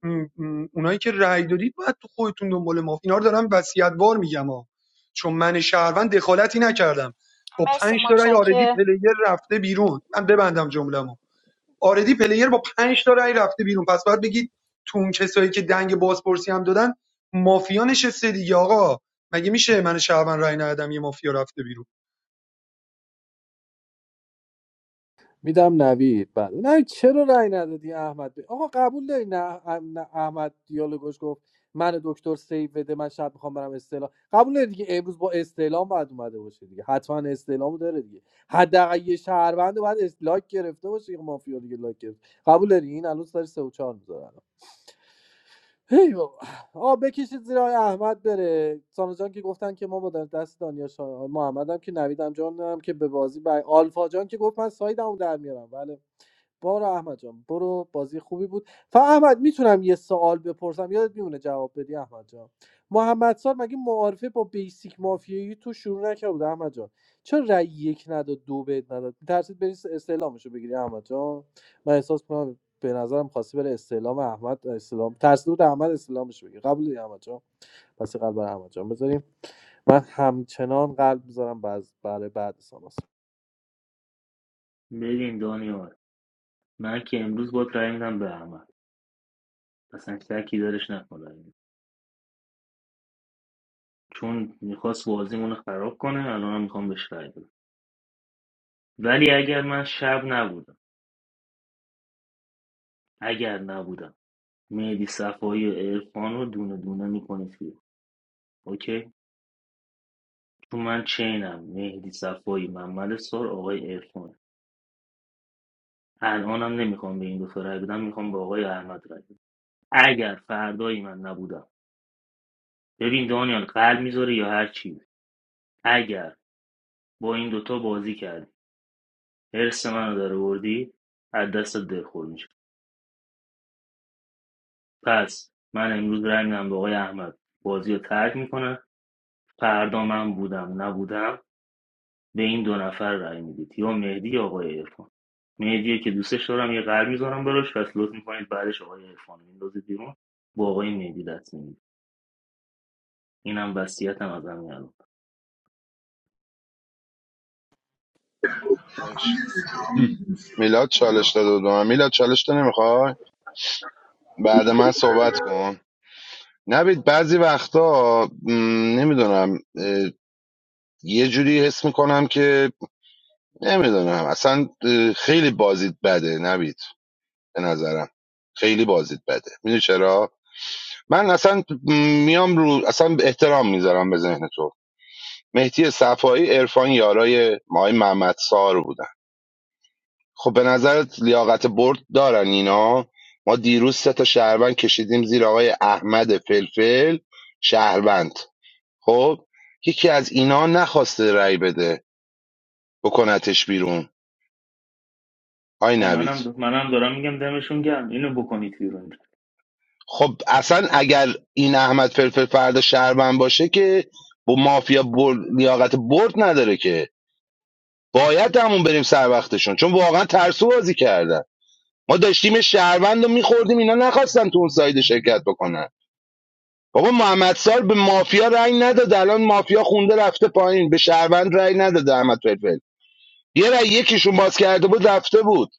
S21: م- م- اونایی که رأی دادید باید تو خودتون دنبال مافیا اینا رو دارم وصیت‌وار میگم ها چون من شهروند دخالتی نکردم با
S15: مرسی
S21: پنج تا رأی آردی
S15: متشکر
S21: پلیر رفته بیرون من ببندم جمله‌مو آردی پلیر با پنج تا رأی رفته بیرون پس باید بگید تو اون کسایی که دنگ بازپرسی هم دادن مافیا نشسته دیگه آقا مگه میشه من شهروند رأی ندادم یه مافیا رفته بیرون
S17: میدم نوید بعد نه چرا رأی ندادی احمد به- آقا قبول داری نه, ام- نه احمد دیالوگش گفت من دکتر سیف بده من شب میخوام برم استعلام قبول داری دیگه امروز با استعلام باید اومده باشه دیگه حتما استعلامو داره دیگه حداقل یه شهروند باید است- لایک گرفته باشه یه مافیا دیگه لایک گرفت قبول داری این الان سر 3 و 4 هی بابا آه بکشید زیر آقای احمد بره سانو جان که گفتن که ما با دست دانیا شا... محمد که نویدم جان هم که به بازی بر آلفا جان که گفت من سایدمو در میارم بله بارو احمد جان برو بازی خوبی بود فا احمد میتونم یه سوال بپرسم یادت میمونه جواب بدی احمد جان محمد سال مگه معارفه با بیسیک مافیایی تو شروع نکرده بود احمد جان چرا رأی یک نداد دو بهت نداد میترسید بری استعلامش رو بگیری احمد جان من احساس کنم به نظرم خواستی بره استعلام احمد استعلام ترسیده بود احمد استعلامش بگیر قبول داری احمد جان پس یه قلب برای احمد جان بذاریم من همچنان قلب میذارم باز برای بعد ساناس
S2: ببین دانیال من که امروز باید رأی میدم به احمد اصلا شکی درش نکن چون میخواست بازیمون رو خراب کنه الان هم میخوام بهش رای بدم ولی اگر من شب نبودم اگر نبودم مهدی صفایی و عرفان رو دونه دونه میکنید بیرون اوکی چون من چینم مهدی صفایی محمد سار آقای عرفان الانم نمیخوام به این دو تا رای بدم میخوام به آقای احمد رای بدم اگر فردایی من نبودم ببین دانیال قلب میذاره یا هر چیز اگر با این دوتا بازی کردی حرس منو در بردی از دست دلخور پس من امروز رای میدم به آقای احمد بازی رو ترک میکنه فردا من بودم نبودم به این دو نفر رای میدید یا مهدی یا آقای عرفان مهدی که دوستش دارم یه قلب میذارم براش پس لطف میکنید بعدش آقای عرفان رو میندازید بیرون با آقای مهدی دست میدید اینم وصیتم از همین الان
S11: بش. میلاد چالش داده بود به من میلاد چالش تو نمیخوای بعد من صحبت کن نبید بعضی وقتا م، نمیدونم اه، یه جوری حس میکنم که نمیدونم اصلا اه، خیلی بازیت بده نبید به نظرم خیلی بازیت بده میدونی چرا من اصلا میام رو اصلا احترام میذارم به ذهن تو مهدی صفایی عرفان یارای مای محمد سار بودن خب به نظرت لیاقت برد دارن اینا ما دیروز سه تا شهروند کشیدیم زیر آقای احمد فلفل شهروند خب یکی از اینا نخواسته رأی بده بکنتش بیرون آی
S2: آه،
S11: نوید
S2: منم منم دارم میگم دمشون گرم اینو بکنید بیرون
S11: خب اصلا اگر این احمد فلفل فردا شهروند باشه که با مافیا برد لیاقت برد نداره که باید همون بریم سر وقتشون چون واقعا ترسو بازی کردن ما داشتیم شهروند رو میخوردیم اینا نخواستن تو اون ساید شرکت بکنن بابا محمد سال به مافیا رأی نداد الان مافیا خونده رفته پایین به شهروند رأی نداده احمد فلفل یه رأی یکیشون باز کرده بود رفته بود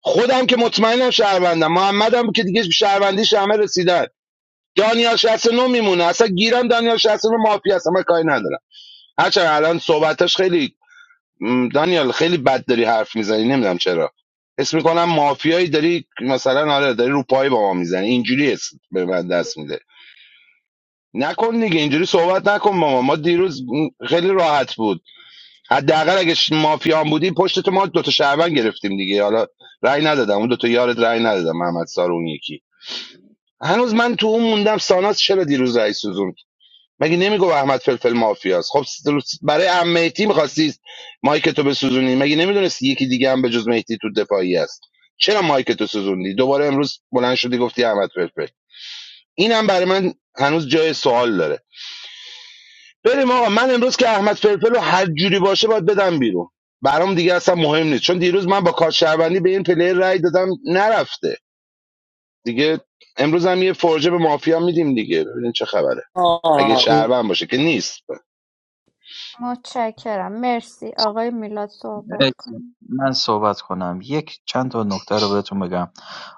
S11: خودم که مطمئنم شهروندم محمدم که دیگه شهروندیش همه رسیدن دانیال 69 میمونه اصلا گیرم دانیال 69 مافیا اصلا من کاری ندارم هرچند الان صحبتاش خیلی م، دانیال خیلی بد داری حرف میزنی نمیدونم چرا حس میکنم مافیایی داری مثلا آره داری رو پای با ما میزنی اینجوری حس به من دست میده نکن دیگه اینجوری صحبت نکن با ما ما دیروز خیلی راحت بود حداقل اگه ش- مافیا هم بودیم پشت تو ما دوتا شعبان گرفتیم دیگه حالا رأی ندادم اون دوتا یارت رأی ندادم محمد سار و اون یکی هنوز من تو اون موندم ساناز چرا دیروز رأی سوزون مگه نمیگو احمد فلفل مافیاست خب س- برای ام مهدی میخواستی مایک تو بسوزونی مگه نمیدونستی یکی دیگه هم به جز مهدی تو دفاعی است چرا مایک تو سوزوندی دوباره امروز بلند شدی گفتی احمد فلفل اینم برای من هنوز جای سوال داره بریم آقا من امروز که احمد فلفل رو هر جوری باشه باید بدم بیرون برام دیگه اصلا مهم نیست چون دیروز من با کار شهروندی به این پلیر رای دادم نرفته دیگه امروز هم یه فرجه به مافیا میدیم دیگه ببینیم چه خبره اگه
S17: آه
S11: شهروند باشه که نیست
S15: متشکرم مرسی آقای میلاد صحبت
S20: مرسی.
S15: کنیم
S20: من صحبت کنم یک چند تا نکته رو بهتون بگم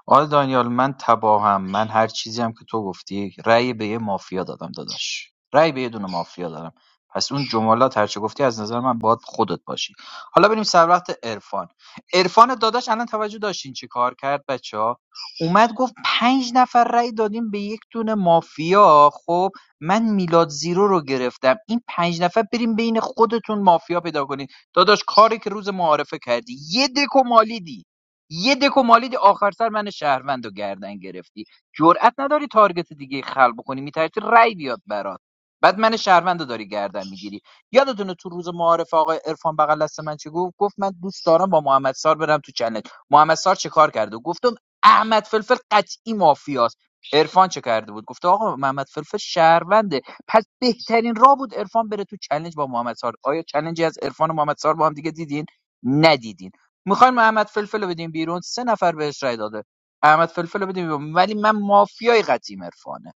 S20: آقای دانیال من تباهم من هر چیزی هم که تو گفتی رأی به یه مافیا دادم داداش رأی به یه دونه مافیا دادم پس اون جملات هر چه گفتی از نظر من باید خودت باشی حالا بریم سر وقت عرفان عرفان داداش الان توجه داشتین چی کار کرد بچه ها اومد گفت پنج نفر رأی دادیم به یک دونه مافیا خب من میلاد زیرو رو گرفتم این پنج نفر بریم بین خودتون مافیا پیدا کنین داداش کاری که روز معارفه کردی یه دکو مالیدی یه دکو مالیدی آخر سر من شهروند رو گردن گرفتی جرأت نداری تارگت دیگه خلق کنی میترسی رأی بیاد برات بعد من شهروند رو داری گردن میگیری یادتونه تو روز معارفه آقای عرفان بغل دست من چی گفت گفت من دوست دارم با محمد سار برم تو چنل محمد سار چه کار کرده گفتم احمد فلفل قطعی مافیاست عرفان چه کرده بود گفته آقا محمد فلفل شهروند پس بهترین راه بود عرفان بره تو چلنج با محمد سار آیا چلنجی از عرفان و محمد سار با هم دیگه دیدین ندیدین میخواین محمد فلفل رو بدیم بیرون سه نفر بهش رای داده محمد فلفل رو بدیم بیرون ولی من مافیای قطعیم عرفانه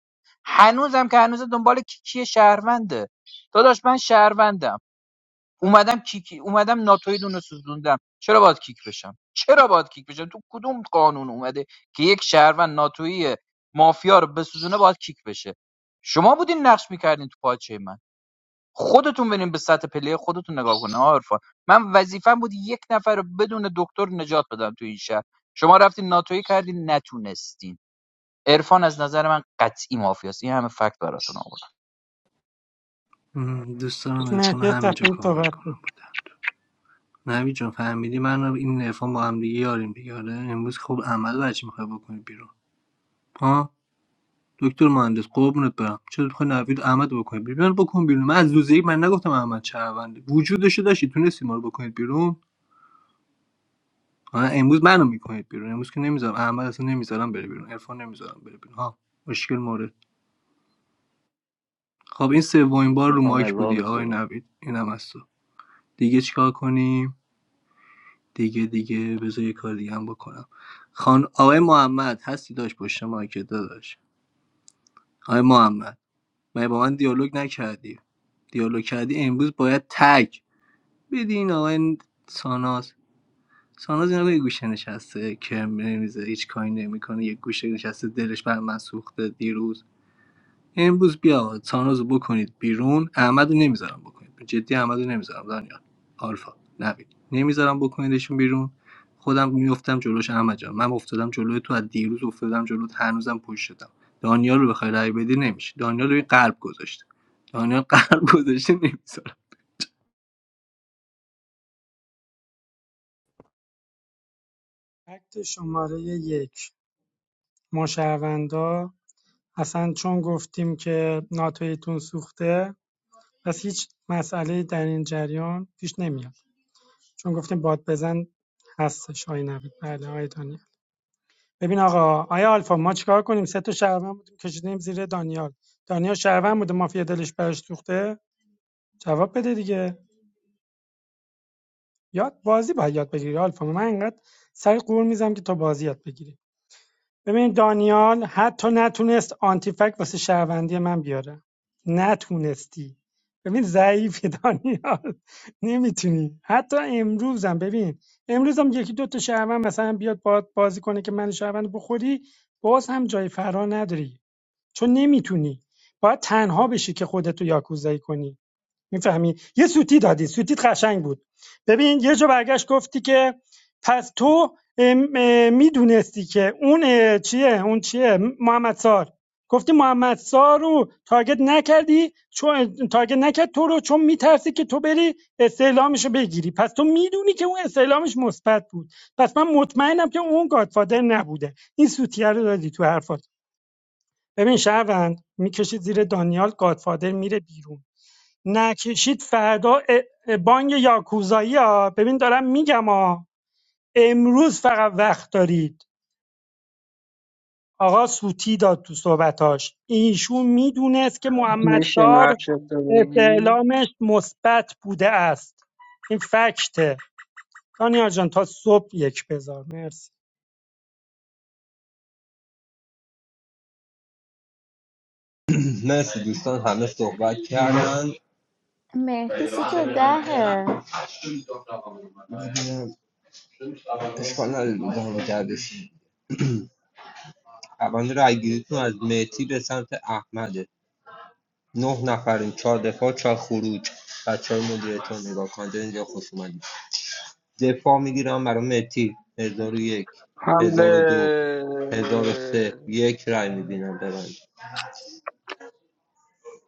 S20: هنوزم که هنوز دنبال کی- کیه شهرونده داداش من شهروندم اومدم کیک اومدم ناتوی دونه سوزوندم چرا باید کیک بشم چرا باید کیک بشم تو کدوم قانون اومده که یک شهروند ناتوی مافیا رو بسوزونه باید کیک بشه شما بودین نقش میکردین تو پاچه من خودتون برین به سطح پله خودتون نگاه کنه ها عرفان من وظیفم بود یک نفر رو بدون دکتر نجات بدم تو این شهر شما رفتین ناتویی کردین نتونستین عرفان از نظر من قطعی مافیاست این همه فکت براتون آوردم
S16: دوست دارم عرفان رو
S18: مهدی
S16: همینجا
S18: صفحه
S16: کاور
S18: صحبت
S16: کنم
S18: کن.
S16: بودم نوید جان فهمیدی من این عرفان با هم دیگه یاریم دیگه آره امروز خوب عمل بچی میخوای بکنی بیرون ها دکتر مهندس قربونت برم چرا میخوای نوید احمد رو بکنی بیرون منو بکن بیرون من از روز یک من نگفتم احمد شهرونده وجودشو داشتی تونستی ما رو بکنید بیرون آه، امروز منو میکنید بیرون امروز که نمیذارم احمد اصلا نمیذارم بره بیرون عرفان نمیذارم بره بیرون ها مشکل مورد خب این سومین بار رو
S2: میخوام
S16: مایک بودی
S2: عذابت
S16: آقای
S2: بدم
S16: نوید اینم از تو دیگه چیکار کنیم دیگه دیگه بذار یه کار دیگه هم بکنم خان آقای محمد هستی داشت پشت مایک داداش آقای محمد مگه با من دیالوگ نکردی دیالوگ کردی امروز باید تگ بدین آقای ساناز ساناز اینا رو گوشه نشسته کرم نمیزه هیچ کاری نمیکنه یه گوشه نشسته دلش بر من سوخته دیروز امروز بیا آقا، ساناز بکنید بیرون احمد نمیذارم بکنید جدی احمد نمیذارم دانیال آلفا نوید نمیذارم بکنیدشون بیرون خودم میفتم جلوش احمد جان من افتادم جلوی تو از دیروز افتادم جلوت هنوزم پشت دانیال رو بخوای رای بدی نمیشه دانیال روی قلب گذاشته دانیال قلب گذاشته نمی‌ذاره.
S18: فکت شماره یک ما شهروندا اصلا چون گفتیم که ناتویتون سوخته پس هیچ مسئله در این جریان پیش نمیاد چون گفتیم باد بزن هستش آی نوید بله آی دانیال ببین آقا آیا آلفا ما چیکار کنیم سه تا شهروند بودیم کشیدیم زیر دانیال دانیال شهروند بوده مافیا دلش براش سوخته جواب بده دیگه یاد بازی باید یاد بگیری آلفا من انقدر سر قور میزم که تو بازی یاد بگیری ببین دانیال حتی نتونست آنتیفک واسه شهروندی من بیاره نتونستی ببین ضعیفی دانیال *laughs* نمیتونی حتی امروزم ببین امروزم یکی دو تا شهروند مثلا بیاد باهات بازی کنه که من شهروند بخوری باز هم جای فرا نداری چون نمیتونی باید تنها بشی که خودتو یاکوزایی کنی میفهمی یه سوتی دادی سوتیت قشنگ بود ببین یه جا برگشت گفتی که پس تو میدونستی که اون چیه اون چیه محمد سار گفتی محمد سار رو تارگت نکردی چون تارگت نکرد تو رو چون میترسی که تو بری استعلامش رو بگیری پس تو میدونی که اون استعلامش مثبت بود پس من مطمئنم که اون گادفادر نبوده این سوتیه رو دادی تو حرفات ببین شهروند میکشی زیر دانیال گادفادر میره بیرون نکشید فردا ا- ا- بانگ یاکوزایی ها ببین دارم میگم ها امروز فقط وقت دارید آقا سوتی داد تو صحبتاش ایشون میدونست که محمد
S19: میشه
S18: سار
S19: نقشه تو بگی
S18: استعلامش مثبت بوده است این فکته دانیال جان تا صبح یک بذار مرسی
S10: مرسی دوستان همه صحبت کردن
S15: مهدی سیت دهه
S10: اشکال نداره دوزار بگردش روند رایگیریتون از مهتی به سمت احمده نه نفرین چهار دفاع چهار خروج بچه های مدیرتون نگاه کنید اینجا خوش اومدید. دفاع میگیرم برای متی هزار و یک
S19: حمله
S10: هزار و دو هزار و سه یک رای میبینم ببند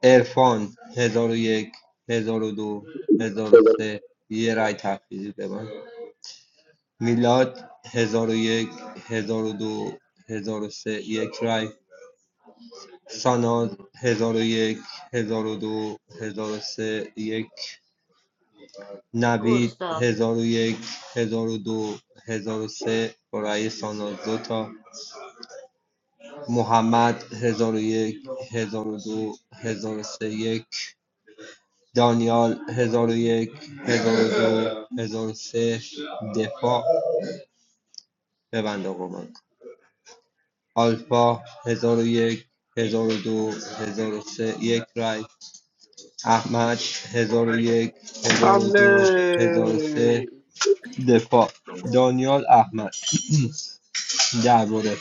S10: ارفان هزار و یک هزار و دو هزار و سه یه رای تخفیزی ببند میلاد هزار و یک هزار و دو هزار و سه یک رای ساناز هزار و یک هزار و دو هزار و سه یک نوید
S3: گستاخ
S10: هزار و یک هزار و دو هزار و سه برای ساناز دو تا محمد هزار و یک هزار و دو هزار و سه دانیال هزار و یک هزار و دو هزار و سه دفاع ببند آقا من آلفا هزار و یک هزار و دو هزار و سه یک رای احمد هزار و یک هزار و
S19: حمله
S10: دو هزار و سه دفاع دانیال احمد درباره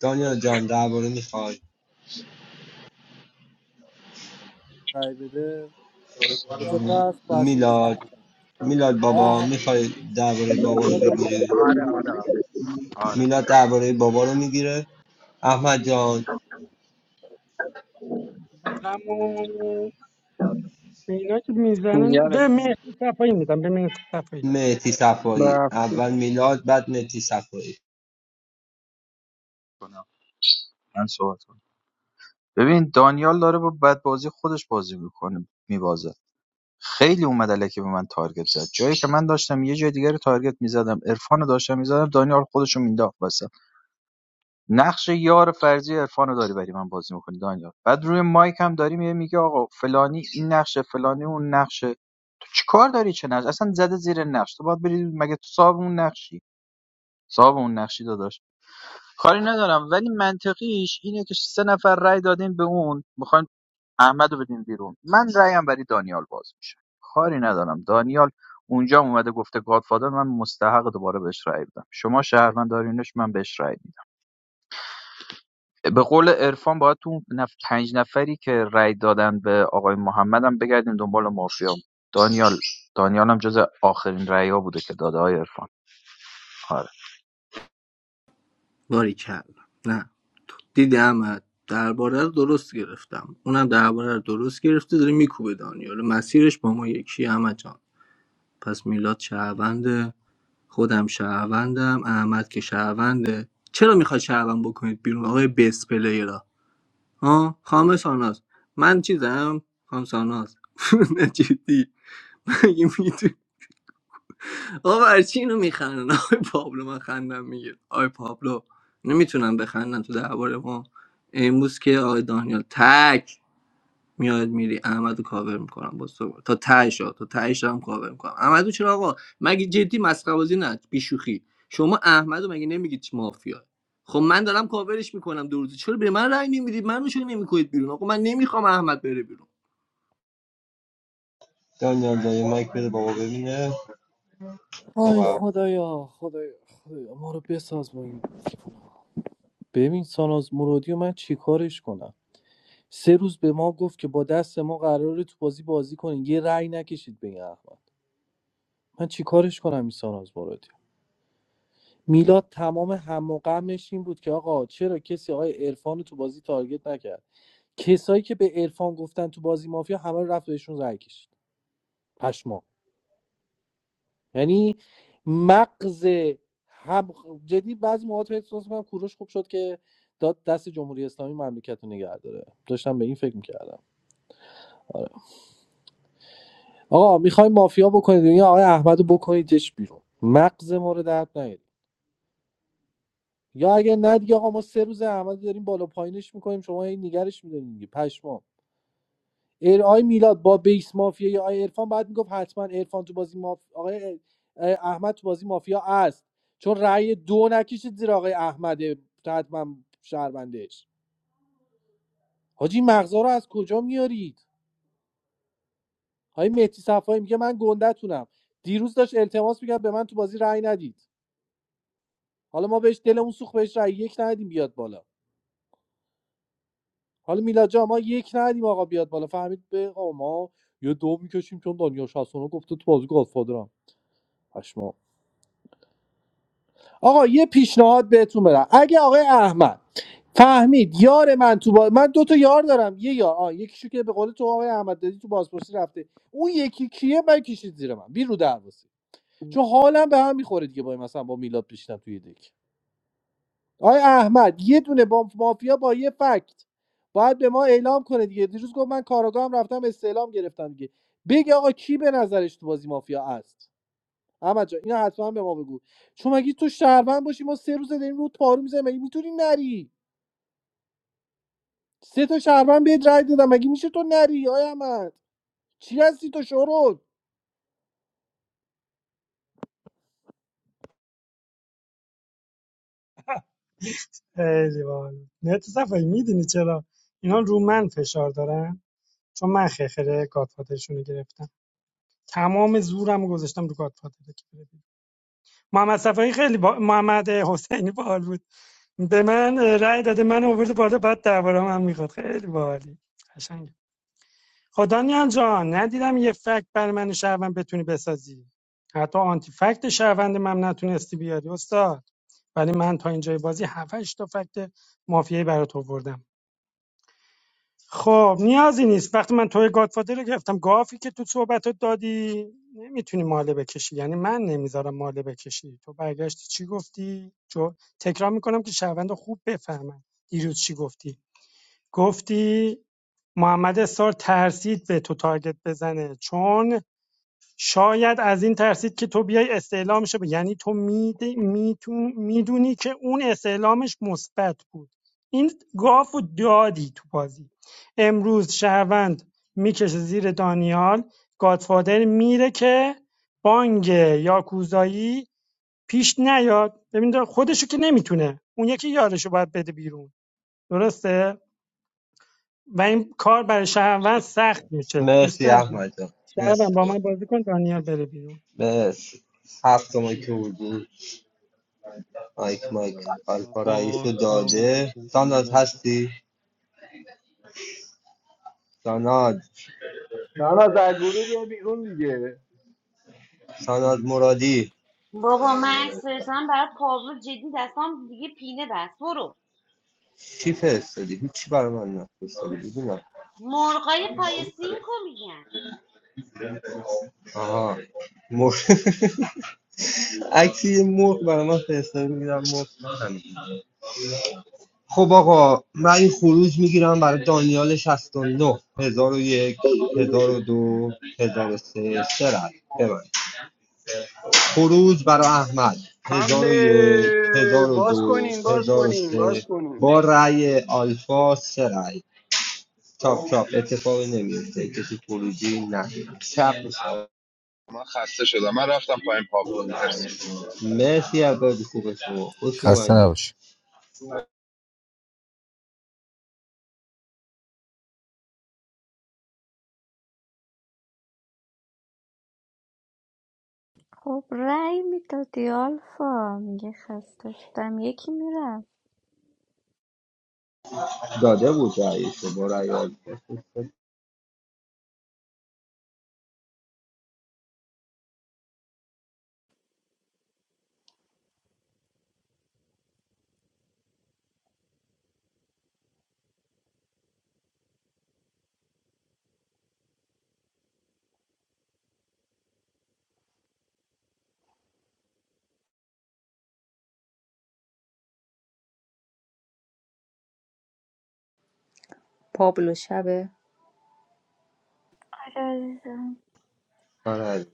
S10: دانیال جان درباره میخوای
S17: رای بده بذار قلب پس این
S10: میلاد
S17: احمد.
S10: میلاد بابا
S17: آه،
S10: میخوای درباره بابا رو
S17: احمد
S10: بگیری
S20: آره
S10: میلاد درباره بابا رو میگیره احمد جان
S18: گلم و اینا که میزنن به
S19: گرفتم
S18: مهدی صفایی میدم به مهدی صفایی
S10: مهتی
S19: به
S10: صفایی
S19: هفته.
S10: اول میلاد بعد مهتی صفایی
S20: من صحبت ببین دانیال داره با بدبازی خودش بازی میکنه میبازه خیلی اومد الکی به من تارگت زد جایی که من داشتم یه جای دیگه رو تارگت میزدم عرفان داشتم میزدم دانیال خودش رو مینداخت واسه نقش یار فرضی عرفان داری برای من بازی میکنی دانیال بعد روی مایک هم داری میگه میگه آقا فلانی این نقشه فلانی اون نقشه تو چیکار داری چه نقش اصلا زده زیر نقش تو باید بری مگه تو صاحب اون نقشی صاحب اون نقشی داداش کاری ندارم ولی منطقیش اینه که سه نفر رای دادین به اون میخواین احمد رو بدین بیرون من رایم برای دانیال باز میشه کاری ندارم دانیال اونجا هم اومده گفته گادفادر من مستحق دوباره بهش رای بدم شما شهروند دارینش من بهش رای میدم به قول عرفان باید تو اون نف... پنج نفری که رای دادن به آقای محمد هم بگردیم دنبال مافیا دانیال دانیال هم جز آخرین رای ها بوده که داده های عرفان آره.
S16: باریکلا نه تو- دیدمت درباره رو درست گرفتم اونم درباره رو درست گرفته داره میکوبه دانیال مسیرش با ما یکی احمد جان پس میلاد شهرونده خودم شهروندم احمد که شهرونده چرا میخواد شهروند بکنید بیرون آقای بیس پلیرا ها خام ساناز من چیزم خام ساناز *laughs* نه جدی مگه آقا برچی اینو میخندن *laughs* آقای پابلو من خندم میگیر آقای پابلو نمیتونم بخندن تو درباره ما امروز که آقای دانیال تک میاد میری احمدو کاور میکنم با تو تا تهش ها، تا تهش هم کاور میکنم احمدو چرا آقا مگه جدی مسخره بازی نه بیشوخی شما احمدو مگه نمیگید مافیا خب من دارم کاورش میکنم دو روزه چرا به من رأی نمیدید منو چرا نمیکنید بیرون آقا من نمیخوام احمد بره بیرون
S10: دانیال جان مایک بده بابا ببینه
S17: آی
S10: صحبت.
S17: خدایا خدایا خدایا ما رو بساز با این ببین ساناز مرادی و من چیکارش کنم سه روز به ما گفت که با دست ما قراره تو بازی بازی کنین یه رأی نکشید به این احمد من چیکارش کنم این ساناز مرادی میلاد تمام هم و غمش این بود که آقا چرا کسی آقای عرفان رو تو بازی تارگت نکرد کسایی که به عرفان گفتن تو بازی مافیا همه رو رفت بهشون رای کشید پشما یعنی مغز هم جدی بعضی موقع احساس میکنم کوروش خوب شد که داد دست جمهوری اسلامی مملکت رو نگه داره داشتم به این فکر میکردم آره. آقا میخوای مافیا بکنید یا آقای احمدو رو بکنیدش بیرون مغز ما رو درد نیارید. یا اگه نه دیگه آقا ما سه روز احمد داریم بالا پایینش میکنیم شما این نگرش میداریم دیگه پشمام ایر آی میلاد با بیس مافیا یا آی عرفان بعد میگفت حتما عرفان تو بازی ماف... آقای احمد تو بازی مافیا است چون رأی دو نکشید زیر آقای احمد حتما شهروندش حاجی مغزا رو از کجا میارید های مهدی صفایی میگه من گندهتونم دیروز داشت التماس میکرد به من تو بازی رأی ندید حالا ما بهش دلمون سوخت بهش رأی یک ندیم بیاد بالا حالا میلاد جان ما یک ندیم آقا بیاد بالا فهمید به آقا ما یه دو میکشیم چون دنیا شاسونا گفته تو بازی گادفادرم پشما آقا یه پیشنهاد بهتون بدم اگه آقای احمد فهمید یار من تو باز... من دو تا یار دارم یه یار آ یکیشو که به قول تو آقای احمد دادی تو بازپرسی رفته اون یکی کیه من کشید زیر من بی رو دروسی چون حالم به هم میخوره دیگه با این- مثلا با میلاد پیشتم توی دک آقای احمد یه دونه با مافیا با یه فکت باید به ما اعلام کنه دیگه دیروز گفت من کاراگاهم رفتم استعلام گرفتم دیگه بگی آقا کی به نظرش تو بازی مافیا است احمد جان اینو حتما به ما بگو چون مگه تو شهروند باشی ما سه روز داریم رو پارو میزنیم مگه میتونی نری سه تا شهروند بهت رای دادم مگه میشه تو نری آیا احمد چی هستی تو شورول
S18: خیلی باحال مهدی صفایی میدونی چرا اینا رو من فشار دارن چون من خرخره گادفادرشون رو گرفتم تمام زورم رو گذاشتم رو گادفادر که بره محمد صفایی خیلی با... محمد حسینی باحال بود به من رأی داده من آورد بالا بعد درباره من میخواد خیلی باحالی قشنگ خدا نیان جان ندیدم یه فکت بر من شهروند بتونی بسازی حتی آنتی فکت شهروند من نتونستی بیاری استاد ولی من تا اینجای بازی 7 تا فکت مافیایی برات آوردم خب نیازی نیست وقتی من توی گادفادر رو گرفتم گافی که تو صحبتت دادی نمیتونی ماله بکشی یعنی من نمیذارم ماله بکشی تو برگشتی چی گفتی جو تکرار میکنم که شهروند خوب بفهمن دیروز چی گفتی گفتی محمد سار ترسید به تو تارگت بزنه چون شاید از این ترسید که تو بیای استعلامش رو یعنی تو میدونی می که اون استعلامش مثبت بود این گاف دادی تو بازی امروز شهروند میکشه زیر دانیال گادفادر میره که بانگ یاکوزایی پیش نیاد ببین خودشو که نمیتونه اون یکی یارشو باید بده بیرون درسته و این کار برای شهروند سخت میشه دوست
S10: مرسی
S18: داری
S10: احمد جان
S18: شهروند
S10: مرسی
S18: با من بازی کن دانیال بره بیرون
S10: مرسی هفت مایک بودی مایک مایک آلفا رئیس رو داده ساناد هستی ساناد
S16: دانا از گروه بیا بیرون دیگه
S10: ساناد مرادی
S3: بابا مکس فرستادم برای پاور جدی دستام دیگه پینه بست برو
S10: چی فرستادی هیچی برای من نفرستادی ببینم
S3: مرغای پای سینکو میگن
S10: آها مر... *laughs* عکسی مرغ برای من فرستاده میگیرم مرغ بزنیم. خب آقا من این خروج میگیرم برای دانیال 69 1001 1002 1003 سه سه رد ببند. خروج برای احمد
S19: حمله
S10: 1001
S19: باز
S10: 1002
S19: کنین باز کنین
S10: 1003
S19: باز
S10: با
S19: کنین
S10: رأی آلفا سه رأی چاپ چاپ اتفاقی نمیفته کسی خروجی نداره چپ میشه
S11: من خسته شدم من رفتم پایین پابلو مرسی
S10: مرسی از بازی خوب شما خوش
S24: خسته
S10: اومدی
S24: نباش
S15: خب رأی میدادی آلفا میگه خسته شدم یکی میرم
S10: داده بود رأیشو با رأی آلفا
S25: پابلو شب
S15: آره عزیزم
S10: آرش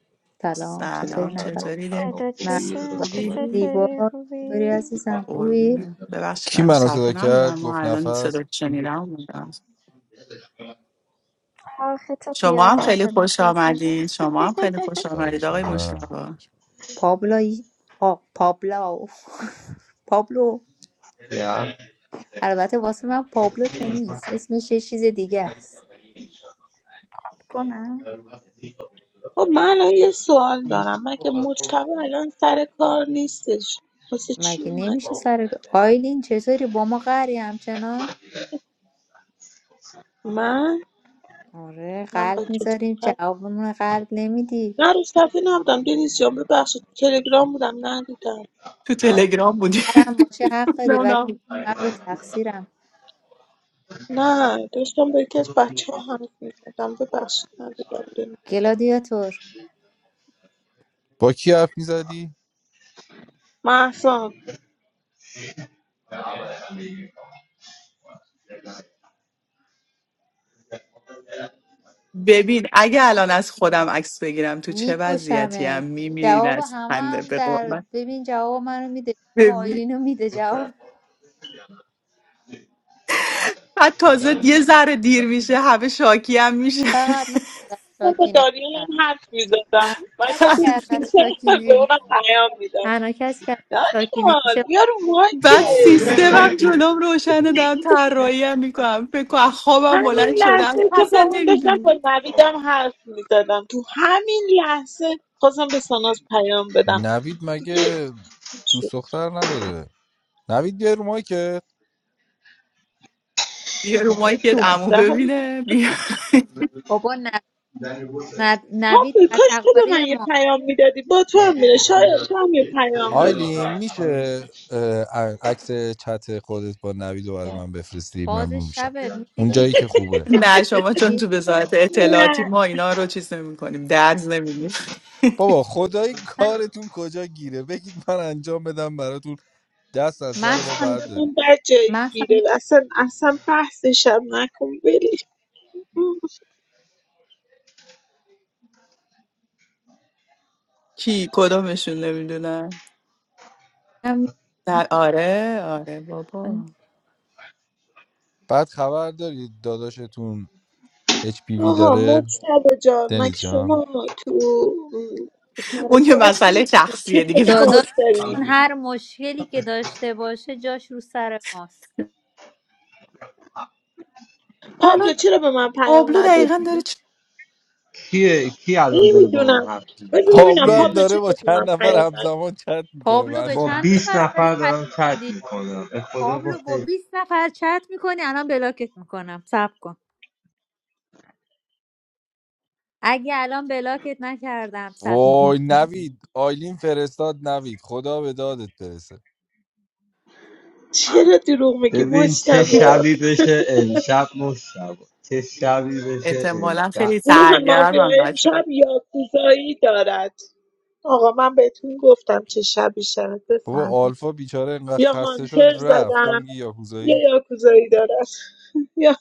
S25: سلام چطوری
S23: سلام
S25: نفر
S10: سلام سلام
S23: چطوری
S15: فدات
S10: خوبی
S15: بشم
S25: مهسا
S10: خوش
S15: تو
S23: خوبی؟
S10: اومدی
S25: زیبا
S15: چطوری
S25: چطوری
S15: خوبی؟
S25: عزیزم خوبی
S23: قربونه ببخشید
S24: کی
S23: من رو
S24: منو صدا
S23: صفحه نبودم
S24: کرد
S23: ما
S24: گفت
S23: الان
S24: نفس
S23: صدا شنیدم بودم
S15: آخه تو
S23: شما هم
S15: قیافت
S23: خیلی
S15: به
S23: خوش
S15: نفس میزن
S23: آمدین شما هم خیلی خوش آمدید
S24: خواهش
S23: آقای
S24: میکنم
S23: مشتبا
S25: پابلا پا... پابلا اوف. پابلو
S10: یا
S25: البته واسه من پابلو که نیست اسمش یه چیز دیگه است
S15: *laughs* کنم
S22: خب من الان یه سوال دارم من که مجتبی الان سر کار نیستش واسه چی
S25: مگه
S22: اومده
S25: نمیشه سر آیلین چطوری با ما قهری همچنان
S22: من
S25: آره
S22: من با
S25: قلب
S22: کسی
S25: میذاریم
S22: کار-
S25: جوابمون قلب نمیدی
S22: نه رو صفحه نبودم دنیز جان ببخشید تلگرام بودم ندیدم
S23: تو تلگرام بودی
S25: قهرم باشه حق
S23: *laughs*
S25: داری
S23: نه،
S25: ولی
S23: نه.
S25: من بی تقصیرم
S22: نه داشتم با یکی از بچه ها حرف میزدم ببخشید ندیدم داریم
S25: گلادیاتور
S24: با کی حرف میزدی
S22: محسان
S23: ببین اگه الان از خودم عکس بگیرم تو چه وضعیتی هم
S25: میکشمت
S23: میمیرین
S25: جواب
S23: از
S25: همه
S23: خنده
S25: هم
S23: به
S25: در
S23: قرآن.
S25: ببین جواب منو میده جواب
S23: ببین
S25: آیلینو میده جواب
S23: بعد تازه یه ذره دیر میشه همه شاکی هم میشه
S25: فقط من ازت
S22: داشتم با
S25: شاکی
S22: دانیال
S25: نمیشم
S22: هم حرف
S25: تنها
S22: میزدم وسط
S25: کسی که
S23: *laughs*
S25: ازت
S22: پیشم
S25: شاکی
S22: به
S25: نمی
S22: اونم پیام میدم
S25: تنها کسی که ازت شاکی
S22: دانیال
S25: نمیشه
S22: بیا رو
S23: بعد
S22: مایکت
S23: سیستمم جلوم روشنه دارم طراحی هم میکنم فکر کن از خوابم
S22: همین
S23: بلند شدم
S22: لحظه که با
S23: اصلا
S22: اون داشتم
S23: نمیدونی
S22: با نویدم حرف میزدم تو همین لحظه خواستم به ساناز پیام بدم
S24: نوید
S22: دیگه
S24: مگه دوست
S22: شد
S24: دختر نداره نوید بیا رو که
S23: بیا رو مایکت عمو
S22: هم
S23: ببینه بیا
S25: بابا نو- نو- نوید
S22: کاش تو به من
S25: تتقاری
S22: یه
S25: ما
S22: پیام میدادی با تو هم میره شاید تو هم یه پیام بده
S24: آیلین میشه اه، عکس چت خودت با نوید رو برای من بفرستی
S25: باز
S24: ممنون میشم
S25: شبه میشه
S24: اون
S25: کی
S24: جایی
S25: کی
S24: که خوبه
S23: نه
S25: الان
S23: شما چون
S25: بگی
S23: تو وزارت اطلاعاتی
S22: نه
S23: ما اینا رو چیز نمی کنیم درز نمیدیم
S24: بابا خدای
S25: من
S24: کارتون کجا گیره بگید من انجام بدم براتون دست از سر ما
S25: محسن
S24: بردارید
S22: حالمون بد جایی
S25: محسن
S22: گیره اصلا اصلا بحثشم نکن ولش کن.
S23: کی کدومشون نمیدونن
S25: نمیدونم
S23: در آره آره بابا
S24: بعد خبر دارید داداشتون HPV
S22: آقا
S24: داره
S22: مجتبا جان مگه
S24: دنیز جان
S22: شما تو م، سر
S23: اون یه
S22: کار
S23: مسئله
S22: نیستی
S23: شخصیه دیگه
S22: چطوری
S23: به ما
S25: داداش
S22: مایک داری
S25: هر مشکلی که داشته باشه جاش رو سر ماست
S23: الان
S22: پابلو چرا به من پیام
S23: آبلو دقیقا داره
S22: ندادی
S23: چی
S10: کیه کی الان داره با
S22: نمیدونم
S10: من حرف میزنه
S22: بذار ببینم
S24: پابلو هم
S10: کیه
S22: پابلو
S24: داره
S22: چرا
S24: با
S22: واسه من
S24: چند نفر
S22: پیام ندادی
S24: همزمان چت میکنه
S25: پابلو به
S24: مثلا
S10: با
S25: چند
S10: 20
S25: نفر داری
S10: نفر
S25: پیام
S10: دارم چت
S25: میدی
S10: میکنم به خدا
S25: پابلو
S10: با
S25: با
S10: خیر
S25: 20 نفر چت میکنی الان بلاکت میکنم صبر کن اگه الان بلاکت نکردم صبر کن.
S24: وای نوید آیلین فرستاد نوید خدا به دادت برسه
S22: چرا دروغ میگی
S10: ببین چه
S22: مجتبا
S10: شبی بشه امشب مشتبه چه شبی بشه
S23: احتمالا
S10: امشب
S23: خیلی
S22: گروه مافیا
S23: سرگرمم بچه
S22: امشب یاکوزایی دارد آقا من بهتون گفتم چه شبی شد
S24: بابا
S22: بفهمید
S24: آلفا بیچاره انقدر
S22: یا
S24: خسته شد
S22: هانتر
S24: رفت تو
S22: زدن
S24: میگی
S22: یه
S24: یاکوزایی
S22: یاکوزایی دارد *laughs* یا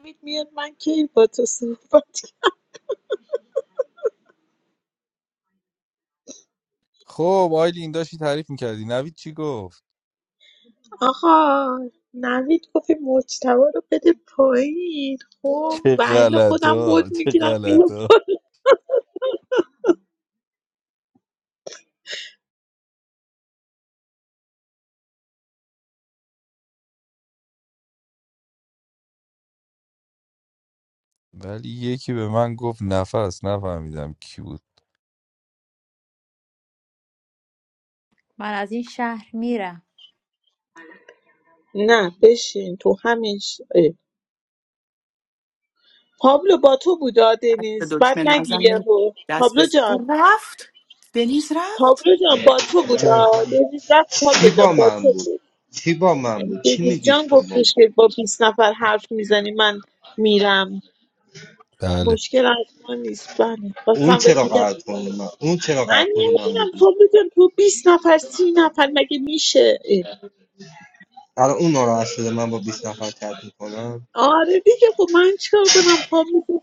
S22: نوید میاد من کی با تو صحبت کنم.
S24: خب آیلین داشتی تعریف میکردی نوید چی گفت
S22: آقا نوید گفت این مجتبا رو بده پایین خب
S24: چه
S22: ولی خودم بود
S24: غلطا چه
S22: میگیرم میرم
S24: غلطا ولی یکی به من گفت نفس نفهمیدم کی بود
S25: من از این شهر میرم
S22: نه بشین تو همین ش- اه. پابلو با تو بودا
S23: دست به
S22: دنیز بعد
S23: دکمه
S22: نگی
S23: نزنید
S22: یهو
S23: دست به
S22: پابلو
S23: او
S22: جان
S23: رفت دنیز رفت
S22: پابلو جان با تو بودا
S10: جان
S22: دنیز رفت
S10: چی
S22: پابلو جان
S10: با
S22: با
S10: من
S22: تو
S10: بود
S22: بود
S10: چی با من بود چی
S22: دنیز
S10: میگی
S22: جان
S10: شما
S22: گفتش که با 20 نفر حرف میزنی من میرم
S24: بله
S22: مشکل از ما نیست بله
S10: اون
S22: بازم بهت
S10: چرا
S22: میگم
S10: قرار کنه من اون چرا قرار
S22: من
S10: کنه من
S22: نمیدونم
S10: بود
S22: تو بزن تو 20 نفر 30 نفر مگه میشه اه.
S10: الان اون ناراحت شده من با 20 نفر چت میکنم
S22: آره دیگه خب من چیکار کنم پا میگم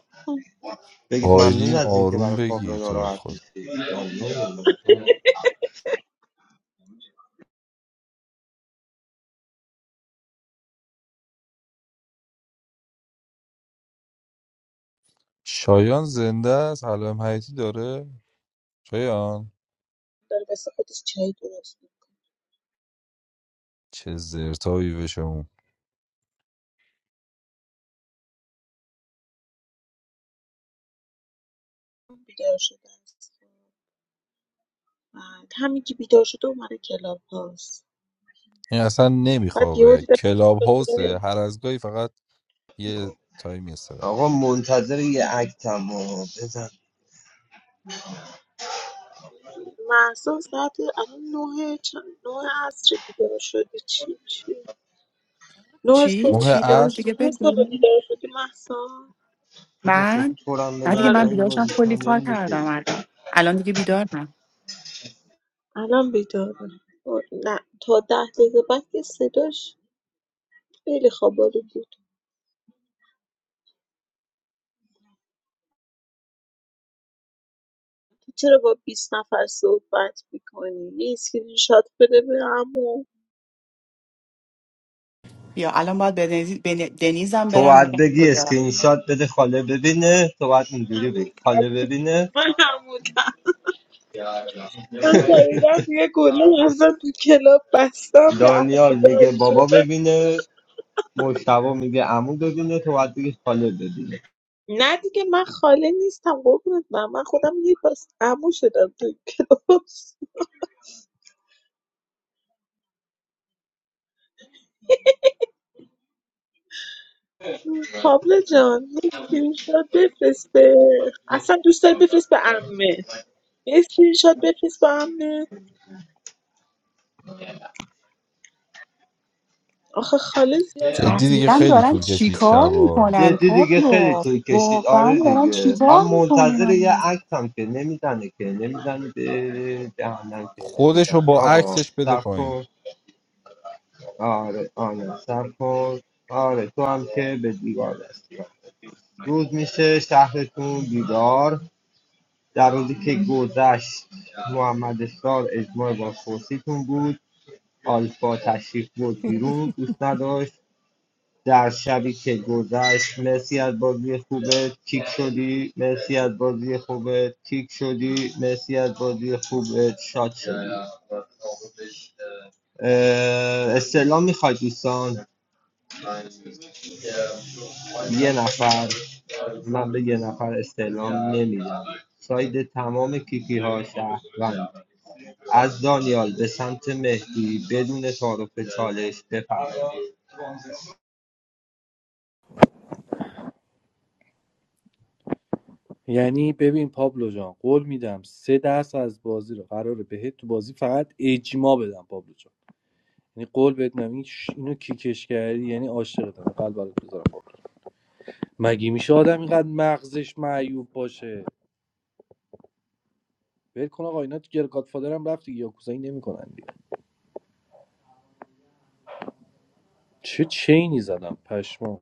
S10: بگید ممنون
S24: آیلین
S10: از اینکه
S24: آروم
S10: برای پابلو
S24: بگی تو رو
S10: ناراحت
S24: خود
S10: میشید ممنون.
S24: شایان زنده است حلم حیاتی داره شایان
S22: داره واسه خودش چای درست
S24: چه زرتایی بشه
S22: می‌کنه. بیدار شده است بعد همین که بیدار شده اومده کلاب هاست
S24: این اصلا
S22: بعد یه
S24: نمیخوابه
S22: دیدم
S24: کلاب
S22: به
S24: هاوسه
S22: صدای
S24: هر از گاهی فقط یه تایمی استراحت
S10: آقا منتظر یه اکتم و بزن
S22: مهسا ساعت الان نه چند نه عصر بیدار شدی چی چی نه
S23: چی
S22: صبح
S24: ماه
S23: چی یه
S22: بیدار
S23: دور
S24: عصر
S22: شدی
S23: دیگه
S22: نه صبح
S23: بگو
S22: بیدار شدی مهسا
S10: بابا خب
S23: من
S10: پرم
S23: نه
S10: بدم
S23: دیگه من
S10: پایین بازی
S23: بیدارشم کلی کار
S10: تموم میشه
S23: کردم الان الان دیگه بیدارم
S22: الان بیداره او- نه تا ده دقیقه بعد که صداش خیلی خوابالو بود تو چرا با 20 نفر صحبت میکنی؟ یه اسکرین شات بده به عمو
S23: بیا الان باید به دنیز- به دنیزم
S10: تو
S23: برم
S10: باید
S23: بگم
S10: بگی
S23: کجا رفت.
S10: اسکرین شات بده خاله ببینه تو باید اینجوری
S22: عمو،
S10: بگی خاله ببینه
S22: من عمودم من
S10: *laughs*
S22: خریدم یه گله ازم تو کلاب بستم به
S10: دانیال میگه
S22: عمودایی
S10: بابا
S22: شدم
S10: ببینه مشتبه میگه عمو ببینه تو باید بگی خاله ببینه
S22: نه دیگه من خاله نیستم قربونت برم من خودم یه پاس عمو شدم تو کلاب پابلو جان یه اسکرین شات بفرست به اصلا دوست داری بفرست به عمه یه اسکرین‌شات بفرست با هم نه. آخه خاله زیاد
S24: جدی دیگه
S23: دقیقا
S24: خیلی
S23: دارن
S24: طول کشید
S23: چیکار
S24: شبا
S23: میکنن
S10: جدی دیگه خیلی
S23: پابلو
S10: توی کشید
S23: واقعا
S10: آره
S23: دارن
S10: دیگه من
S23: چیکار
S10: منتظر یه
S23: میکنن
S10: عکسم که نمیزنه که نمیزنه به جهنم که نمیزنه
S24: خودشو با
S10: آقا
S24: عکسش بده
S10: سب
S24: پایین
S10: کن آره آره سب کن آره تو هم که به دیوار دستی روز میشه شهرتون بیدار در روزی که گذشت محمد اسرار اجماع با خورشیدتون بود آلفا تشریف بود بیرون دوست نداشت در شبی که گذشت مرسی از بازی خوبت کیک شدی مرسی از بازی خوبت کیک شدی مرسی از بازی خوبت شاد شدی اه، استعلام میخواد دوستان یه نفر من به یه نفر استعلام نمیدم ساید تمام کیکی ها شهروند از دانیال به سمت مهدی بدون تعارف چالش بفرمایید
S17: یعنی ببین پابلو جان قول میدم سه درصد از بازی رو قراره بهت تو بازی فقط اجماع بدم پابلو جان. یعنی قول بهت میدم این اینو کیکش کردی یعنی عاشقتم قلب برات بذارم واقعا مگه میشه آدم اینقدر مغزش معیوب باشه ول کن آقا اینا تو گرگات فادرم رفت دیگه یاکوزایی نمیکنن دیگه چه چینی زدم پشمام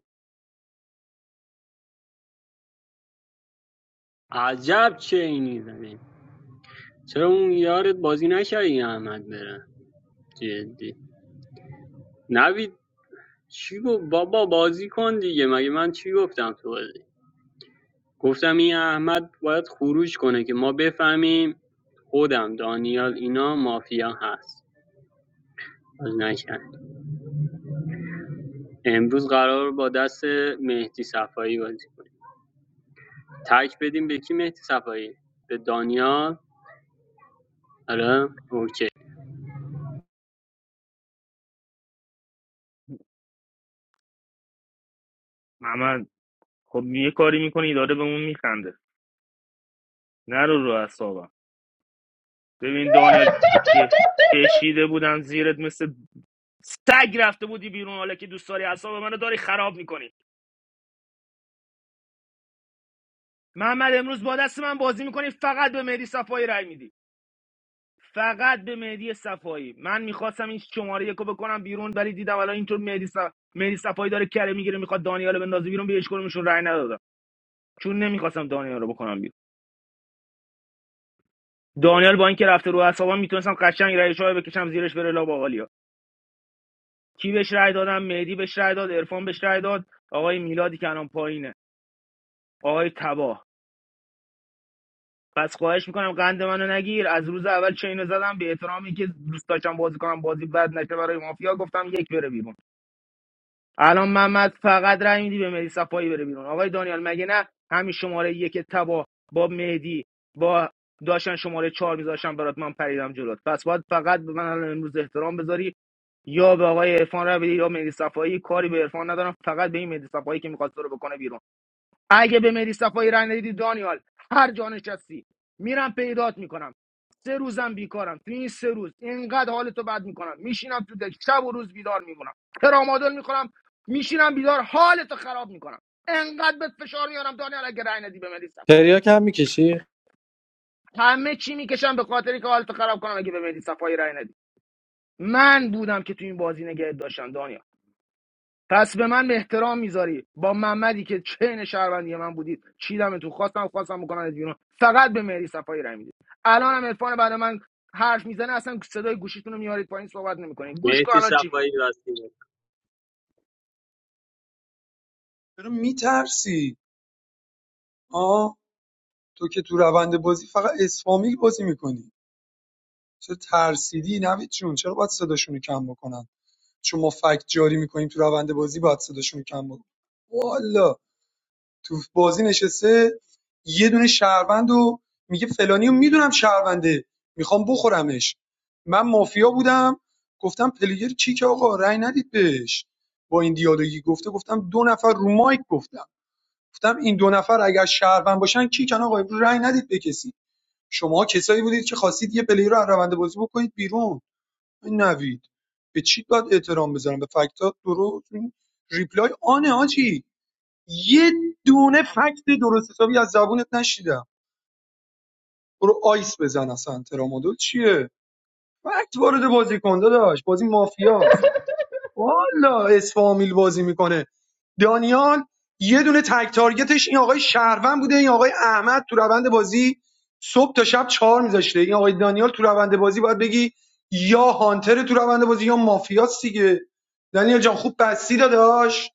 S19: عجب چه اینی زدی چرا اون یارت بازی نکردی احمد بره جدی نوید چی گفت بابا بازی کن دیگه مگه من چی گفتم تو بازی گفتم این احمد باید خروج کنه که ما بفهمیم خودم دانیال اینا مافیا هست بازی نکرد امروز قرار با دست مهدی صفایی بازی کنیم تک بدیم به کی مهدی صفایی به دانیال آره اوکی
S2: محمد خب یه کاری میکنی داره به اون میخنده نرو رو اعصابم ببین دانیال که کشیده بودن زیرت مثل سگ رفته بودی بیرون حالا که دوست داری اعصاب منو داری خراب میکنی محمد امروز با دست من بازی میکنی فقط به مهدی صفایی رای میدی فقط به مهدی صفایی من میخواستم این شماره یکو بکنم بیرون ولی دیدم الان اینطور مهدی, صف... مهدی صفایی داره کره میگیره میخواد دانیال رو بندازه بیرون به کدومشون رای ندادم چون نمیخواستم دانیال رو بکنم بیرون دانیال با اینکه رفته رو اعصابم میتونستم قشنگ رایش رو بکشم زیرش بره لا باقالیا کی بهش رای دادم مهدی بهش رای داد عرفان بهش رای داد آقای میلادی که الان پایینه آقای تباه پس خواهش میکنم قند منو نگیر از روز اول چه اینو زدم به احترامی که دوست داشتم بازی کنم بازی بد نشه برای مافیا گفتم یک بره بیرون الان محمد فقط رای میدی به مهدی صفایی بره بیرون آقای دانیال مگه نه همین شماره یک تبا با مهدی با داشتن شماره چهار میذاشتم برات من پریدم جلوت پس باید فقط به من الان امروز احترام بذاری یا به آقای عرفان رو بدی یا مهدی صفایی کاری به عرفان ندارم فقط به این مهدی صفایی که میخواد تو رو بکنه بیرون اگه به مری صفایی رای ندیدی دانیال هر جا نشستی میرم پیدات میکنم سه روزم بیکارم تو این سه روز اینقدر حالتو بد میکنم میشینم تو دک شب و روز بیدار میمونم ترامادول میخورم میشینم بیدار حالتو خراب میکنم انقدر بهت فشار میارم دانیال اگه رای ندی به مری صفایی
S17: تریاک هم میکشی
S2: همه چی میکشم به خاطری که حالتو خراب کنم اگه به مری صفایی رای ندی من بودم که تو این بازی نگه داشتم دانیال پس به من احترام میذاری با محمدی که چین شهروندی من بودید چیدم تو خواستم خواستم بکنم بیرون فقط به مهری صفایی رای میدید الان هم عرفان بعد من حرف میزنه اصلا صدای گوشیتون رو میارید پایین صحبت نمیکنید گوش کن
S19: مهدی
S2: الان چی میگه
S19: صفایی راستی
S21: چرا میترسی آه تو که تو روند بازی فقط اسفامیل بازی میکنی چرا ترسیدی نوید جون چرا باید صداشون کم بکنن چون ما فکت جاری میکنیم تو روند بازی باید صداشون کم بکنن والا تو بازی نشسته یه دونه شهروند و میگه فلانی رو میدونم شهرونده میخوام بخورمش من مافیا بودم گفتم پلیگر کیک آقا رأی ندید بهش با این دیالوگی گفته گفتم دو نفر رو مایک گفتم گفتم این دو نفر اگر شهروند باشن کیکن آقا رأی ندید به کسی شما کسایی بودید که خواستید یه پلیر رو از روند بازی بکنید بیرون این نوید به چی باید احترام بذارم به فکتات درست این ریپلای آنه آجی یه دونه فکت درست حسابی از زبونت نشیدم برو آیس بزن اصلا ترامادول چیه فکت وارد بازی کن داداش بازی مافیا. والا اسفامیل بازی میکنه دانیال یه دونه تک تارگتش این آقای شهروند بوده این آقای احمد تو روند بازی صبح تا شب چهار میذاشته این آقای دانیال تو روند بازی باید بگی یا هانتر تو روند بازی یا مافیاست دیگه دانیال جان خوب بستی داداش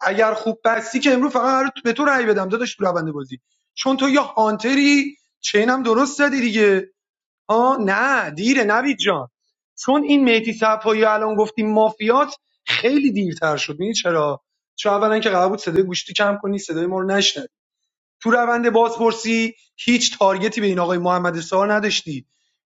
S21: اگر خوب بستی که امروز فقط قرار به تو رأی بدم داداش تو روند بازی چون تو یا هانتری چینم درست زدی دیگه آه نه دیره نوید جان چون این میتی صفایی رو الان گفتی مافیات خیلی دیرتر شد میدونی چرا چون اولا که قرار بود صدای گوشتی کم کنی صدای ما رو نشنوی تو روند بازپرسی هیچ تارگتی به این آقای محمد سار نداشتی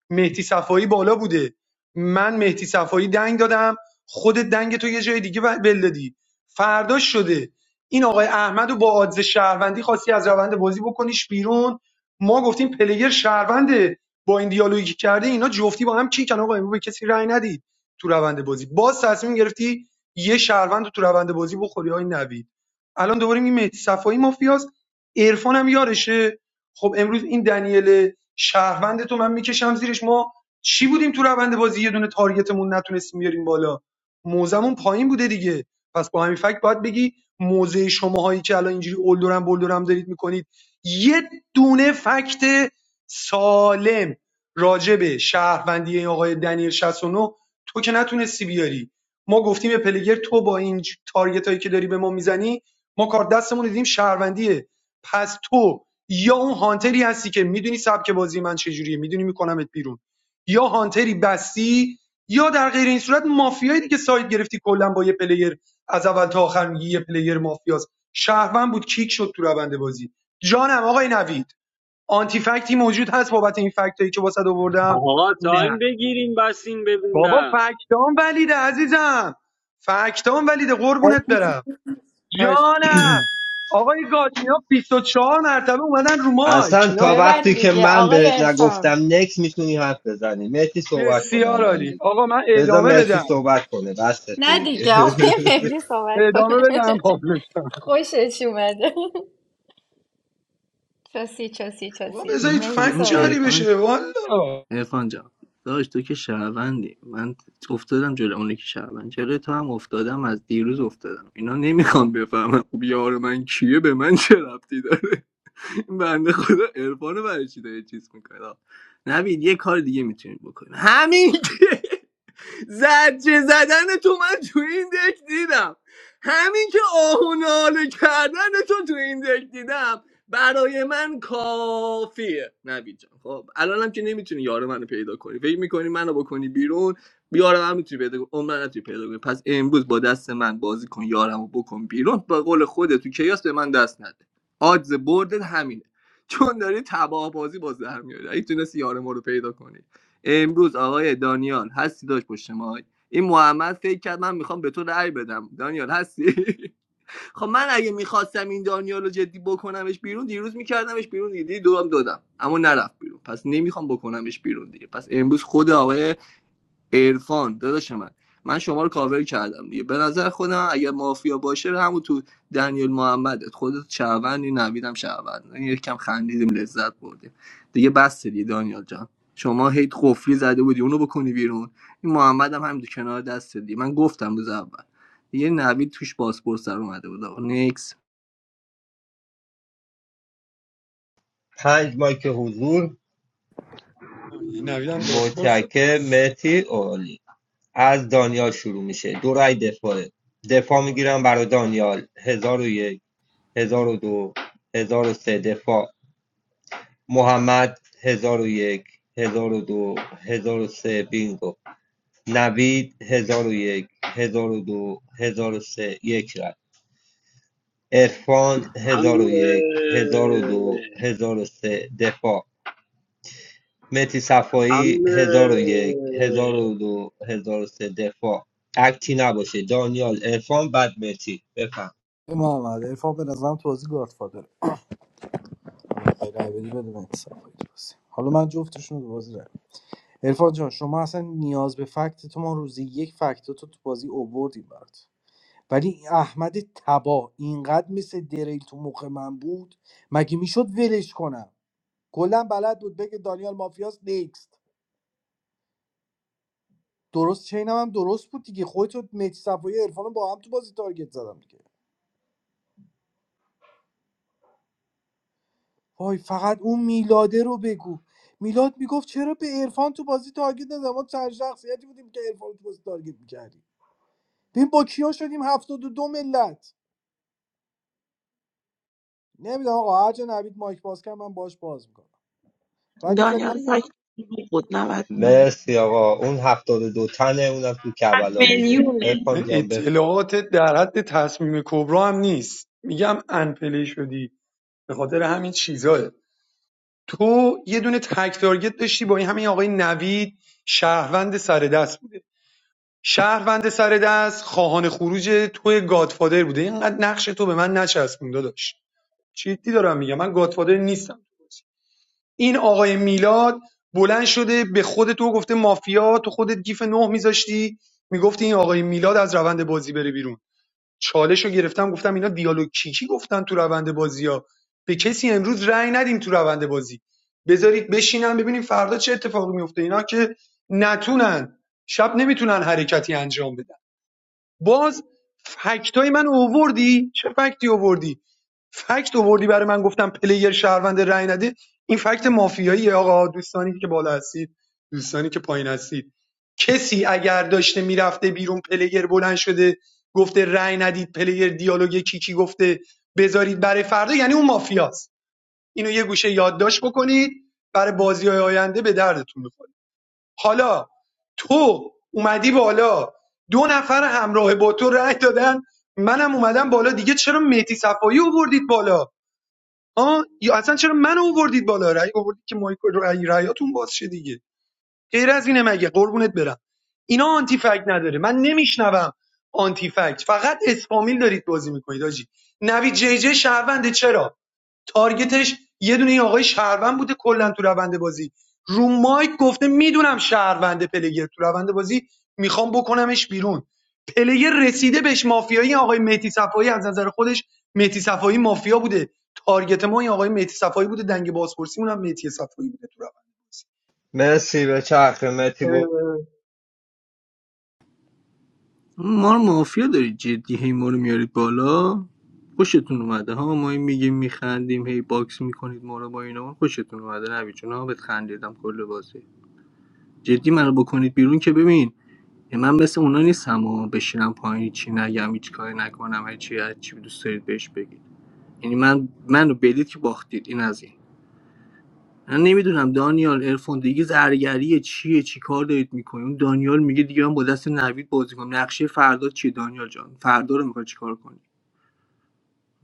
S21: مهدی صفایی بالا بوده من مهدی صفایی دنگ دادم خودت دنگ تو یه جای دیگه و- ول دادی فرداش شده این آقای احمد رو با آدز شهروندی خواستی از روند بازی بکنیش بیرون ما گفتیم پلیر شهرونده با این دیالوگی که کرده اینا جفتی با هم کیکن آقا امروز به کسی رأی ندید تو روند بازی باز تصمیم گرفتی یه شهروند رو تو روند بازی بخوری های نوید الان دوباره این مهدی صفایی مافیاست عرفان هم یارشه خب امروز این دنیل شهروند تو من میکشم زیرش ما چی بودیم تو روند بازی یه دونه تارگتمون نتونستیم بیاریم بالا موزمون پایین بوده دیگه پس با همین فکت باید بگی موزه شماهایی که الان اینجوری اولدورم بلدورم دارید میکنید یه دونه فکت سالم راجبه به شهروندی این آقای دنیل 69 تو که نتونستی بیاری ما گفتیم به پلگر تو با این تارگت که داری به ما میزنی ما کار دستمون دیدیم شهروندیه پس تو یا اون هانتری هستی که میدونی سبک بازی من چجوریه میدونی میکنمت بیرون یا هانتری بستی یا در غیر این صورت مافیایی دیگه ساید گرفتی کلا با یه پلیر از اول تا آخر میگی یه پلیر مافیاست شهروند بود کیک شد تو روند بازی جانم آقای نوید آنتی فکتی موجود هست بابت این فکتایی که واسه آوردم
S19: آقا
S21: نه
S19: تایم بگیریم بسیم
S21: بابا
S19: ببینم
S21: فکتام ولیده عزیزم فکتام ولیده قربونت برم
S17: پش
S21: جانم آقای گاد اینا 24 مرتبه اومدن رو مایک
S10: اصلا
S21: اینا
S10: تا
S15: ببند
S10: وقتی که
S15: دیگه
S10: من
S15: آقای
S10: بهت
S15: عرفان
S10: نگفتم نکس میتونی حرف بزنی مرتی صحبت کنه
S21: بسیار
S10: الان
S21: عالی
S10: دیگه
S21: آقا من
S10: بذار
S21: ادامه
S10: مرتی
S21: بدم
S10: صحبت کنه بسته
S15: نه
S10: دیگه
S15: دیگه آقای مهدی
S21: م-
S15: صحبت
S21: ادامه
S15: کنه
S21: بدم پابلو جان.
S15: خوشش اومده چاسی چاسی
S21: آقا
S15: چاسی
S16: نه
S21: بذارید
S16: خب
S15: مهدی
S21: فکت
S16: این
S21: جاری
S15: صحبت کن
S16: عرفان
S21: بشه والا
S16: ارفان جان داشت تو که شهروندی من افتادم جلو اونی که شهروند جلو تو هم افتادم از دیروز افتادم اینا نمیخوام بفهمم خب یار من کیه به من چه ربطی داره این بنده خدا ارفانو برای چی داره چیز میکنه نبید یه کار دیگه میتونید بکنید همین که زجه زدن تو من تو این دک دیدم همین که آه و ناله کردن تو تو این دک دیدم برای من کافیه نوید جان خب الانم که نمیتونی یار منو پیدا کنی فکر میکنی منو بکنی بیرون یارم هم میتونی پیدا کنی عمرن نتونی پیدا کنی پس امروز با دست من بازی کن یارمو بکن بیرون به قول خودت تو کیاس به من دست نده آدز بردت همینه چون داری تباه بازی باز در میاری اگه تونستی یار ما رو پیدا کنی امروز آقای دانیال هستی داشت پشت ماک این محمد فکر کرد من میخوام به تو رأی بدم دانیال هستی *laughs* *applause* خب من اگه میخواستم این دانیال رو جدی بکنمش بیرون دیروز میکردمش بیرون دیدی دورم دادم اما نرفت بیرون پس نمیخوام بکنمش بیرون دیگه پس امروز خود آقای عرفان داداش من من شما رو کاور کردم دیگه به نظر خودم اگه مافیا باشه همون تو دنیل محمدت خودت شهروندی نویدم شهروند این یکم خندیدیم لذت بردیم دیگه بس دیگه دانیال جان شما هیت قفلی زده بودی اونو بکنی بیرون این محمد هم همین کنار دست دی من گفتم روز اول دیگه نوید توش پاسپورت سر اومده بود
S10: *laughs* پنج مایک حضور
S21: این نویدم بازپرس
S10: متشکرم
S21: پس
S10: مرتی عالی از دانیال شروع میشه دو رای دفاعه دفاع میگیرم برای دانیال هزار و یک هزار و دو هزار و سه دفاع محمد هزار و یک هزار و دو هزار و سه بینگو نوید هزار و یک هزار و دو هزار و سه یک رد عرفان هزار
S19: حمله
S10: و یک هزار و دو هزار و سه دفاع متی صفایی
S19: حمله
S10: هزار و یک هزار و دو هزار و سه دفاع اکتی نباشه دانیال عرفان بعد متی بفهم
S17: محمد ارفان به نظرم توضیح گادفادر رای بدی بده من صفحه توضیح حالا من جفتشون رو بازی رای ارفان جان شما اصلا نیاز به فکت تو ما روزی یک فکت تو تو بازی اووردیم برات ولی این احمد تبا اینقدر مثل دریل تو مخ من بود مگه میشد ولش کنم کلا بلد بود بگه دانیال مافیاس نیکست درست چینم هم درست بود دیگه خودت و مهدی صفایی عرفان رو با هم تو بازی تارگت زدم دیگه وای فقط اون میلاده رو بگو میلاد میگفت چرا به عرفان تو بازی تارگت نزدم ما چند شخصیتی بودیم که عرفان رو تو بازی تارگت میکردیم ببین با کیا شدیم هفتاد و دو ملت نمیدونم آقا هر جا نوید مایک باز کرد من باش باز میکنم ولی فکر
S22: دانیال فکر بود 90 میلیون
S10: مرسی آقا اون هفتاد و دو تنه اونم تو کربلا بوده
S22: میلیونه
S10: عرفان جان بفهم
S21: اطلاعات در حد تصمیم کبرا هم نیست میگم انپلی شدی به خاطر همین چیزاه تو یه دونه تک تارگت داشتی با این همین آقای نوید شهروند سر دست بود شهروند سر دست خواهان خروج توی گادفادر بوده اینقدر نقش تو به من نچسبون داداش جدی دارم میگم من گادفادر نیستم این آقای میلاد بلند شده به خود تو گفته مافیا تو خودت گیف نه میذاشتی میگفتی این آقای میلاد از روند بازی بره بیرون چالش رو گرفتم گفتم اینا دیالوگ کیکی گفتن تو روند بازی ها به کسی امروز رأی ندیم تو روند بازی بذارید بشینن ببینیم فردا چه اتفاقی میفته اینا که نتونن شب نمیتونن حرکتی انجام بدن باز فکتای من اووردی چه فکتی اووردی فکت اووردی برای من گفتم پلیر شهروند رای نده این فکت مافیایی آقا دوستانی که بالا هستید دوستانی که پایین هستید کسی اگر داشته میرفته بیرون پلیر بلند شده گفته رای ندید پلیر دیالوگ کیکی گفته بذارید برای فردا یعنی اون مافیاست اینو یه گوشه یادداشت بکنید برای بازی آینده به دردتون بخوره حالا تو اومدی بالا دو نفر همراه با تو رأی دادن منم اومدم بالا دیگه چرا مهدی صفایی اووردید بالا ها یا اصلا چرا من اووردید بالا رأی اووردید که مایکل رأی رأیاتون باز شه دیگه غیر از اینه مگه قربونت برم اینا آنتی فکت نداره من نمیشنوم آنتی فکت فقط اسپامیل دارید بازی میکنید آجی نوید جی جی شهرونده چرا تارگتش یه دونه این آقای شهروند بوده کلا تو روند بازی رو مایک گفته میدونم شهرونده پلگر تو روند بازی میخوام بکنمش بیرون پلگر رسیده بهش مافیایی آقای مهدی صفایی از نظر خودش مهدی صفایی مافیا بوده تارگت ما این آقای مهدی صفایی بوده دنگ بازپرسی اونم مهدی صفایی بوده تو روند بازی
S10: مرسی به چرخ متی
S16: ما رو مافیا دارید جدی هی ما رو میارید بالا خوشتون اومده ها ما هی میگیم میخندیم هی باکس میکنید ما رو با اینا خوشتون اومده نوید جون ها بهت خندیدم کل بازی جدی منو بکنید بیرون که ببین من مثل اونا نیستم و بشینم پایین چی نگم هیچ کاری نکنم هر چی هر چی دوست دارید بهش بگید یعنی من منو بدید که باختید این از این من نمیدونم دانیال ارفان دیگه زرگریه چیه چی کار دارید میکنید اون دانیال میگه دیگه من با دست نوید بازی کنم نقشه فردا چیه دانیال جان فردا رو میخوای چیکار کنی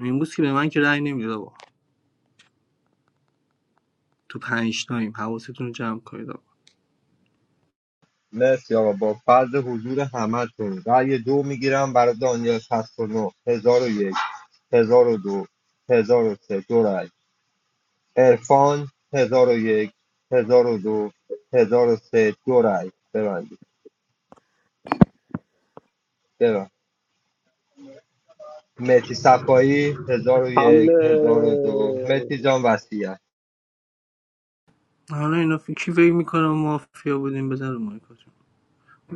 S16: امروز که به من که رأی نمیده آقا تو پنج تایم حواستون رو جمع کنید آقا
S10: مرسی آقا با فرض حضور همتون رأی دو میگیرم برای دانیال 69 1001 1002 1003 دو هزار و سه، دو رأی عرفان 1001 1002 1003 دو هزار و سه، دو رأی ببندید ببند متی صفایی 1001 1002
S19: حمله
S10: متی جان وصیت
S16: حالا اینا فکر کی فکر میکنم مافیا بودیم بزن رو مایکاتون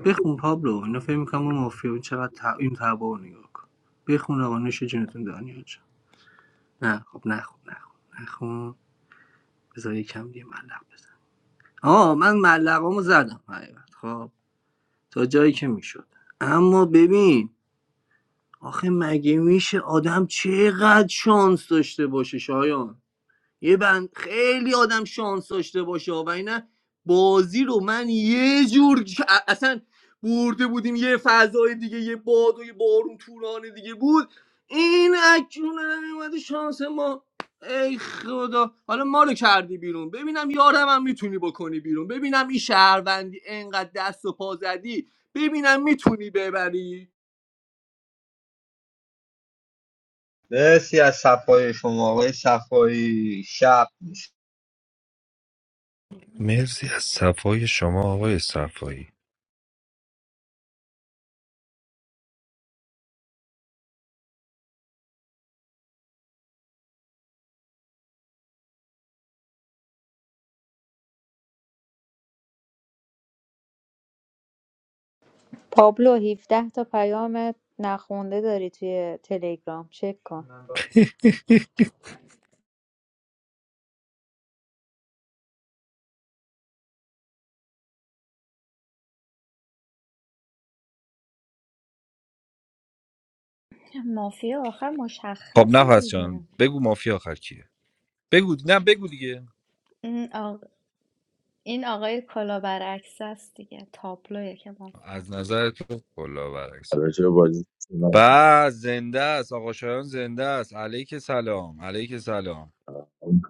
S16: بخون پابلو اینا فکر میکنم ما مافیا بودیم چقدر تع... این تبا رو نگاه کن بخون آقا نوش جونتون دانیال جان نه خب نخون نخون نخون بذار یکم دیگه ملق بزن آه من ملقامو زدم حقیقت خب تا جایی که میشد اما ببین آخه مگه میشه آدم چقدر شانس داشته باشه شایان یه بند خیلی آدم شانس داشته باشه و اینه بازی رو من یه جور اصلا برده بودیم یه فضای دیگه یه باد و یه بارون توران دیگه بود این اکیون نمیومده شانس ما ای خدا حالا ما رو کردی بیرون ببینم یارم هم میتونی بکنی بیرون ببینم این شهروندی انقدر دست و پا زدی ببینم میتونی ببری
S10: مرسی از صفای شما آقای صفایی شب
S24: مرسی از صفای شما آقای صفایی
S25: پابلو 17 تا پیام نخونده داری توی تلگرام چک کن
S24: *laughs*
S15: مافیا آخر
S24: خب
S15: مشخصه
S24: نفس
S15: دیگه
S24: جان بگو مافیا آخر کیه بگو نه بگو دیگه
S15: این, آق... این آقای کلا برعکس است دیگه تابلوه که مافیا
S24: از
S15: است
S24: نظر تو کلا برعکس
S1: راجع به بازی به
S24: بعد زنده است آقا شایان زنده است علیک سلام علیک سلام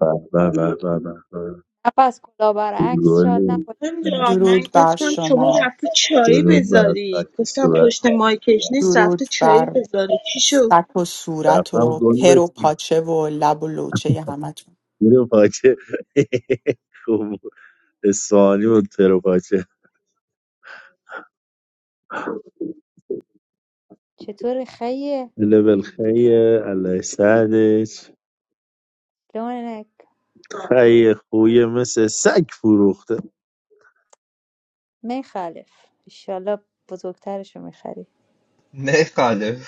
S1: به به به به به.
S25: نفس کلا برعکس شاد
S1: گلی
S25: نباشه
S22: نمیدونم من
S23: درود بر
S22: گفتم شما
S23: شما
S22: رفتی چایی
S1: درود بر
S22: بذاری
S1: خط
S22: گفتم
S1: صورت
S22: پشت مایکش نیست
S23: درود
S22: رفته چایی
S23: بر
S22: بذاری چی شد
S23: سک و صورت
S1: رفتم
S23: و
S1: گل
S23: پر و
S1: بچین
S23: پاچه و لب و لوچه همه.
S1: میره پاچه *laughs* خوب اسفانی و ترو پاچه
S25: چطور خیه
S1: لبل خیه الله سعدش
S25: لونک
S1: خیه خویه مثل سگ فروخته
S25: میخلف ایشالله بزرگترشو میخری
S10: میخاله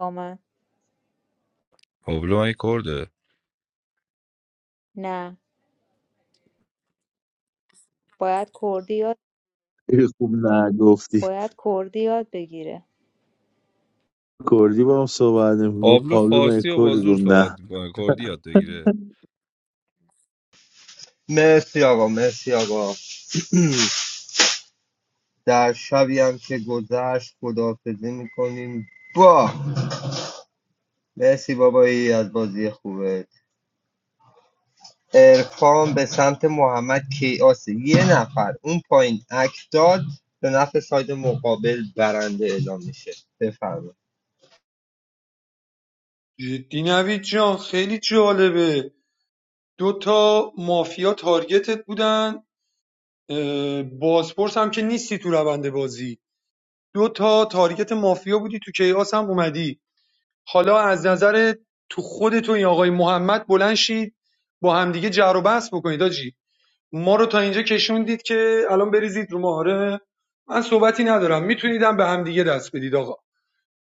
S25: با من
S24: پابلو من کرده
S25: نه باید کردی یاد
S1: خیلی خوب نه گفتی
S25: باید کردی یاد بگیره
S1: کردی با هم صحبت نمی گفت
S24: پابلو
S1: پابلو من
S24: فارسی و با
S1: کردی
S24: زور
S1: گفت نه
S24: صحبت میکنه کردی یاد بگیره
S10: مرسی آقا مرسی آقا *clears throat* در شبی هم که گذشت خداحافظی میکنیم با مرسی بابایی از بازی خوبه ارفان به سمت محمد کیاسه یه نفر اون پایین عکس داد به نفع ساید مقابل برنده اعلام میشه بفرمایید
S21: جدی نوید جان خیلی جالبه دو تا مافیا تارگتت بودن بازپرس هم که نیستی تو روند بازی دو تا تارگت مافیا بودی تو کیاس هم اومدی حالا از نظر تو خودت و این آقای محمد بلند شید با همدیگه جر و بحث بکنید آجی ما رو تا اینجا کشوندید که الان بریزید رو ما آره من صحبتی ندارم میتونیدم به همدیگه دست بدید آقا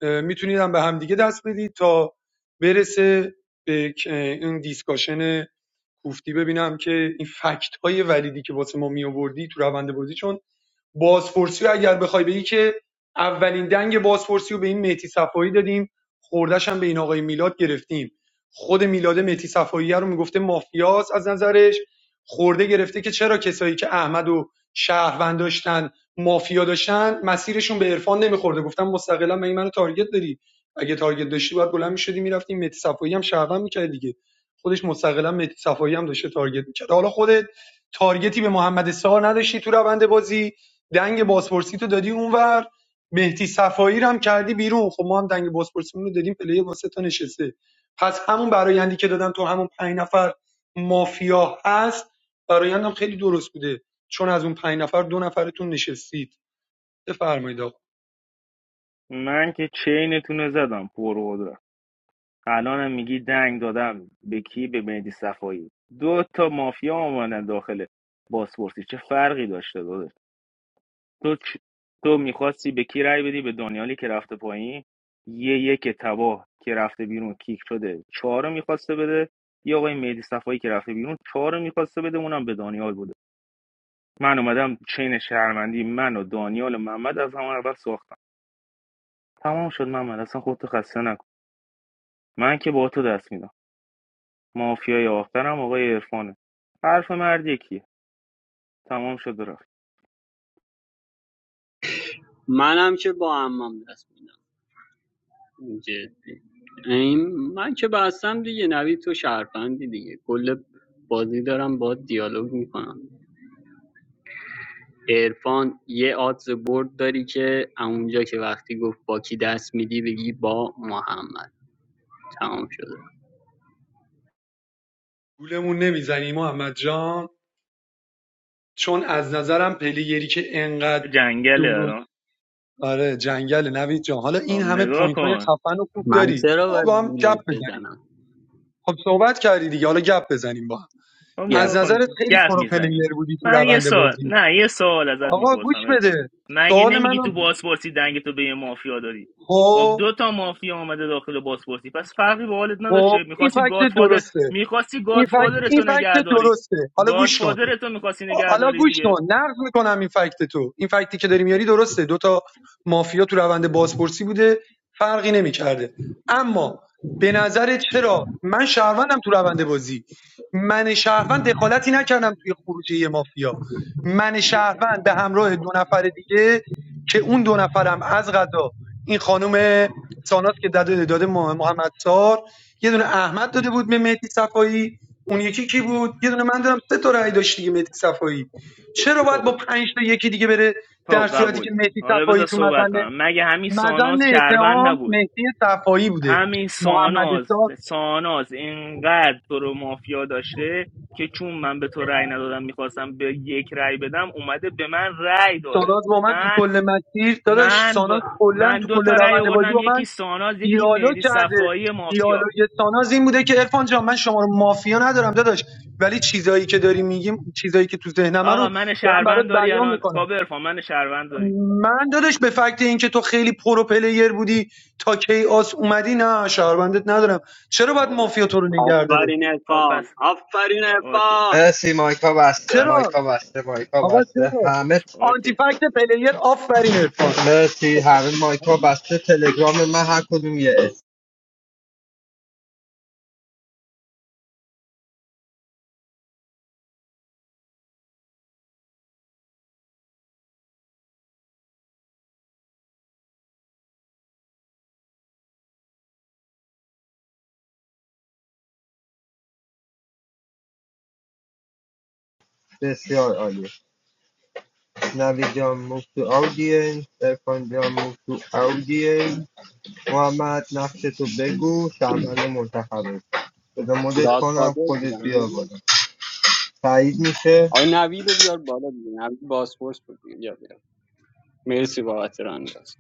S21: میتونیدم به همدیگه دست بدید تا برسه به این دیسکاشن کوفتی ببینم که این فکت های ولیدی که واسه ما می آوردی تو روند بازی چون بازپرسی رو اگر بخوای بگی که اولین دنگ بازپرسی رو به این مهدی صفایی دادیم خوردش هم به این آقای میلاد گرفتیم خود میلاد مهدی صفایی رو میگفته مافیاس از نظرش خورده گرفته که چرا کسایی که احمد و شهروند داشتن مافیا داشتن مسیرشون به عرفان نمیخورده گفتم مستقلا من منو تارگت داری اگه تارگت داشتی باید بلند میشدی میرفتی مهدی صفایی هم شهروند میکرد دیگه خودش مستقلا مهدی صفایی هم داشته تارگت میکرد حالا خودت تارگتی به محمد سار نداشتی تو روند بازی دنگ بازپرسی تو دادی اونور مهدی صفایی رو هم کردی بیرون خب ما هم دنگ بازپرسی رو دادیم پلی واسه تا نشسته پس همون برایندی که دادم تو همون پنج نفر مافیا هست برایندم خیلی درست بوده چون از اون پنج نفر دو نفرتون نشستید بفرمایید آقا
S2: من که چینتون رو زدم پرقدرت الانم میگی دنگ دادم به کی به مهدی صفایی دو تا مافیا آمدن داخل بازپرسی چه فرقی داشته تو چ- تو میخواستی به کی رأی بدی به دانیالی که رفته پایین یه یک تباه که رفته بیرون کیک شده چهار رو میخواسته بده یه آقای مهدی صفایی که رفته بیرون چهار رو میخواسته بده اونم به دانیال بوده من اومدم چین شهرمندی من و دانیال و محمد از همون اول ساختم تمام شد محمد اصلا خودتو خسته نکن من که با تو دست میدم مافیای آخرم آقای عرفانه حرف مرد یکیه تمام شد و رفت
S19: منم که با امام دست میدم جدی این من که بستم دیگه نوید تو شرفندی دیگه کل بازی دارم با دیالوگ میکنم عرفان یه آدز برد داری که اونجا که وقتی گفت با کی دست میدی بگی با محمد تمام شده
S21: گولمون نمیزنی محمد جان چون از نظرم پلیگری که انقدر
S2: جنگله
S21: دورو
S2: الان
S21: آره جنگل نوید جان حالا
S2: خب
S21: این همه
S2: نگاه
S21: پوینت های
S2: کن
S21: خفن و خوب
S19: من
S21: داری
S19: چرا باید
S21: با هم گپ
S19: گولت
S21: بزنیم
S19: بزنم
S21: خب صحبت کردی دیگه حالا گپ بزنیم با هم
S2: خب
S21: از
S19: گپ
S2: نگاه کن
S21: نظرت
S2: که
S21: خیلی
S2: گپ
S21: پرو
S2: میزنیم
S21: پلیر بودی تو
S2: من یه
S21: روند
S2: سوال
S21: بازی
S2: نه یه سوال ازت
S21: آقا گوش
S2: میپرسم ارفان
S21: بده
S2: مگه
S21: سوال
S2: نمیگی
S21: منو
S2: تو بازپرسی دنگ تو به یه مافیا داری خب
S21: خب
S2: دو تا مافیا آمده داخل بازپرسی پس فرقی به حالت
S21: خب
S2: نداشته
S21: این
S2: میخواستی
S21: فکت
S2: گادفادر
S21: درسته
S2: میخواستی
S21: این فکت
S2: گادفادر
S21: این
S2: تو نگه
S21: فکت
S2: داری
S21: درسته حالا گوش کن
S2: گادفادر تو میخواستی نگه
S21: حالا
S2: داری
S21: گوش
S2: دیگه
S21: کن نقد میکنم این فکت تو این فکتی که داری میاری درسته دو تا مافیا تو روند بازپرسی بوده فرقی نمیکرده اما به نظر چرا من شهروندم تو روند بازی من شهروند دخالتی نکردم توی خروجی یه مافیا من شهروند به همراه دو نفر دیگه که اون دو نفرم از غذا این خانم ساناس که داده داده محمد سار یه دونه احمد داده بود به مهدی صفایی اون یکی کی بود یه دونه من دارم سه تا رأی داشت دیگه مهدی صفایی چرا باید
S2: خب
S21: با پنج تا یکی دیگه بره
S2: خب
S21: در صورتی که
S2: قبوله
S21: مهدی
S2: حالا
S21: صفایی
S2: بذار
S21: تو
S2: صحبت
S21: مزن
S2: کنم مگه همین ساناز
S21: مزن
S2: شهروند
S21: اتهام
S2: نبود
S21: مهدی صفایی بوده
S2: همین
S21: محمد
S2: ساناز
S21: ساز
S2: ساناز اینقدر تو رو مافیا داشته که چون من به تو رأی ندادم میخواستم به یک رأی بدم اومده به من رأی داده
S21: ساناز با من تو
S2: من
S21: کل مسیر داداش
S2: من
S21: ساناز
S2: با
S21: کلا
S2: من
S21: تو
S2: دو
S21: کل
S2: تا رأی
S21: روند بازی
S2: آوردم
S21: با
S2: یکی
S21: من
S2: ساناز یکی
S21: دیالوگ
S2: مهدی
S21: کرده
S2: صفایی مافیا
S21: دیالوگ ساناز این بوده که عرفان جان من شما رو مافیا ندارم داداش ولی چیزایی که داری میگیم چیزایی که تو ذهنمه
S2: آقا
S21: رو
S2: من
S21: دارم برات
S2: شهروند داری
S21: بیان
S2: الان خب
S21: میکنم
S2: ارفان من شهروند داری
S21: من دادش به فکت اینکه تو خیلی پرو پلیر بودی تا کیاس اومدی نه شهروندت ندارم چرا باید
S2: خب باش.
S21: مافیا تو رو نگه داره
S19: آفرین
S2: خب
S19: ارفان
S2: پس
S19: آفرین
S2: اوکی
S19: ارفان
S10: مرسی مایکا بسته
S2: پس
S21: چرا
S10: مایکا بسته مایکا
S21: آقا
S10: بسته
S21: چرا
S10: همه ت-
S21: آنتی
S2: اوکی
S21: فکت پلیر آفرین عرفان
S10: مرسی همه مایکا بسته تلگرام من هر کدوم یه اسم بسیار عالی نوی جان move to audience ارفان جان move to audience محمد نقشتو بگو شهروند منتخبه بذار مدت کنم
S19: گادفادر
S10: خودت بیا
S19: بودم
S10: بالا سعید میشه
S19: آقای نوید رو بیار بالا دیگه نوید باسپورس بود دیگه بیا بیا مرسی بابت رانداز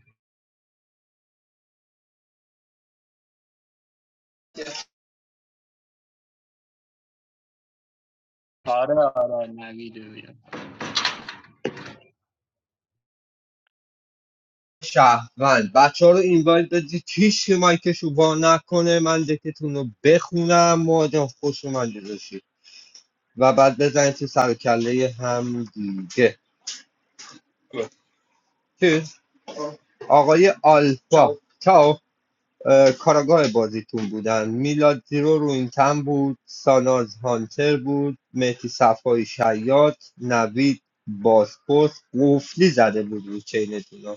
S19: آره آره نوید رو بیار
S10: شهروند بچه ها رو اینوایت بدید هیچ که مایکشو وا نکنه من دکتون رو بخونم مهاجم خوش اومدی باشی و بعد بزنید تو سر هم دیگه چیز؟ آقای آلفا چاو اه، کاراگاه بازیتون بودن میلاد زیرو رو این تن بود ساناز هانتر بود مهدی صفای شیاد نوید بازپرس قفلی زده بود رو چینتون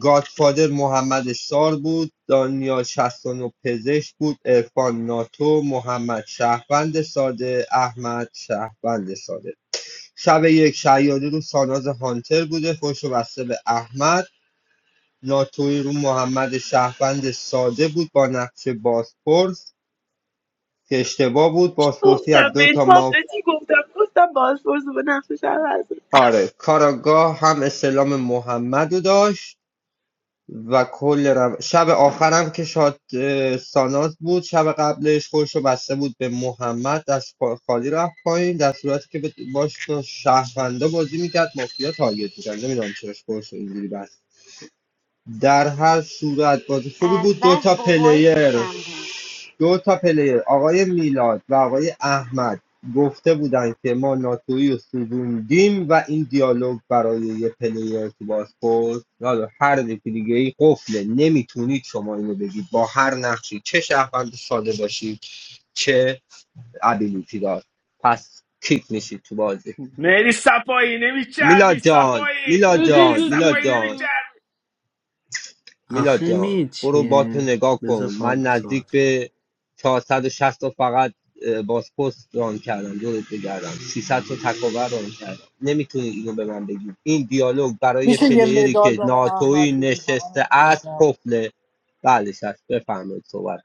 S10: گادفادر محمد سار بود دانیال 69 پزشک بود ارفان ناتو محمد شهروند ساده احمد شهروند ساده شب یک شیادی رو ساناز هانتر بوده خوش و بسته به احمد ناتوئی رو محمد شهروند ساده بود با نقش بازپرس که اشتباه بود بازپرسی از
S22: گفتم به
S10: دو
S22: این
S10: تا ما
S22: تابلتی گفتم گفتم باز برزو به نقش شهر هست.
S10: آره کاراگاه هم اسلام محمد رو داشت و کل رو... شب آخرم که شاد ساناز بود شب قبلش خودش رو بسته بود به محمد دست خالی رفت پایین در صورتی که به- باش با شهروندا بازی میکرد مافیا تارگت میکرد نمیدونم چرا خودش رو اینجوری بست در هر صورت بازی خوبی
S3: از
S10: بود
S3: بس
S10: دوتا
S3: بابایی
S10: پلیر
S3: پیشم بود
S10: دو تا پلیر آقای میلاد و آقای احمد گفته بودن که ما ناتویی رو سوزوندیم و این دیالوگ برای یه پلیر تو بازپورت حالا هر یکی دیگه ای قفله نمیتونید شما اینو بگید با هر نقشی چه شهروند ساده باشید چه ابیلیتی دار کیک میشید تو بازی
S2: مهدی صفایی
S10: میلاد
S2: نمیچربی
S10: جان
S2: صفایی
S10: میلاد
S3: دو
S2: مهدی
S10: جان
S3: دو دو
S10: میلاد
S3: دو
S10: جان
S2: صفایی
S3: دو.
S10: میلاد
S16: آخه
S10: جان
S16: می
S10: برو بات رو
S16: چیه
S10: نگاه
S16: بذار
S10: کن من
S16: پابلو
S10: نزدیک
S16: صحبت
S10: به 460 تا فقط بازپست ران کردم دورت بگردم 600 تا تکاور ران کردم نمیتونی اینو به من بگی این دیالوگ برای
S17: میشه یه
S10: پلیری
S17: مدال
S10: که
S17: به آقای احمد
S10: ناتوی
S17: بدیم
S10: نشسته است قفله بله شش بفرمایید صحبت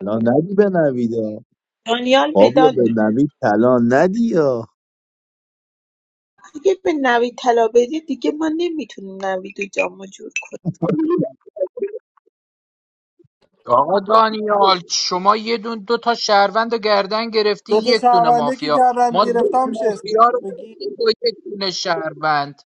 S1: طلا ندی به نویدا
S22: دانیال
S1: فابیا
S22: مدال
S1: به
S22: می‌ده.
S1: نوید طلا ندی یا
S22: اگه به نوید طلا بدی دیگه ما نمیتونیم نوید و جام
S20: آقا دانیال شما یه دون دو تا شهروند رو گردن گرفتی
S17: دو تا
S20: یک دونه
S17: شهرونده که
S20: مافیا
S17: گردم
S20: ما دو
S17: گرفتم
S20: تا
S17: میشه اسم
S20: مافیا رو
S17: بگی
S20: گرفتیم با یک دونه شهروند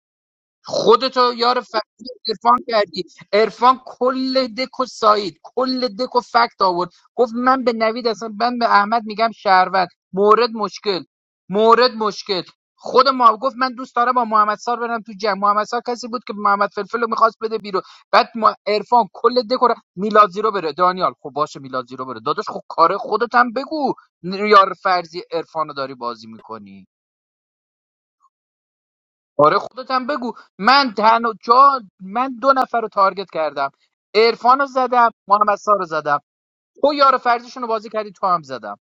S20: خودتو یار فکتی عرفان کردی عرفان کل دک و سعید کل دک و فکت آورد گفت من به نوید اصلا من به احمد میگم شهروند مورد مشکل مورد مشکل خود ما گفت من دوست دارم با محمد سار برم تو جمع محمد سار کسی بود که محمد فلفل رو میخواست بده بیرون بعد ما عرفان کل دک رو میلاد زیرو بره دانیال خب باشه میلاد زیرو بره داداش خب کار خودت هم بگو یار فرضی عرفان رو داری بازی میکنی آره خودت هم بگو من تنها جا من دو نفر رو تارگت کردم عرفان رو زدم محمد سار رو زدم تو یار فرزیشون رو بازی کردی تو هم زدم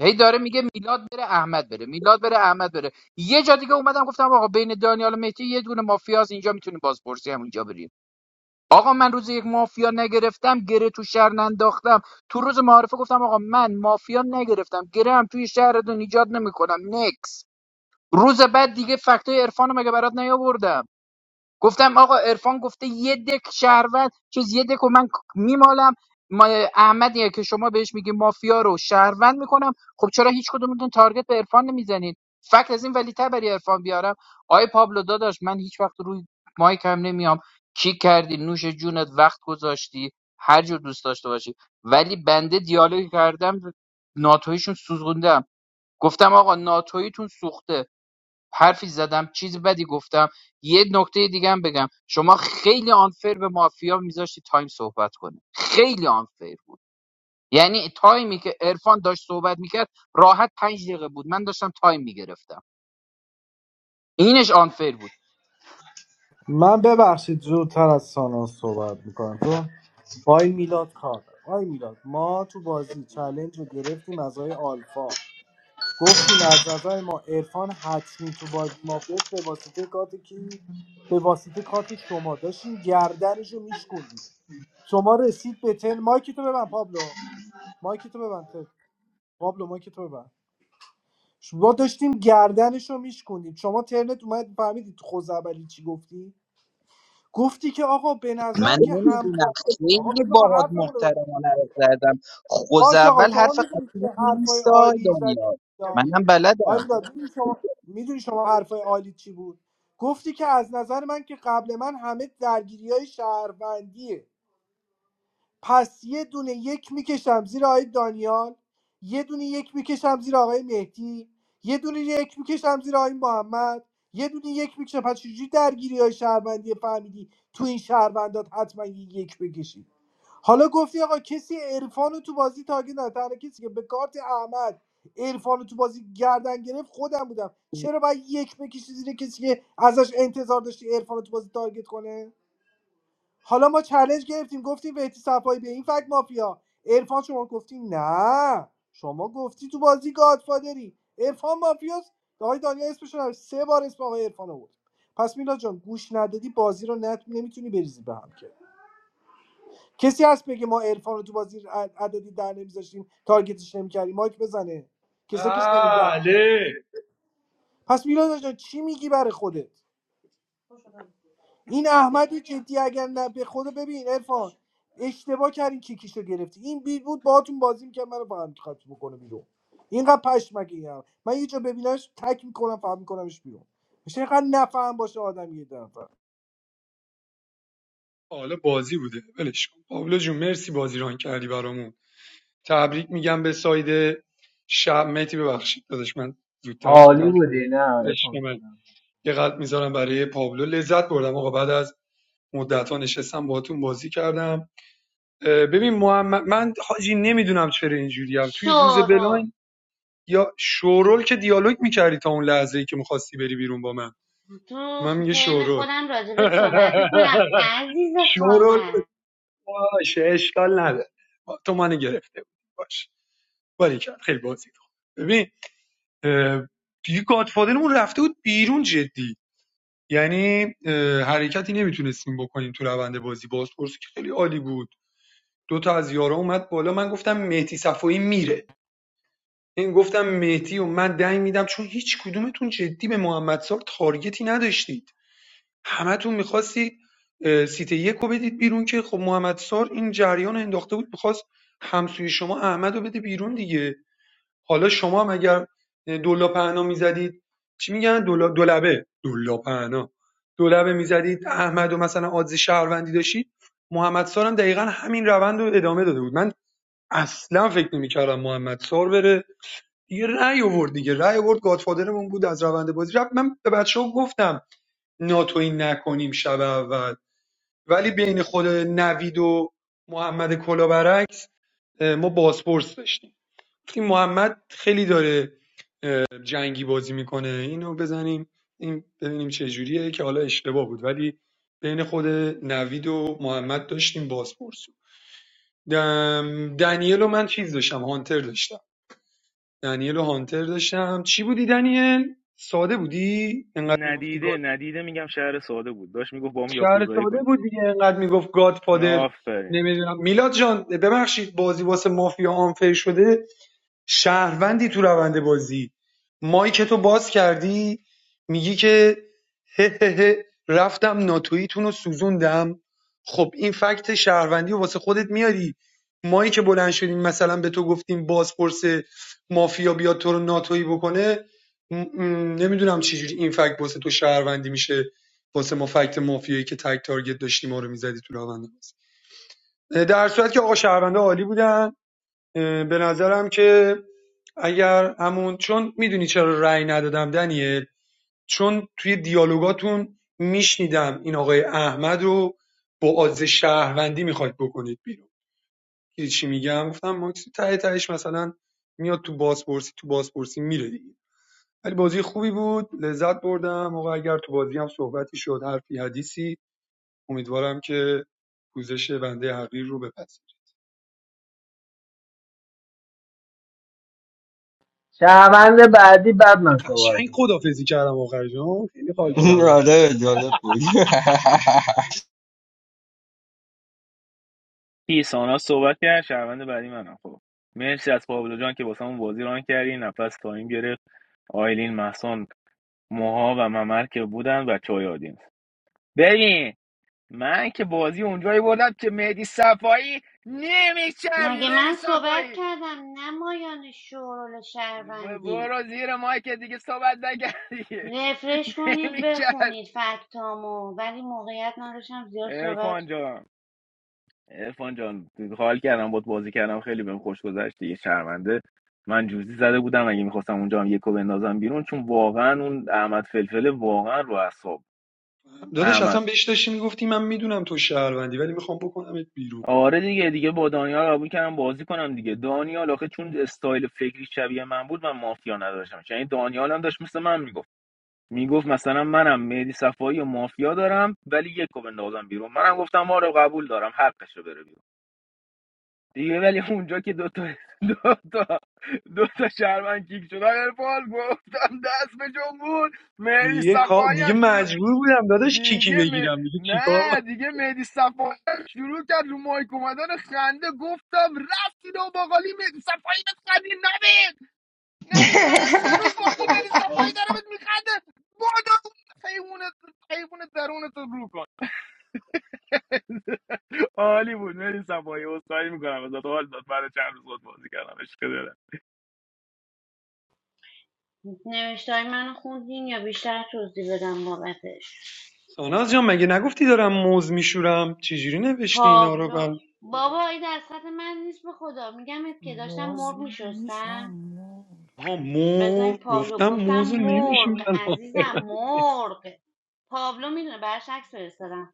S20: هی داره میگه میلاد بره احمد بره میلاد بره احمد بره یه جا دیگه اومدم گفتم آقا بین دانیال و مهدی یه دونه مافیاس اینجا میتونیم بازپرسی هم اینجا بریم آقا من روز یک مافیا نگرفتم گره تو شهر ننداختم تو روز معارفه گفتم آقا من مافیا نگرفتم گره هم توی شهرتون ایجاد نمیکنم نکس روز بعد دیگه فکتای عرفان رو مگه برات نیاوردم گفتم آقا عرفان گفته یه دک شهروند چیز یه دک و من میمالم ما احمدیه که شما بهش میگی مافیا رو شهروند میکنم خب چرا هیچ کدومتون تارگت به عرفان نمیزنید فکر از این ولی تبری عرفان بیارم آی پابلو داداش من هیچ وقت روی مایک هم نمیام کیک کردی نوش جونت وقت گذاشتی هر جور دوست داشته باشی ولی بنده دیالوگ کردم ناتویشون سوزوندم گفتم آقا ناتویتون سوخته حرفی زدم چیز بدی گفتم یه نکته دیگه هم بگم شما خیلی آنفر به مافیا میذاشتی تایم صحبت کنه خیلی آنفر بود یعنی تایمی که عرفان داشت صحبت میکرد راحت پنج دقیقه بود من داشتم تایم میگرفتم اینش آنفر بود
S17: من ببخشید زودتر از ساناز صحبت میکنم تو. آی میلاد کار آی میلاد ما تو بازی چلنج رو گرفتیم از آی آلفا گفتیم از نظر ما عرفان حتمی تو بازی ما گفت به واسطه کارت کی به واسطه کارت شما داشتیم گردنش رو میشکوندیم شما رسید به تن مایک تو ببند پابلو مایک تو ببند پابلو مایک تو ببند ما داشتیم گردنش رو میشکوندیم شما ترنت اومد فهمیدی تو خوزعبلی چی گفتی گفتی که آقا به
S20: من
S17: نظرم که هم
S20: نمیدونم
S17: آقا
S20: خیلی
S17: بذار ما
S20: باهات
S17: حرفمون رو
S20: محترمانه حرف
S17: بزنیم
S20: زدم خوز
S17: باش آقا
S20: اول
S17: شما
S20: حرف
S17: میدونید
S20: قطعی
S17: که حرفای
S20: نیست آی
S17: عالی زدی
S20: دانیال
S17: یا
S20: منم بلدم
S17: آیدا میدونی شما میدونی شما حرفای عالی چی بود گفتی که از نظر من که قبل من همه درگیری های شهروندیه پس یه دونه یک میکشم زیر آقای دانیال یه دونه یک میکشم زیر آقای مهدی یه دونه یک میکشم زیر آقای محمد یه دونه یک میکشم پس چجوری درگیری های شهروندی فهمیدی تو این شهروندات حتما یه یک بکشید حالا گفتی آقا کسی عرفان رو تو بازی تاگه نه تنها کسی که به کارت احمد عرفان رو تو بازی گردن گرفت خودم بودم چرا باید یک بکشی زیر کسی که ازش انتظار داشتی عرفان رو تو بازی تارگت کنه حالا ما چالش گرفتیم گفتیم بهتی صفایی به این فکت مافیا عرفان شما گفتی نه شما گفتی تو بازی گادفادری عرفان مافیاست آقای دانیا اسمش رو سه بار اسم آقای عرفان آورد پس میلا جان گوش ندادی بازی رو نت... نمیتونی بریزی به هم که کسی هست بگه ما عرفان رو تو بازی عددی در نمیذاشتیم تارگتش نمیکردیم مایک بزنه کسا که شنیدن
S21: بله
S17: پس میلا جان چی میگی برای خودت این احمد رو جدی اگر نه به خدا ببین ارفان اشتباه کردین کیکیشو گرفتی این بی بود باهاتون بازی میکرد منو فقط میخواست بکنه بیرون اینقدر پشمگه این هم. من یه جا ببینمش تک میکنم فهم میکنمش بیرون میشه اینقدر نفهم باشه آدم یه دفعه
S21: حالا بازی بوده ولش کن پابلو جون مرسی بازی ران کردی برامون تبریک میگم به ساید شب مهدی ببخشید دادش من زودتر
S16: عالی
S21: صحبت
S16: بودی
S21: کردم.
S16: نه
S21: عشق من یه قلب میذارم برای پابلو لذت بردم آقا بعد از مدت ها نشستم باهاتون بازی کردم ببین محمد من حاجی نمیدونم چرا اینجوری هم توی روز
S3: شورو
S21: بلاین یا شورول که دیالوگ میکردی تا اون لحظه ای که میخواستی بری بیرون با من
S3: تو
S21: من میگه
S3: ترم
S21: شورول
S3: خودم راجبت صحبت میکنم
S21: *laughs*
S3: عزیز
S21: شورول
S3: خواهر
S21: بود. باشه اشکال نداره تو منو گرفته بود باش ولی کرد خیلی بازی خوب ببین اه، دیگه گادفادرمون رفته بود بیرون جدی یعنی حرکتی نمیتونستیم بکنیم تو روند بازی بازپرسی که خیلی عالی بود دو تا از یارا اومد بالا من گفتم مهدی صفایی میره این گفتم مهدی و من دنگ میدم چون هیچ کدومتون جدی به محمد سال تارگتی نداشتید همتون میخواستید سیت یک رو بدید بیرون که خب محمد سار این جریان رو انداخته بود میخواست همسوی شما احمد رو بده بیرون دیگه حالا شما هم اگر دولا پهنا میزدید چی میگن دولا دولبه دولا پهنا دولبه میزدید احمد و مثلا آدز شهروندی داشتید محمد سار هم دقیقا همین روند رو ادامه داده بود من اصلا فکر نمیکردم محمد سار بره دیگه رأی آورد دیگه رأی آورد گادفادرمون بود از روند بازی رفت من به بچه ها گفتم ناتوی نکنیم شب اول ولی بین خود نوید و محمد کلابرعکس ما بازپرس داشتیم گفتیم محمد خیلی داره جنگی بازی میکنه اینو بزنیم این ببینیم چه جوریه که حالا اشتباه بود ولی بین خود نوید و محمد داشتیم بازپرس دم- دنیل و من چیز داشتم هانتر داشتم دنیل و هانتر داشتم چی بودی دنیل ساده بودی انقدر میگفتی
S2: ندیده
S21: گاد
S2: ندیده میگم شهر ساده بود داشت میگفت با هم
S21: شهر
S2: یاکوزایی
S21: ساده
S2: کنیم
S21: بود دیگه انقدر میگفت گاد فادر
S2: آفرین
S21: نمیدونم میلاد جان ببخشید بازی واسه مافیا آنفر شده شهروندی تو روند بازی مایکتو باز کردی میگی که هه هه هه رفتم ناتویتون رو سوزوندم خب این فکت شهروندی رو واسه خودت میاری مایی که بلند شدیم مثلا به تو گفتیم بازپرس مافیا بیاد تو رو ناتویی بکنه م- م- نمیدونم چجوری این فکت واسه تو شهروندی میشه واسه ما فکت مافیایی که تک تارگت داشتیم ما رو میزدی تو روند بازی. در صورت که آقا شهرونده عالی بودن اه، به نظرم که اگر همون چون میدونی چرا رأی ندادم دنیل چون توی دیالوگاتون میشنیدم این آقای احمد رو با آز شهروندی میخواید بکنید بیرون دیدی چی میگم گفتم ماکسی ته تهش مثلا میاد تو بازپرسی تو بازپرسی میره دیگه ولی بازی خوبی بود لذت بردم آقا اگر تو بازی هم صحبتی شد حرفی حدیثی امیدوارم که پوزش بنده حقیر رو بپذیر
S16: شهروند بعدی بعد من صحبت
S21: قشنگ
S16: میکنم
S21: خدافظی کردم آخر جان خیلی حال
S10: *laughs*
S21: کردم
S10: آره جالب بود *laughs*
S2: پیسانا صحبت کرد شهروند بعدی منم خب مرسی از پابلو جان که واسمون بازی ران کردی نفس تایم گرفت آیلین محسن موها و ممر که بودن و چای آدینس ببین من که بازی اونجایی بردم که مهدی صفایی نمیچربی
S3: مگه
S2: مهدی
S3: من صحبت
S2: صفایی
S3: کردم نمایان شورول
S2: ب-
S3: شهروندی
S2: برو زیر مایک دیگه صحبت نکردی
S3: رفرش
S2: *laughs*
S3: کنید
S2: نمیچرب
S3: بخونید فکتامو ولی موقعیت نداشتم زیاد صحبت
S2: ارفان جان ارفان جان حال کردم بود بازی کردم خیلی بهم خوش گذشت دیگه شرمنده من جوزی زده بودم اگه میخواستم اونجا هم یکو بندازم بیرون چون واقعا اون احمد فلفل واقعا رو اعصاب
S21: داداش
S2: احمد
S21: اصلا بهش داشتی میگفتی من میدونم تو شهروندی ولی میخوام بکنمت بیرون
S2: آره دیگه دیگه با دانیال قبول کردم بازی کنم دیگه دانیال آخه چون استایل فکری شبیه من بود من مافیا نداشتم یعنی دانیال هم داشت مثل من میگفت میگفت مثلا منم مهدی صفایی و مافیا دارم ولی یکو بندازم بیرون منم گفتم آره قبول دارم حقشه بره بیرون دیگه ولی اونجا که دو تا دو تا دو تا شهروند کیک شدن ارفان گفتم دست به جمهور مهدی
S21: دیگه کا-
S2: صفایی
S21: دیگه
S2: هم شروع
S21: مجبور بودم داداش کیکی
S2: دیگه م...
S21: بگیرم دیگه چیکار با-
S2: نه دیگه مهدی صفایی هم شروع کرد رو مایک اومدن خنده گفتم رفتید و باقالی مهدی صفایی بهت خندید نبید نبید برای سه روز باقالی مهدی صفایی داره بهت میخنده بادو حیوانت حیوانت درونت رو کن *laughs* عالی بود مهدی صفایی اصخایی میکنم ازت حال داد برای چند روز بازی کردم عشق دلم.
S3: نوشتای منو خوندین یا بیشتر توضیح بدم بابتش
S21: ساناز جان مگه نگفتی دارم موز میشورم چجوری نوشتی اینا رو
S3: پابلو
S21: بر
S3: بابا این دستخط من نیست به خدا میگمت که داشتم
S23: موز
S3: مرغ
S23: میشم
S3: میشستم
S23: موز
S21: ها
S3: بذار این
S21: مور
S3: پابلو
S21: گفتم
S3: گفتم
S21: موز
S3: مرغ
S21: نمیشورم
S3: عزیزم مرغ پابلو میدونه براش عکس فرستادم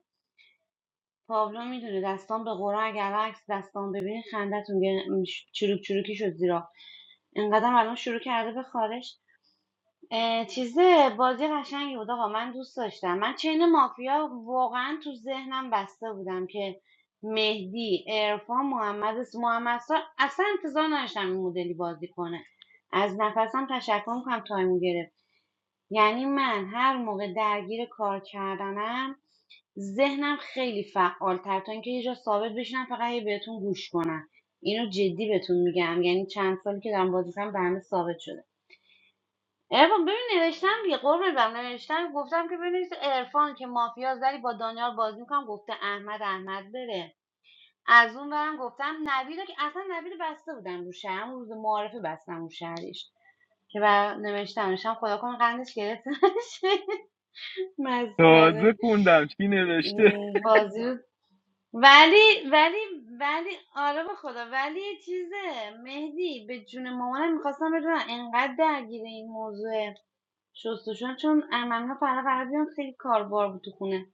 S3: پابلو میدونه دستان به قرآن اگر عکس دستان ببینی خندتون گره- چروک چروکی شد زیرا اینقدر الان شروع کرده به خارش اه، چیزه بازی قشنگی بود آقا من دوست داشتم من چین مافیا واقعا تو ذهنم بسته بودم که مهدی عرفان محمد اس- محمد سا اصلا انتظار نداشتم این مدلی بازی کنه از نفسم تشکر میکنم تایم گرفت یعنی من هر موقع درگیر کار کردنم ذهنم خیلی فعال تر تا اینکه یه جا ثابت بشینم فقط هی بهتون گوش کنم اینو جدی بهتون میگم یعنی چند سالی که دارم بازی کنم به همه ثابت شده ارفان ببین نوشتم دیگه قربونت برم نوشتم گفتم که بنویس ارفان که مافیا زری با دانیال بازی میکنم گفته احمد احمد بره از اون برم گفتم نوید رو که اصلا نوید رو بسته بودم رو شهر اون روز معارفه بستم رو شهرش که بر نوشتم نوشتم خدا کنه قندش گرفت نشه. *laughs*
S2: تازه
S3: مسخره
S2: خوندم چی نوشته
S3: م، بازی رو- ولی ولی ولی آره به خدا ولی یه چیزه مهدی به جون مامانم میخواستم بدونم انقدر درگیر این موضوع شستشو چون عمم فردا قرار بیان خیلی کاربار بود تو خونه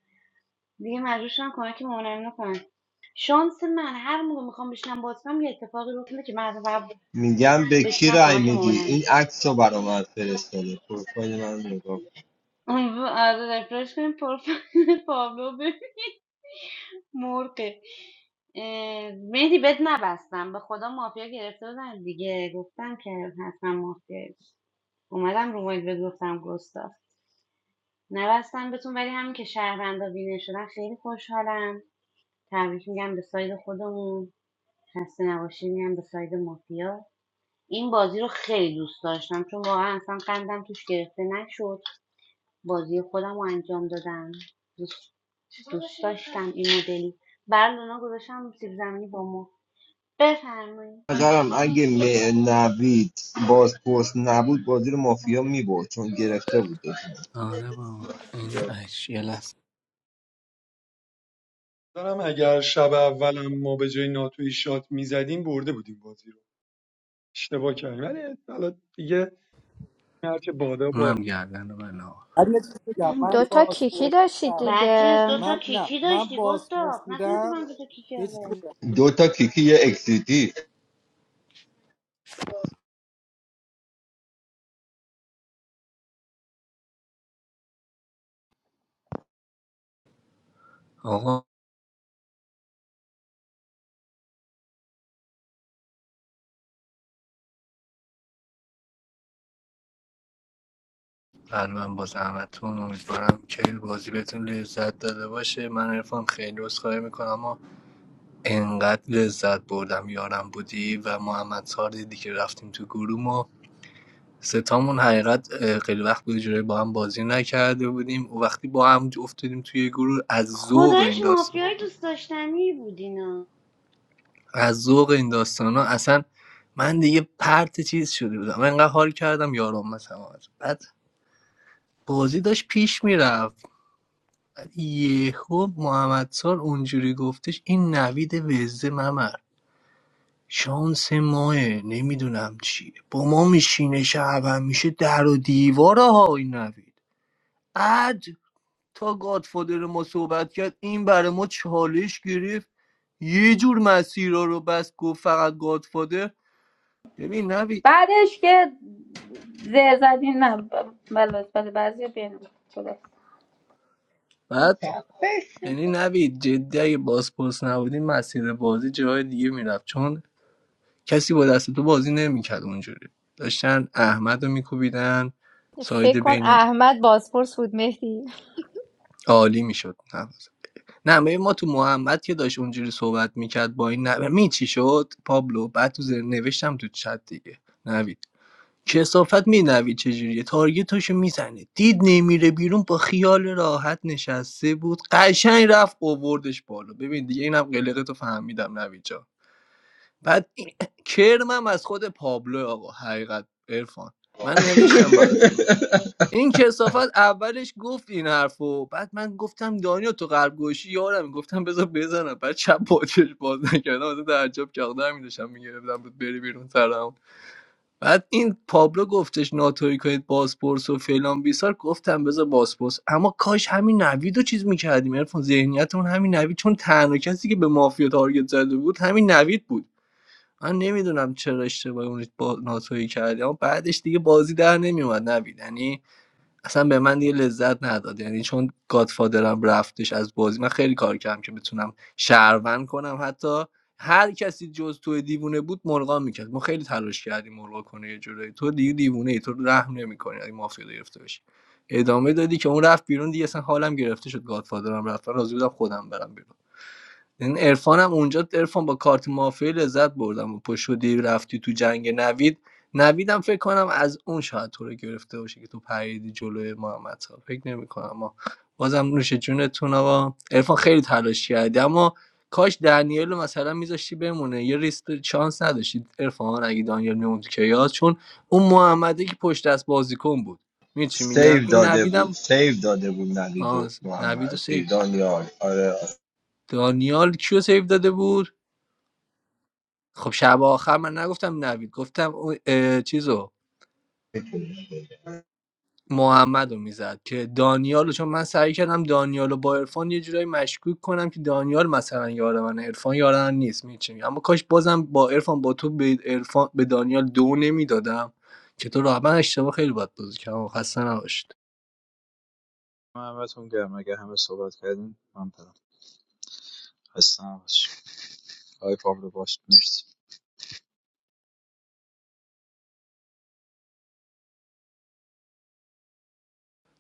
S3: دیگه مجبور شدم کمک مامانم کنم شانس من هر موقع میخوام بشینم باز کنم یه اتفاقی رخ میده که من حتی فقط
S10: میگم به کی
S3: بشینم
S10: رای
S3: کمک
S10: میدی
S3: مامانم
S10: این عکس رو برا من فرستاده پروفایل من نگاه
S3: امیدوار آره رفرش کنیم پروفایل پابلو ببین مرقه اه، مهدی بد نبستم به خدا مافیا گرفته بودم دیگه گفتم که حتما مافیا اومدم رو مایل بهت گفتم گستاف نبستم بهتون ولی همین که شهروندا بینه شدن خیلی خوشحالم تبریک میگم به ساید خودمون خسته نباشید میگم به ساید مافیا این بازی رو خیلی دوست داشتم چون واقعا اصلا قندم توش گرفته نشد بازی خودم رو انجام دادم دوست, دوست داشتم این مدلی بر لونا گذاشتم سیب زمینی با ما بفرمایید
S10: نظرم اگه نوید بازپرس نبود بازی رو مافیا میبرد چون گرفته بود
S16: آره بابا این اش یه لحظه
S21: دارم اگر شب اولم ما به جای ناتوی شات میزدیم برده بودیم بازی رو اشتباه کردیم ولی حالا دیگه هر که بادا
S16: اونم
S21: باد
S16: گردن من آقا
S17: ولی یه چیز بگم من
S15: دوتا کیکی
S17: پاسپورت
S15: داشتید
S17: بودم.
S3: بدجنس
S15: دیگه
S3: دوتا
S17: من نه
S3: کیکی
S17: من
S3: داشتی
S17: پاسپورت
S3: گستاخ نتونستی
S17: بودم
S3: من دوتا کیکی
S17: یه
S3: رو
S17: چیز
S3: بریم
S10: دو تا کیکی یه اکسیتی
S16: آقا، قلبم با زحمتتون امیدوارم که بازی بهتون لذت داده باشه من عرفان خیلی عذرخواهی میکنم اما انقدر لذت بردم یارم بودی و محمد سار دیدی که رفتیم تو گروه ما ستامون حقیقت اه، خیلی وقت بود جوری با هم بازی نکرده بودیم و وقتی با هم افتادیم توی گروه از ذوق این
S3: خدایش
S16: داستان
S3: مافیای دوست داشتنی بود اینا
S16: از ذوق این داستانا اصلا من دیگه پرت چیز شده بودم انقدر حال کردم یارم مثلا بعد بازی داشت پیش میرفت یهو محمد سال اونجوری گفتش این نوید وزده ممر شانس ماه نمیدونم چیه با ما میشینه شب هم میشه در و دیواره ها این نوید بعد تا گادفادر ما صحبت کرد این برای ما چالش گرفت یه جور مسیرها رو بس گفت فقط گادفادر ببین نوید
S26: Because they're not allowed to wear pants.
S16: بعد یعنی نوید جدی اگه بازپرس نبودی مسیر بازی جای دیگه میرفت چون کسی با دست تو بازی نمیکرد اونجوری داشتن احمد رو میکوبیدن ساید
S15: فکر کن
S16: بین
S15: احمد بازپرس بود مهدی
S16: عالی میشد نه ببین ما تو محمد که داشت اونجوری صحبت میکرد با این نه می چی شد پابلو بعد تو زیر نوشتم تو چت دیگه نوید کثافت می‌دوید چجوریه تارگتاشو میزنه دید نمیره بیرون با خیال راحت نشسته بود قشنگ رفت اووردش بالا ببین دیگه اینم قلقتو فهمیدم نوید جان بعد این *clears throat* کرمم از خود پابلو آقا حقیقت عرفان من نوشتم برات تو گروه. این کسافت اولش گفت این حرفو بعد من گفتم دانیو تو قلب گوشی یارم گفتم بذار بزنم بعد چپ باچش باز نکردم از تعجب کاغدم میداشم میگرفتم بود بری بیرون سرم بعد این پابلو گفتش ناتوی کنید بازپرس و فلان بیسار گفتم بذار بازپرس اما کاش همین نوید رو چیز میکردیم عرفان ذهنیتمون همین نوید چون تنها کسی که به مافیا تارگت زده بود همین نوید بود من نمیدونم چرا اشتباهی اون با ناتوی کردیم اما بعدش دیگه بازی در نمیومد نوید یعنی اصلا به من یه لذت نداد یعنی چون گادفادرم رفتش از بازی من خیلی کار کردم که بتونم شهروند کنم حتی هر کسی جز تو دیوونه بود مرغا میکرد ما خیلی تلاش کردیم مرغا کنه یه جورایی تو دیگه دیوونه ای تو رحم نمیکنی اگه مافیا گرفته باشی ادامه دادی که اون رفت بیرون دیگه اصلا حالم گرفته شد گادفادرم رفت من راضی بودم خودم برم بیرون این عرفان هم اونجا عرفان با کارت مافیا لذت بردم و پشت شدی رفتی تو جنگ نوید نویدم فکر کنم از اون شاید تو رو گرفته باشه که تو پریدی جلوی محمد صاحب فکر نمی کنم اما بازم نوش جونتون آقا عرفان خیلی تلاش کردی اما کاش دنیل رو مثلا میذاشتی بمونه یه ریسک چانس نداشتید عرفان اگه دانیل میموند که یاد چون اون محمده که پشت دست بازیکن بود می چی میگم
S10: سیو
S16: این
S10: داده بود
S16: نویدم
S10: سیو داده بود نوید
S16: آه
S10: و
S16: نوید و
S10: محمد چیز،
S16: سیف
S10: دانیال آره
S16: دانیال کیو سیف داده بود خب شب آخر من نگفتم نوید گفتم اون اه، چیزو محمد رو میزد که دانیال چون من سعی کردم دانیال رو با عرفان یه جورایی مشکوک کنم که دانیال مثلا یار من عرفان یار من نیست میچینی اما کاش بازم با عرفان با تو به عرفان به دانیال دو نمیدادم که تو راه من اشتباه خیلی بد بازی کردم خسته نباشید
S20: محمدتون گرم اگه همه صحبت کردیم من برم هستم باش آقای پابلو باش مرسی.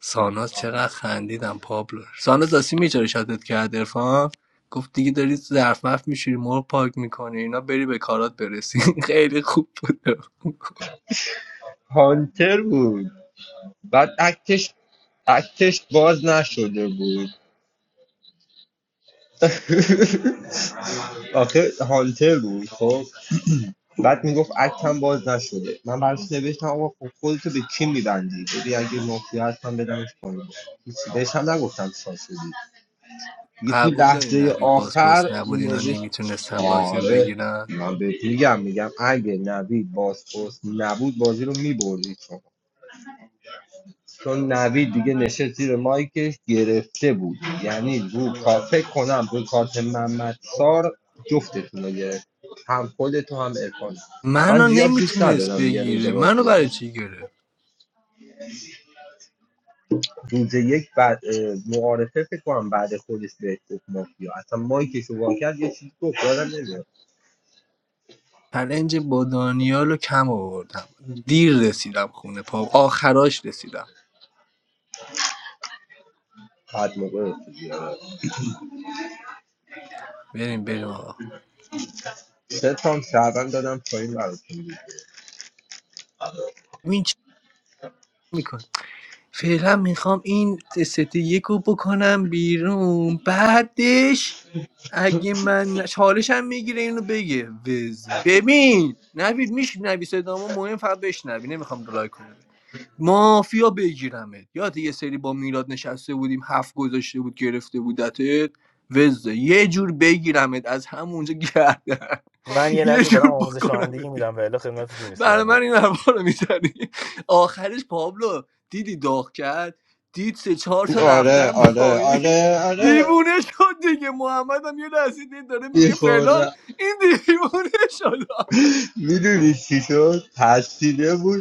S16: ساناز چقدر خندیدم پابلو ساناز آسی میچاره شاتت کرد عرفان گفت دیگه داری ظرف مف میشوری مرغ پاک میکنی اینا بری به کارات برسی *laughs* خیلی خوب بود
S10: هانتر بود بعد اکتش اکتش باز نشده بود *laughs* آخه هانتر بود خب بعد میگفت اکتم باز نشده من براش نوشتم آقا خب خودتو به کی میبندی ببین اگه مافیا هستم بدمش پایین بهش هم نگفتم شاد شدی دیگه تو
S16: قبول داری
S10: لحظه
S16: نوید
S10: آخر
S16: بازپرس نبود اینا
S10: نوشت
S16: نمیتونستن بازی رو
S10: آره
S16: بگیرن
S10: من بهت میگم میگم اگه نوید باز پست نبود بازی رو میبردی چون چون نوید دیگه نشست زیر مایکش گرفته بود یعنی رو کافه کنم رو کارت محمد سار جفتتون رو گرفت هم خودتو هم ارفان من
S16: منو
S10: زیاد دوست
S16: نمیتونست
S10: ندارم یه روز
S16: بگیره منو
S10: بازی
S16: برای چی گرفت
S10: روز یک بعد اه، معارفه فکر کنم بعد خودش به گفت مافیا اصلا مایکش رو وا کرد یه چیز گفت یادم نمیاد
S16: چلنج با دانیال رو کم آوردم دیر رسیدم خونه پا آخراش رسیدم
S10: بعد موقع رفت بیاره.
S16: بریم بریم آقا
S10: سه تام شعبن دادم پایین براتون
S16: ببین چی میکنه؟ فعلا میخوام این ست یک رو بکنم بیرون بعدش اگه من چالشم میگیره اینو بگه وز ببین نوید میشنوی صدامو مهم فقط بشنوی نمیخوام لایک کنم مافیا بگیرمت یاد یه سری با میلاد نشسته بودیم هفت گذاشته بود گرفته بودتت وز یه جور بگیرمت از همونجا گردن
S2: من
S16: *laughs*
S2: یه
S16: یه
S2: لحظه دارم
S16: جور
S2: آموزش
S16: بکنمت بیرون.
S2: رانندگی میدم و الا خدمتت میرسیدم
S16: برای
S2: بود
S16: من این حرفا رو میزنی آخرش پابلو دیدی داغ کرد دید سه چهار تا
S10: آره
S16: رفتن
S10: آره
S16: پایین
S10: آره آره
S16: دیوونه شد دیگه محمد هم یه لحظه دید داره میگه فلان
S10: میخوردم
S16: این دیوونه شد
S10: میدونی چی شد ترسیده بود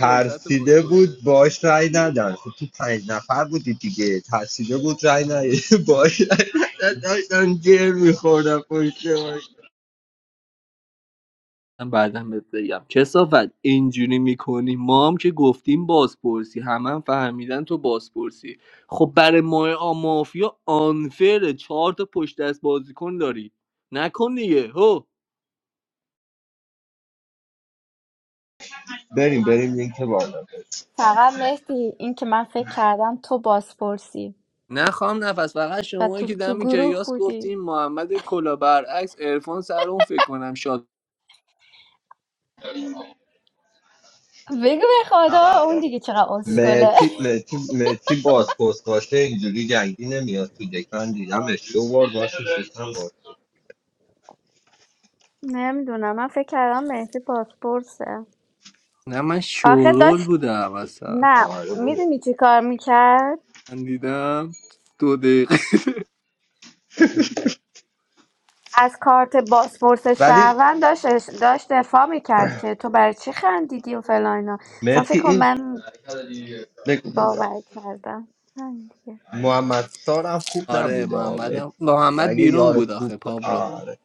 S16: لذت بازی باز به-
S10: بود باش رای ندن خب تو پنج نفر بودی دیگه ترسیده بود رای ندن *laughs* باش رای ندن داشتم گیر میخوردم پشت ماش.
S16: من بعدا بهت بگم کسافت اینجوری میکنی ما هم که گفتیم بازپرسی همه هم فهمیدن تو بازپرسی خب برای ما مافیا آنفره چهار تا پشت دست بازیکن داری نکن دیگه هو
S10: بریم بریم لینک بالا
S15: فقط مهدی این که من فکر کردم تو بازپرسی
S16: نه خام نفس فقط
S15: و
S16: شمایی
S15: تو
S16: که
S15: تو
S16: دم
S15: گروه
S16: کیاس
S15: بودی
S16: گفتیم محمد کلا برعکس عرفان سر اون فکر کنم شاد
S15: بگو به خدا اون دیگه چقدر اسکله
S10: مهتی مهتی مهتی باز پست باشه اینجوری جنگی نمیاد تو دک من دیدمش دو بار باش نشستم باش
S15: نمیدونم من فکر کردم مهدی پاسپورسه.
S16: نه من
S15: آخه
S16: شورول
S15: داشت
S16: بودم اصلا
S15: نه
S10: آره بابا
S15: میدونی چی کار میکرد
S16: من دیدم دو دقیقه *laughs*
S15: از کارت بازپرس
S10: ولی
S15: شهروند داشت داشت دفاع میکرد که تو برای چی خندیدی و فلان اینا مثلا
S10: مهتی
S15: فکر کن
S10: این
S15: من
S10: بگو بگو
S15: باور کردم همین دیگه.
S10: محمد سارم خوب
S16: آره
S10: نبود آمد
S16: محمدم محمد
S10: اگه
S16: بیرون
S10: یار
S16: بود
S10: خوب
S16: آخه پابلو
S10: آره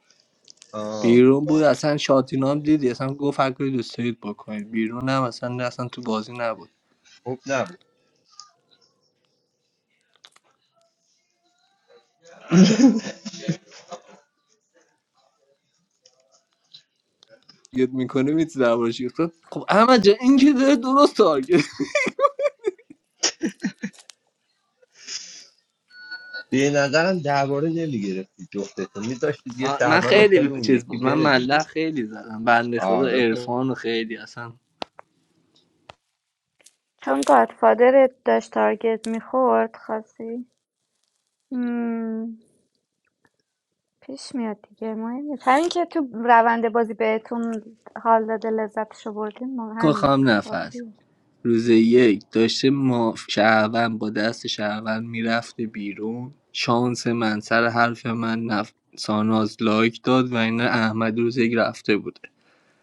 S10: آه.
S16: بیرون بود اصلا شاتینام هم دیدی اصلا گفت هر کاری دوست دارید بکنید بیرون هم اصلا نه اصلا تو بازی نبود
S10: خوب نبود
S16: یاد میکنه میتونه دربارش گفت خب احمد جان این که داره درست تارگت
S10: به نظرم درباره نمیگرفتید جفتتون میداشتید یه
S16: آه، من
S10: شهروند افتاده
S16: خیلی
S10: اون
S16: چیز
S10: یکی
S16: بود من
S10: بره دیگه
S16: مله خیلی زدم بنده خدا
S10: آره خب
S16: عرفان و خیلی اصلا
S15: چون گادفادر داشت تارگت میخورد خاصی مم، پیش میاد دیگه مهم نیست همین که تو روند بازی بهتون حال داده لذتشو بردین ما
S16: کاخ
S15: همین
S16: هم نفس
S15: کافیه
S16: روز یک داشته ما شهروند با دست شهروند میرفته بیرون شانس من سر حرف من نف... ساناز لایک داد و این احمد روز یک رفته بوده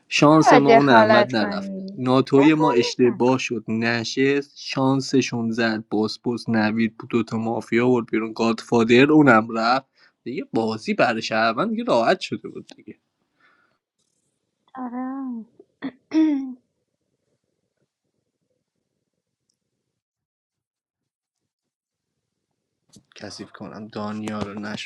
S16: شانس
S15: نباید
S16: ما اون
S15: دخالت
S16: احمد نرفت
S15: کنید
S16: ناتوی ما
S15: دخالت
S16: اشتباه
S15: نکنید
S16: شد نشست شانسشون زد باسپوس نوید بود دوتا مافیا بود بیرون گادفادر اونم رفت دیگه بازی برای شهروند دیگه راحت شده بود دیگه
S15: آره *clears throat*
S16: کثیف کنم دانیا رو نشد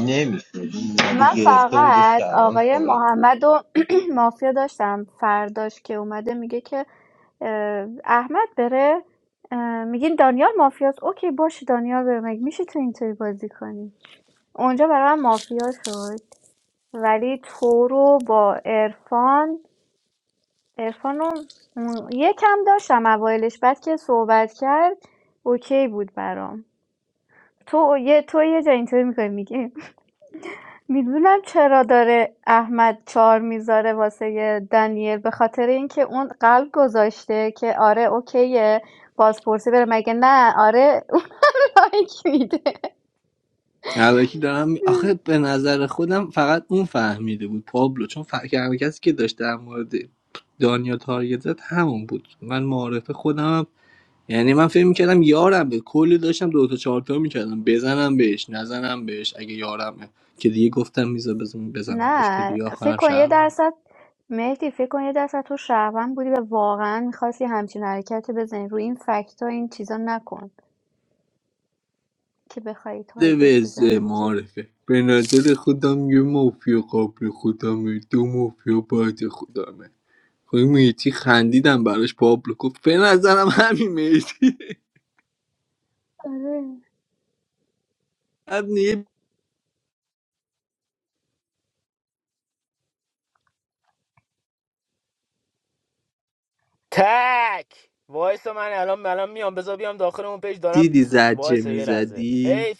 S10: نمیشه این نبی
S15: من
S10: گرفته بود یه
S15: فقط
S10: شهروند
S15: آقای
S10: کامل.
S15: محمد و *clears throat* مافیا داشتم فرداش که اومده میگه که اه، احمد بره اه، میگین دانیال مافیاست اوکی باشه دانیال بره مگه میشه تو اینطوری بازی کنی اونجا برای من مافیا شد ولی تو رو با ارفان ارفان رو م، یکم داشتم اوایلش بعد که صحبت کرد اوکی بود برام تو یه تو یه جا اینطوری میکنی میگی میدونم چرا داره احمد چار میذاره واسه یه دنیل به خاطر اینکه اون قلب گذاشته که آره اوکیه بازپرسی بره مگه نه آره *laughs* اون لایک میده
S16: الکی دارم می- آخه به نظر خودم فقط اون فهمیده بود پابلو چون فکر کسی که داشت در مورد دانیا تارگت زد همون بود من معارف خودم هم... یعنی من فکر میکردم یارم به کلی داشتم دو تا چهار تا میکردم بزنم بهش نزنم بهش اگه یارمه که دیگه گفتم میزا بزنم بزنم بهش که
S15: نه
S16: دیگه
S15: فکر
S16: آخرم
S15: کن یه
S16: شهرم
S15: درصد مهدی فکر کن یه درصد تو شهروند بودی و واقعا میخواستی همچین حرکتی بزنی روی این فکت ها این چیزا نکن که بخوای تارگت
S16: دوز
S15: بزنی به کیو.
S16: معارفه به نظر خودم یه مافیا قبل خودمه دو مافیا بعد خودمه خب میتی خندیدم براش پابلو گفت به نظرم همین میتی
S15: آره
S16: بعد یه دیدی زجه میزدی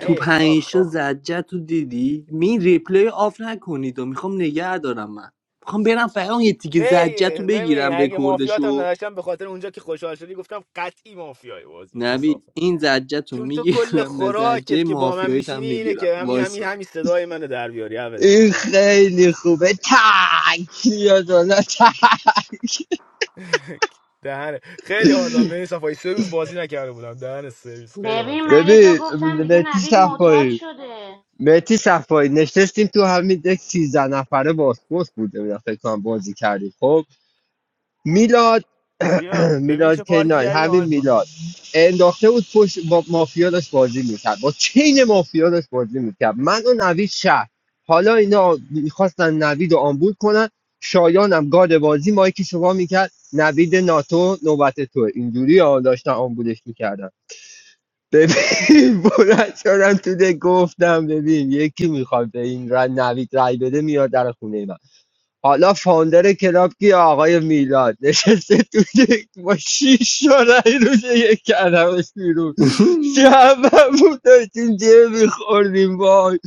S16: تو پنجشا زجه تو دیدی می ریپلی آف نکنید و میخوام نگه دارم من میخوام برم فقط یه تیکه زجه تو بگیرم رکوردشو نوید این زجه تو
S2: تو کل
S16: میگیرم نه زجه
S2: خوراکت که با من
S16: مافیاییت هم
S2: میشینی اینه
S16: میگیرم
S2: که همین همین
S16: وایسا
S2: همین صدای منو در بیاری عوضی
S10: این خیلی خوبه تک یا دولا تک
S2: *laughs* دهنه خیلی حال داد ببین صفایی سه روز بازی نکرده بودم دهن سرویس خیلی حال
S3: ببین
S2: کرد
S3: من یه جا
S10: ببین
S3: گفتم دیگه
S10: متی
S3: نوید معتاد
S10: صفایی
S3: شده
S10: متی صفایی نشستیم تو همین یک سیزده نفره باسپورس بود نمی‌دونم فکر کنم بازی کردیم خب میلاد *clears throat*
S2: آه، ببین چه
S10: میلاد
S2: پارکی
S10: کینان
S2: کردی
S10: همین
S2: حال کن
S10: میلاد انداخته بود پشت با مافیا داشت بازی میکرد با چین مافیا داشت بازی میکرد من و نوید شهر حالا اینا میخواستن نوید رو آمبول کنن شایانم گاد بازی مایکی شما میکرد نوید ناتو نوبت تو اینجوری ها داشتن آمبولش میکردن ببین *laughs* بلند شدم تو ده گفتم ببین یکی میخواد به این رای نوید رای بده میاد در خونه من حالا فاوندر کلاب کی آقای میلاد نشسته تو یک با شیش شارعی روز یک کردمش بیرون
S16: *laughs*
S10: شبمون داشتیم جه میخوردیم وای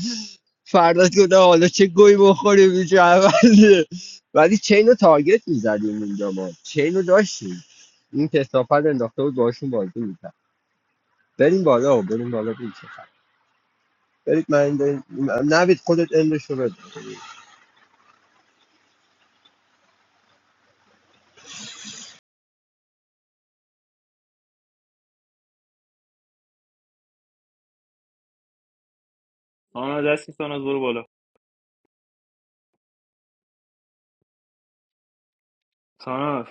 S10: فردا گفتم حالا چه گوی بخوریم این شهرونده ولی چین رو تارگت میزدیم اونجا ما چین رو داشتیم این کسافت انداخته بود باشون بازی میکرد بریم بالا بریم بالا بریم. چه خبر. برید من این نوید خودت اندش رو بده
S2: ساناز دستی ساناز برو بالا ساناز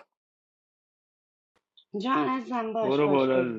S3: جان ازم باش
S2: برو
S3: باش بریم
S2: بالا